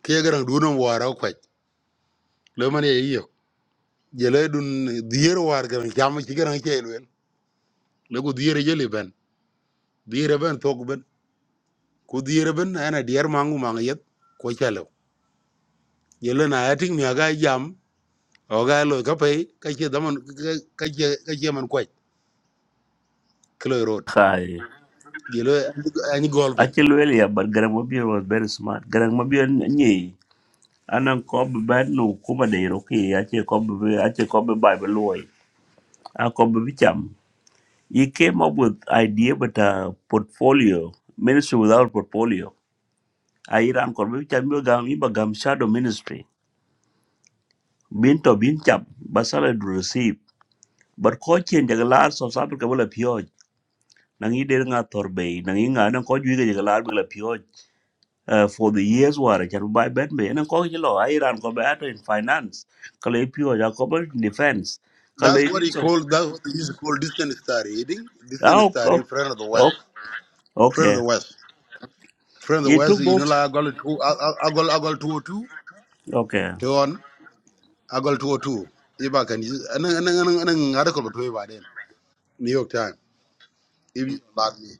C: Ke garang du no war akwaj. Le man ye yo. Je le dun dier war garang jam ci garang ke lelo. Le ko dier je le ben. Dier ben tok ben. Ko dier ben ana dier mangu mang yet. yele na yating mi aga jam o ga lo ka pay ka che daman ka che ka che man kwaj kilo road
A: hi.
C: yele ani gol pin
A: Actually, well, yeah, but Garang Mabir was very smart. Garang Mabir, anan ko be ben lu kuma de ro ki a che ko be a che ko be bible loy a ko be cham he came up with idea but a portfolio ministry without portfolio a iran ko be cham yo gam iba gam shadow ministry bin to bin cham basala do receive but ko chen de lar so sabe ke bela pio nang i de nga torbe nang i nga nan ko ju de lar bela pio uh, for the years war can buy benbe and ko ki lo iran ko ba to in finance ko le pure ya ko in defense ko
C: That's
A: le
C: what he
A: so
C: called. That's what he used to call distant star reading. Distant
A: oh
C: star
A: ko
C: reading, friend of the
A: oh,
C: West. Friend of
A: okay
C: the West. Friend of the
A: he
C: West.
A: took
C: You
A: both
C: know, like I got two. I I- I got I got two o two.
A: okay
C: To on. I got two o two. If I can use, and then and then and then I then article between by then. New York Times. If you allow me.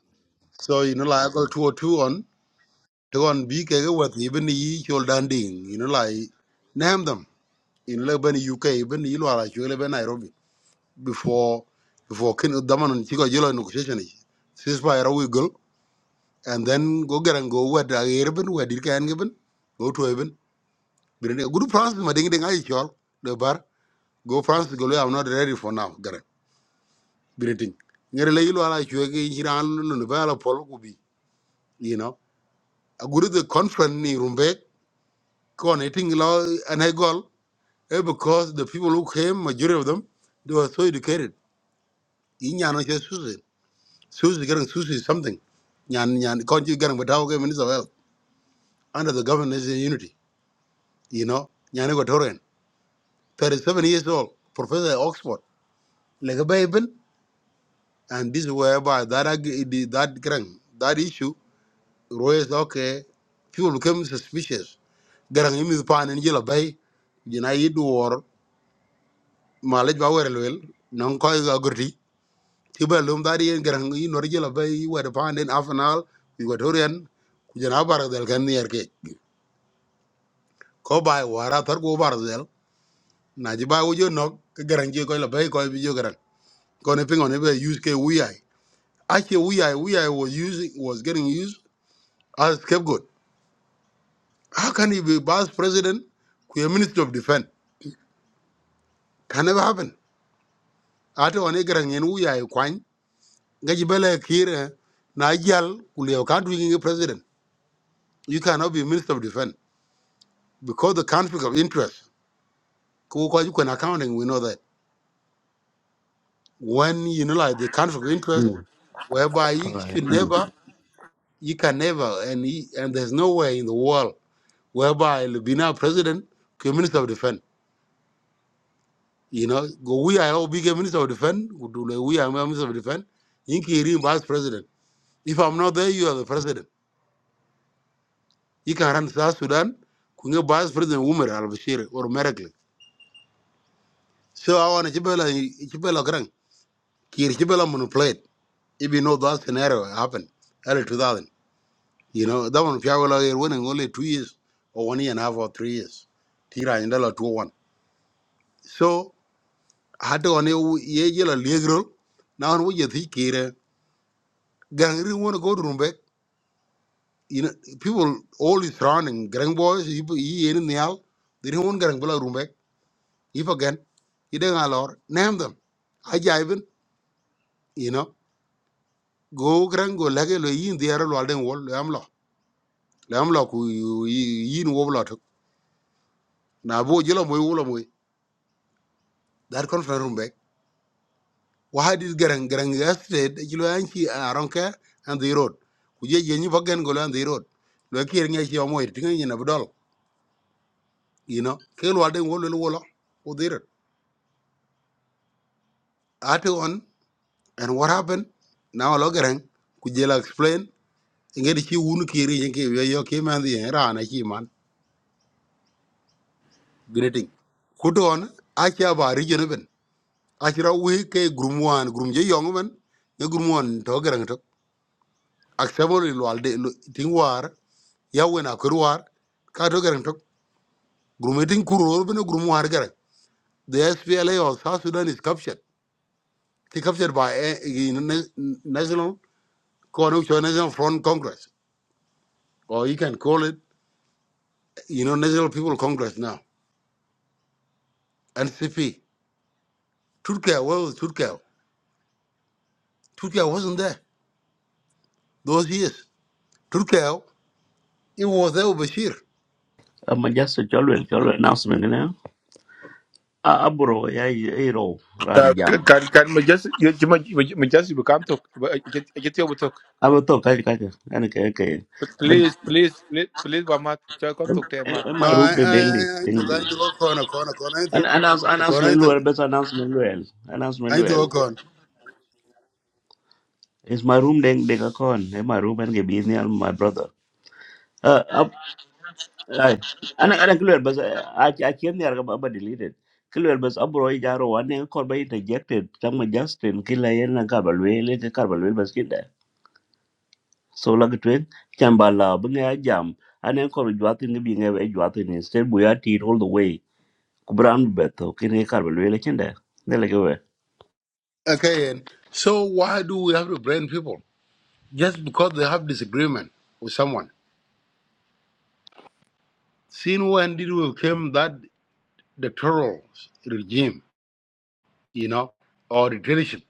C: So you know, like I got two o two on. To on. Be careful with even the shoulder ding. You know, like name them. in Lebanon, UK even yilo ala chwele ben Nairobi before before kin daman chiko jilo negotiation is ceasefire we go and then go get and go wet a erben wet dir kan geben go to even birene good France ma ding ding ay chol The bar go France go I'm not ready for now garan birene ngere le are ala chwe ki hiran lu le bala pol ku bi you know a good the conference ni rumbe kon eting lo an ay eh, because the people who came majority of them they were so educated yi nyano che susi susi getting susi something nyan nyan konji getting but how minister of health under the governance in unity you know nyan go 37 years old professor at oxford like baben and this is whereby that ag- the- that getting that issue royals okay people became suspicious getting him is pan in yellow bay you know you or mileage power well non ko ga ti ba lum dari en garang yi nor jela ba yi wada pa den afanal yi wada horian ku jana bar del kan yer ke ko ba wara tar go bar del na ji ba wujo nok ke garang ji ko la ba ko bi jo garang ko ne pingo ne ba use ke wi ai a ke wi ai wi ai was using was getting used as scapegoat how can he be vice president ku a minister of defense can never happen ate one garang en wi ai kwan ga ji bele kire na jal ku le ka du ngi president you cannot be minister of defense because the conflict of interest, because you can accounting, we know that when you know like the conflict of interest,
A: mm.
C: whereby you
A: all right
C: should
A: mm.
C: never, you can never, and he, and there's no way in the world whereby the Bina president, the minister of defense, you know, go we are all big minister of defense, we do like we are minister of defense, in Kiri vice president. If I'm not there, you are the president. You can run South Sudan, kunga vice president Umar al Bashir or Merkel. So I want to chibela chibela grang, kiri chibela monoplate. if you know that scenario happened early 2000. You know, that one, Fiagola, you're winning only two years or one year and a half or three years. Tira in dollar 2 oh 1. So, had to on a yellow league role. Now, we you think here, gang really want to go to Rumbek. You know, people all is surrounding gang boys, if he ain't in the hell, they don't want gang below Rumbek. If again, you don't allow, name them. I jive you know, go grand go lege lo in the arrow, Walden wall, Lamla, Lamla, who in wobblot. na bo jelo moy wulo moy that conference room back why did garang garang yesterday the jelo anchi aronke and the road ku je je ni bagen go and the road lo kier nge chi moy tinga ni na bdol you know ke lo den wolo wolo o dir ate on and what happened now lo garang ku je la explain nge di chi wunu kiri nge ke yo yo ke man the ra na chi man greeting kuto on achi aba region ben achi ra we ke grumwan 1 group je yong ben ne group 1 to garang to acceptable lo alde lo ting war ya wena kur war ka to garan to grumeting kuro bino grumu har garan the SPLA of South Sudan is captured It's captured by a, you know, na- national coalition national front congress or you can call it you know national people congress now NCP Turkey where was Turkey Turkey wasn't there those years Turkey it was there with Bashir
A: i'm just a cholwel cholwel announcement you know a abro ya iro ran
I: Uh,
A: jam
I: can can we just you you might- we we just we can't talk. We- I Get I get you we talk.
A: abo to ka ka an ke ke
I: But
A: but
I: Please, please, please, please, Wamat, try come
A: em
I: talk to Wamat.
A: em-
C: no
A: my
C: I
A: room de
C: I
A: dengli
C: I I took
A: dengli
C: I took a corner corner corner I
A: an
C: took
A: announce
C: a corner I
A: announcement lo
C: took
A: best announcement lo announcement
C: I
A: lo
C: took a corner
A: It's my room deng deng akon. Hey, my room and business and my brother. Uh, up. I, ana ana clear but I I can't hear about about deleted. Clear but abro i jaro one and call by interjected. Tama Justin kila yen na kabalwe le ke kabalwe bas kinda. So lag twin chambala bunga jam. Ana call juatin ni binga e juatin instead buya tit all the way. Kubram beto kine kabalwe le kinda. Nela kewe.
C: Okay, and so why do we have to blame people just because they have disagreement with someone? Since when did we claim that dictatorial regime, you know, or dictatorship?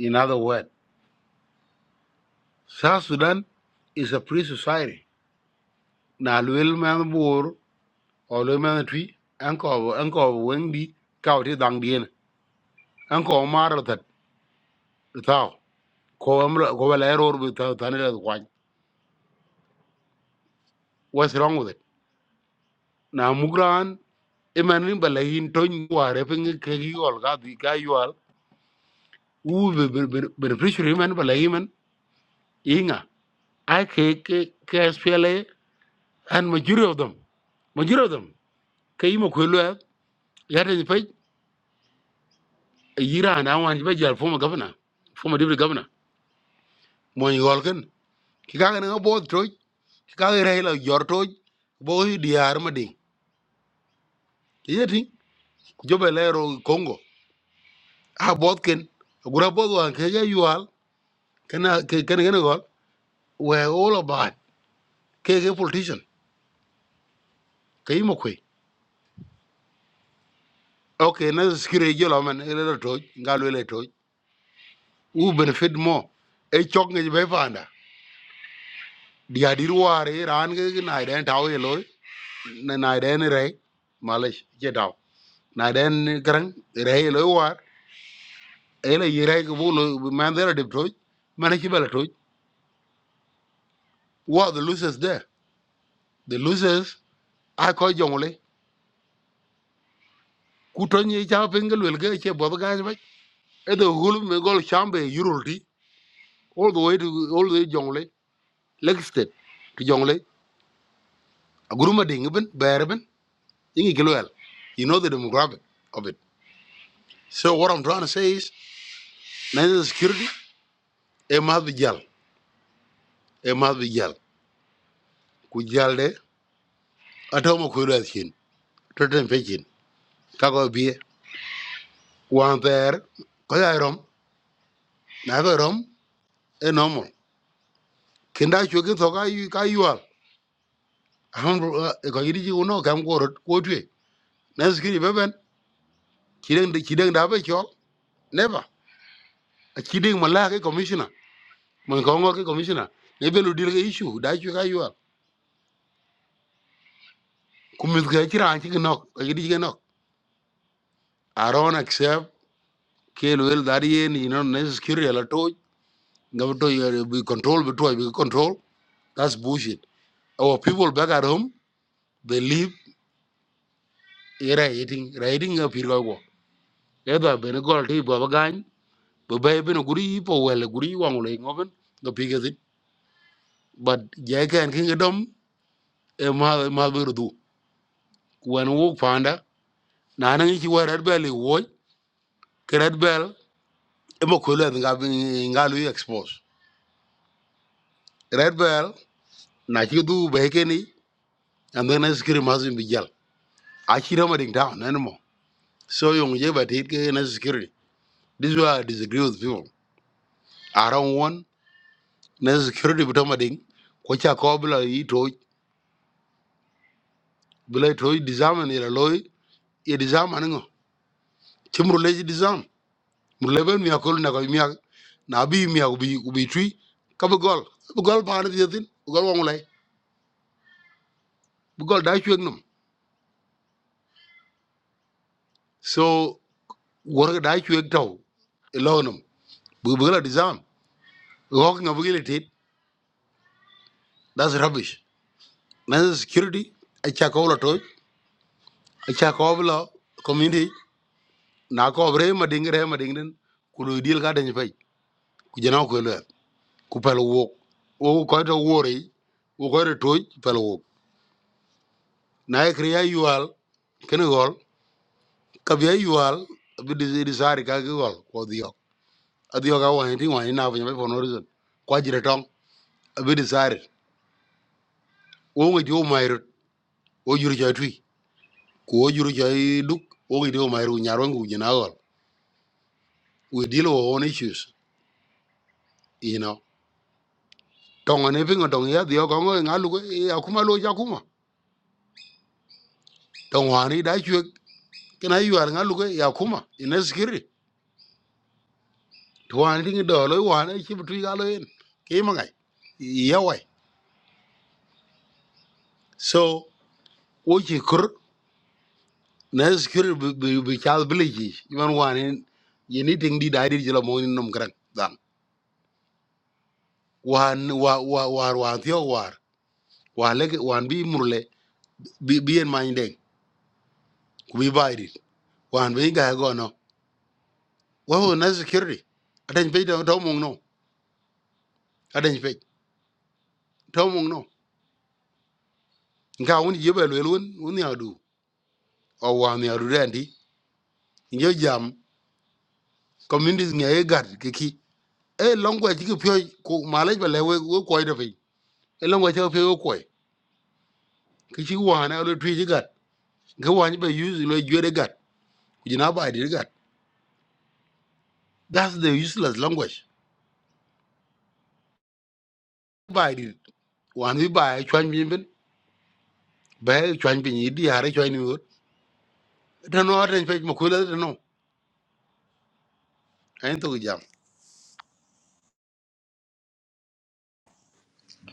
C: In other words, South Sudan is a free society. Now, Luel Manbur or Luel Manatri, Uncle Uncle Wendy, Kauti Dangdien, Uncle Maratat, Tao, Coamra, Covalero with Tanita, what's wrong with it? Now, Mugran iman rimba la hin tony ware pe ngi ke yol ga di ga yol u be be be be fishery man bala himan inga ai ke ke ke spele and majority of them majority of them ke yimo ko lo ya de pe yira na wan be jal former governor former deputy governor mo yol ken ki ga na bo troy ki ga re la yor toy bo hi diar ma ding yeti jobele ro congo a bot ken gura bot wan ke ya yol kana ke kana gol we all about ke ke politician ke imo kwe okay na sikire jelo man ele to ngalo ele to u benefit mo e chok ngi be fanda dia dir ware ran ge na den taw ye loy na na den re malish je daw na den garang re loy war ele ye re go lo man there de to man ki bela to what the losers there the losers a ko jongle ku to ni ja pengal wel ge che bod ga ba e do hulum gol chambe yurulti all the way to all the way jongle Lake State to Jonglei, Aguruma Dingben, Berben, Ingi Gilwell. You know the demographic of it. So what I'm trying to say is national security, a must be jal, a must be jal. Kujalde, Atomo Kurashin, Totem Fechin, Kago Bie, one there, Koyairom, Nagarom, a normal. Kinda Chukin you Kayual. Hamburg, a Kayidi, you know, come forward, what way. National security, Beben, Kidang the Kidang Dabachol, never. A Kidang Malaki commissioner. mun ko ngor ke commissioner ye belu deal ke issue da chu ka yuar kumis ga chira an chi nok ka gidi ga nok aron accept ke lel dar ye ni no ne security to ga to be control be to be control that's bullshit our people back at home they live era eating riding a pir go e da be ne gol ti bo ga bo be be no guri po wel guri wang le ngoben do pi it. but je and king e dom e ma ma be do when walk panda na na ngi ci warat be le ke red bell emo kwelo en ga nga lu expose red bell na chi du be ke ni and then as mazin bijal a chi rama ding down anymore so yung je ba tit ke na security this is why i disagree with people i don't want na security bitama ding ko cha ko bla yi to bla to disarm ni la loy ye disarm an chimru le disarm mur le mi akol na ko mi ak na bi mi ak bi bi tri ka bu gol bu gol pa na di tin bu gol wong lay bu gol da chu ak num so work da chuek tau ilonum bu bu la disarm rock ability, that's rubbish na security a cha ko la toy a cha ko la community na ko bre ma dingre ma ding den ku do deal ga den fay ku jena ko le ku pel wo wo ko to wori wo ko to toy pel wo na e kriya yual ken gol ka bi yual bi di di sari ka gi gol ko dio adio ga wa ni wa ni na bu ne for no reason kwa jire tong bi di sari wo ngi jo mairo o juru joy twi ko o juru joy duk o gi do mai ru nyarwan jina gol we deal with own issues you know tonga ne pinga dong ya dio ko ngalu ko ya kuma lo ya kuma tonga ni da chwe kina yu ar ngalu ko ya kuma ina sikiri to an do lo wa ne chi twi ga lo en ke ma ngai ya wai so o chi kur na sikiri bi bi chal biliji man wa ne ye ni ting di da di jelo mo ni nom kran dan wan wa wa war wa thio war wa le wan bi murle bi bi en many deng ku bi bairi wan bi ga go no wa ho na security adan pe to to mong no adan pe to mong no nga un ye ba lwel un un ya du o wan ya du rendi yo jam communities nge e gar ki ki e longwa ji ki pyo ku malaj ba le we we ko de pe e longwa ji pyo ko ki chi wan a lo tri ji gar ga wan ba use lo jwe de gar ku ji na ba di gar that's the useless language ba di wan bi ba chwan bin bin ba chwan bin yi di are chwan ta no ren pe mo kula ta no en to jam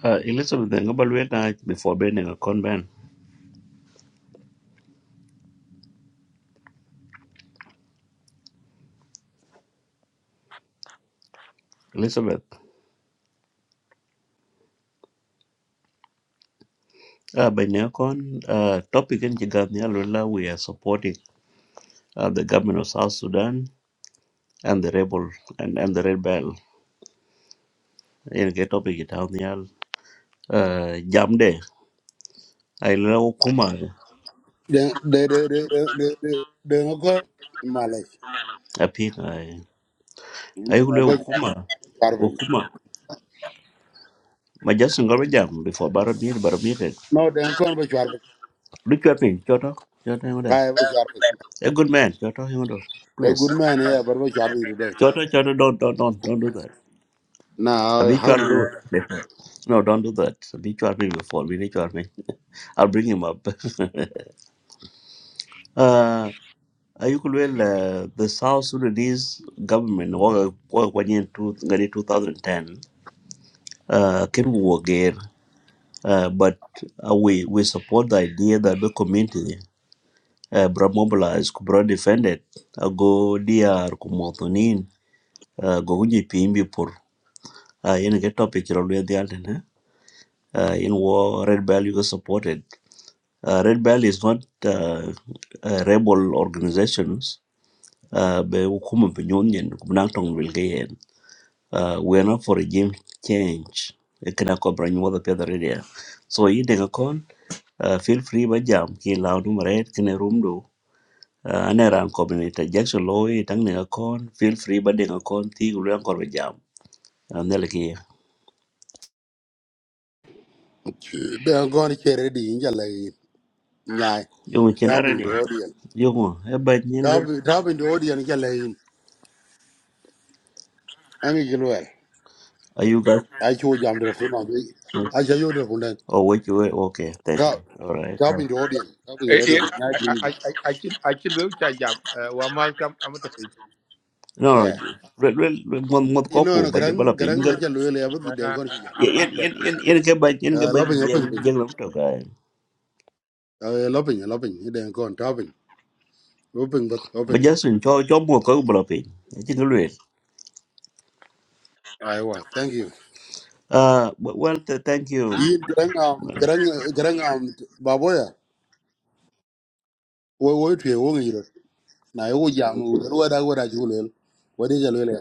A: Uh, Elizabeth ngabalwe na before bending akon ban. Elizabeth. Uh, by NECON, uh, topic in Jigathia Lula, we are supporting uh, the government of South Sudan and the rebel and, and the rebel. In the topic it down the uh, Jamde, I love Kuma,
C: de de de de de de de no ko malay
A: I think I, I
C: no ba
A: love Kuma,
C: char bi
A: Okuma. My just single jam before Barat meet, Barat meet it.
C: no de ko ba char bi
A: Look at me, Choto, Choto, Himoda.
C: ay ba char bi
A: A good man, Choto, Himoda.
C: a
A: Please.
C: good man ya bar ba char bi today
A: Choto, Choto, don't, don't, don't, don't do that.
C: na how
A: Habitual
C: to do it
A: me. *laughs* No, don't do that. Habitual me before. We need me. *laughs* I'll bring him up. *laughs* uh, Ayukulwel, uh, the South Sudanese government, wa- wa- wa- in two- ngadi 2010, uh, came war again. Uh, but uh, we, we support the idea that the community, uh, bra mobilized, bra defended, uh, go DR, kumotonin, uh, go unji pimbi pur. Uh, yun ke topic yun the alternate. Uh, in war, Red Bell you was supported. Uh, Red Bell is not uh, a rebel organizations. Uh, but we come up with union, we Uh, we are not for regime change. It can cover any other area. So you take a con. Uh, feel free by jam. Ki loud room. Red, can a room do. Uh, ane ran community jackson law e tang ne kon feel free ba de kon ti gu ran ba jam an ne le ki
C: de ko ni chere di in jale nyaay
A: yo chen are
C: rabin
A: ni
C: to odien
A: yo mo e ba nyen
C: rabin to odien jale in an gi lwer
A: are you guys
C: a chu jam de fu no bi a cha yo de fu den
A: Oh, wait wait Okay, thank you. All right. Uh,
C: rabin to odien rabin to
I: Eh, eh,
C: odien nyaay
I: I
C: bi
I: I I
C: ni
I: I I can I can look at Jam. Wamat, come. I'm talking.
A: No, no, you- well, well, well, mot
C: no
A: koko
C: no
A: ba je bala
C: gran
A: pe
C: gran
A: inga
C: aja lo le abad
I: No, no,
C: den
I: I-
C: kon chi jam
I: I'm I'm
A: yen
I: there.
A: yen yen yen ke ba yen ke ba
C: la pin open
A: yen
C: pin
A: yen lam to ka
C: la pin kon ta pin open but
A: ba
C: open
A: ja sun cho cho mot ko bala pe ya ti ngi lwe
C: aiwa thank you
A: ah well th- thank you
C: in gran am gran gran am baboya wo wo tue wo ngi ro na yo jam wo da wo da ju le wo de ja lo le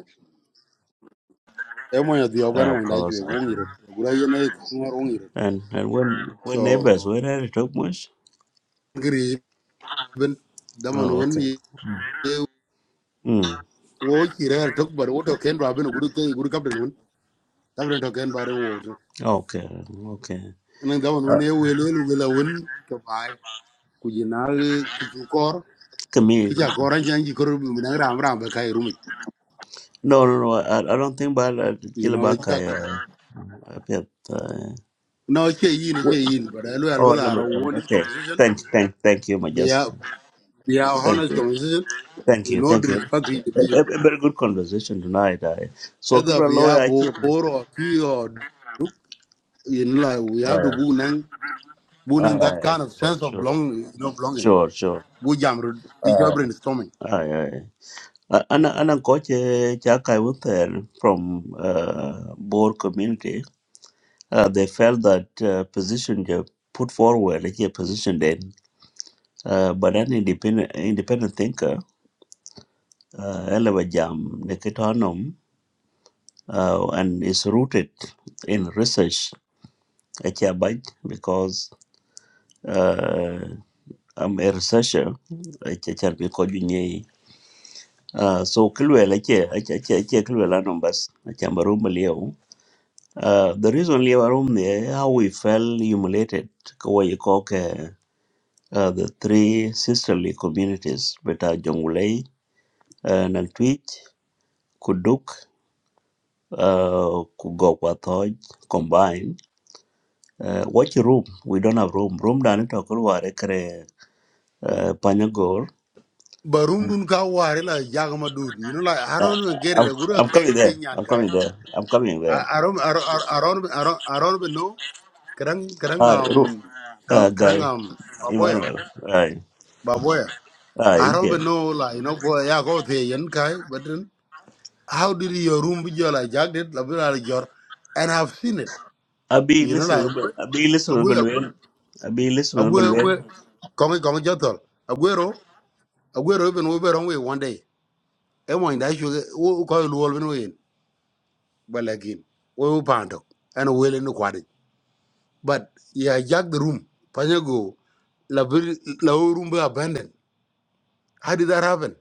C: e mo ya di ogar
A: uh, of
C: mo da ju
A: course uh,
C: wo ngi ro gura ye ne ko ngor wo ngi ro
A: and and when
C: so
A: when neighbors when I talk much
C: gri ben daman
A: oh
C: won
A: okay
C: ye
A: mm
C: wo chi re tok bar wo to ken ra ben guru ke guru kapten won kapten to ken bar wo ja.
A: okay okay
C: nang da won
A: uh,
C: ne we le lu la won ka bai ku ji na ki ju kor
A: come
C: ki
A: here
C: ja kor an jan ji kor bu nang ram ram ba kai rumi
A: no no no I, I don't think ba la ti
C: you
A: la
C: know
A: ba ka
C: ja
A: ya pe uh,
C: no che yin che yin but i will
A: or
C: that a
A: number
C: won
A: uh,
C: this conversation
A: Thank, thank, thank you,
C: be a
A: Majestic.
C: be a
A: Thank,
C: honest conversation
A: thank
C: with
A: you,
C: no
A: thank you.
C: disrespect to
A: A, a,
C: individual
A: a very good conversation tonight. I, so,
C: either
A: Kubra
C: be a
A: lawyer, I keep.
C: bor or fi or duk you know like we have to
A: Uh,
C: bu nang bu
A: I,
C: nang that
A: I,
C: kind of
A: sure,
C: sense of
A: sure,
C: belonging. you know belonging
A: sure, sure.
C: bu jamru each
A: Uh,
C: brainstorming
A: I, I. Anna, Anna, coach, Jack, I was there from uh, Boer community. Uh, they felt that uh, position they put forward, like a position then. Uh, but an independent, independent thinker, uh, Eleva Jam, Nikitanum, uh, and is rooted in research Achabat because uh, I'm a researcher. Achachar bi ko junye. Uh, so kilwel ache ache ache ache kilwel anom bas achamba room leo. Uh, the reason leo room there how we felt humiliated kwa yikok uh, uh, the three sisterly communities beta Jongulei uh, nang Kuduk uh, Kugokwa Thoj combined. Uh, watch room we don't have room room dani to kulware kare uh, Panyagor
C: But room dun ka ware la jagama dude. You know, like I
A: Uh,
C: don't even get it.
A: I'm,
C: A Guru
A: I'm
C: kai
A: coming
C: che
A: there.
C: nyan
A: I'm
C: kai.
A: coming there. I'm coming there.
C: I I don't I don't I don't I don't I don't even know. Karang karang
A: Hi, Ru,
C: um ka-
A: uh,
C: karang
A: guy,
C: um baboya
A: Emmanuel. Hi,
C: baboya.
A: hi,
C: I don't
A: Indian.
C: even know like you know go yeah go the yen kai. But then how did your room be your like jagged it? Like like your and I've seen it.
A: Abi
C: You know like
A: listen, Abi listen,
C: Aguero
A: Abi
C: Aguero
A: listen,
C: Aguero Kongi Kongi Jotol Aguero Aguero even we were on way one day. Emo in that sugar who call you all when we in. balagin wo pando and wele no kwadi but yeah jack the room panyago la bir- la room be abandoned how did that happen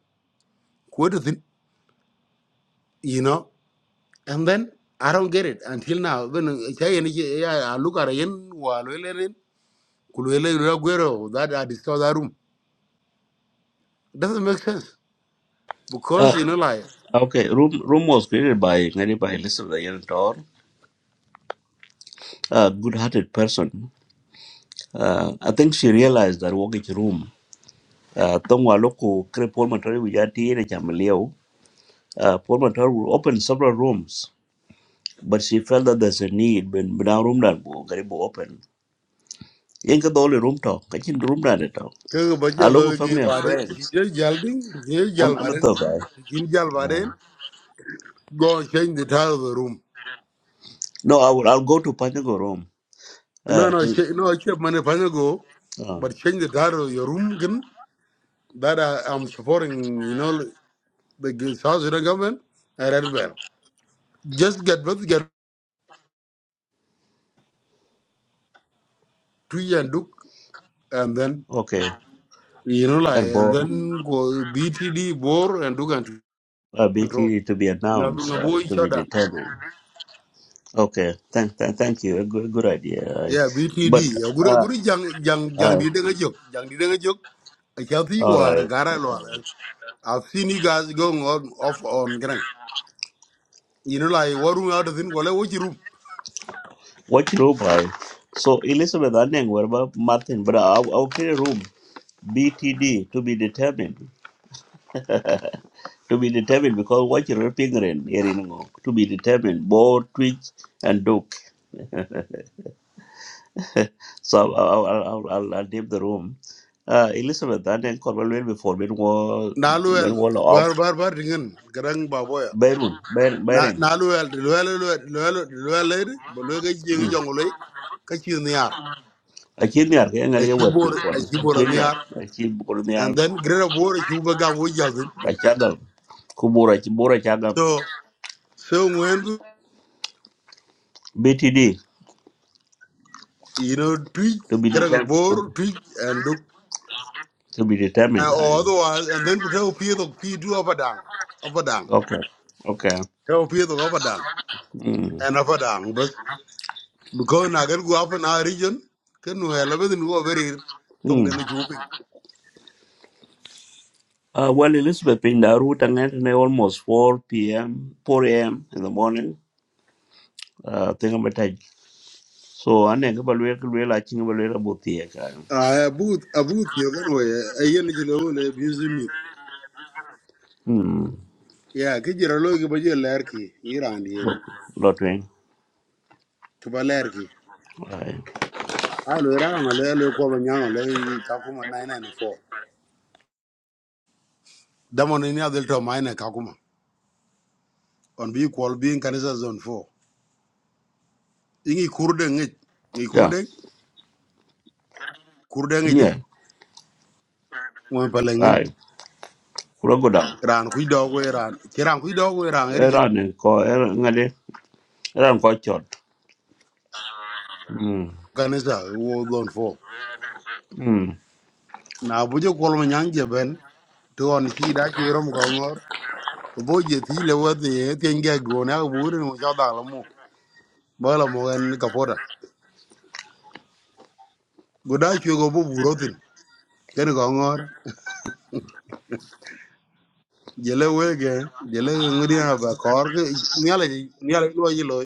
C: what do you think you know and then i don't get it until now when uh, say any yeah I look at yen walele kulele ragwero that i destroy that room doesn't make sense
A: uh,
C: because you know like
A: Okay, room room was created by Ngani by Elizabeth Ayen Tor, a good-hearted person. Uh, I think she realized that walking room. Uh, tongwa Waloko, kre Paul Matori wujati ene chameleo. Uh, Paul Matori will several rooms, but she felt that there's a need when when our room that will open Yên cái đó là room talk, cái chuyện room ra đấy talk.
C: kaga bajo
A: A
C: lo
A: local
C: gi
A: family and
C: bare
A: friends.
C: je jalding je jal
A: I'm I'm a
C: baren
A: talk guy.
C: jin jal
A: Uh,
C: baren go and change the title of the room
A: no, I will I'll go to Panyago room.
C: No,
A: Uh,
C: no,
A: to,
C: sh- no, except money go,
A: oh,
C: but change the title of your room again. That I, I'm supporting, you know, the g- South Sudan government. I read well. Just get both get tree and Duke, and then
A: okay.
C: you know, like,
A: And Bo
C: and then go BTD bore and Duke and
A: uh,
C: control.
A: BT to be
C: Now we can
A: announced, uh,
C: avoid each
A: to be
C: other.
A: determined. Okay, thank thank thank you. A good good idea. Uh,
C: Yeah,
A: but
C: BTD. A good, a
A: uh,
C: good young, young, young
A: uh,
C: did a joke, young did a joke. I can't see you
A: all
C: are a
A: right.
C: gara lawyer. I've seen you guys going on off on ground. You know, like, what room out of the thing? Well, which room?
A: What room I so Elizabeth Anning, what about Martin? But I'll, I'll create a room. BTD to be determined. *laughs* to be determined because what you're pingren here in Ngok, to be determined both Twitch and Duke. *laughs* so I'll, I'll, I'll, I'll I'll leave the room. Uh, Elizabeth, that and Corwell will be for men wall
C: naluel
A: men wall off
C: bar bar bar ringen garang baboya
A: Berun Ber
C: na
A: Beren.
C: naluel luel luel luel luel leir bo luel ga jing
A: Mm.
C: jong loy ka chi niar
A: I kid near hang a
C: da chi
A: real
C: bor a chi bor
A: people.
C: niar
A: I kid
C: and
A: Borneal,
C: then greater bor chi ba gam wo
A: I chadam, Kubura Chibura chadam,
C: so so when
A: BTD
C: you know tweet
A: to be
C: garang
A: determined
C: bor
A: to,
C: tweet and look.
A: to be
C: and
A: determined. I
C: or
A: know.
C: otherwise and then could help you the P two up a pie up a do apadang apadang
A: Okay. Okay.
C: the up a apadang and up apadang but because na go up in our region ken no elabedin go very tong
A: Mm.
C: den
A: Uh, well, Elizabeth Pindaru Tangentine almost 4 p.m., 4 a.m. in the morning. Uh, think about it. So, I think about where we're watching about where about the air.
C: Ah, abut abut yo kan we ayen ji lo le abuse mi
A: Hmm,
C: ya ki jira lo ki ba je ler ki iran yen
A: lot wing.
C: to ba ler ki
A: Aye.
C: a lo ran le le ko lo nyang le ka kuma 994 da mon ni adel to mai ne ka kuma on bi ko bi in kanisa zone 4 ingi kurde ngi ngi
A: Yeah,
C: kurde kurde ngi de
A: yeah,
C: mo pa lengen
A: aye. Kura go down.
C: ran ku do go ran ki ran ku do go ran er je
A: Era ne ko era ngade era ko chot. Hmm.
C: kanisa wo zone 4
A: Hmm.
C: na bu je ko lo nyang je ben to on ki da ki rom ko bo je ti le wa ti e ti nge go na bu ri mo cha da lo mo ba lo mo en ka po da go da chu go bu bu ro tin ke go ngor je le we ge je le ngri ha ba kor ke ni ala ni ala lo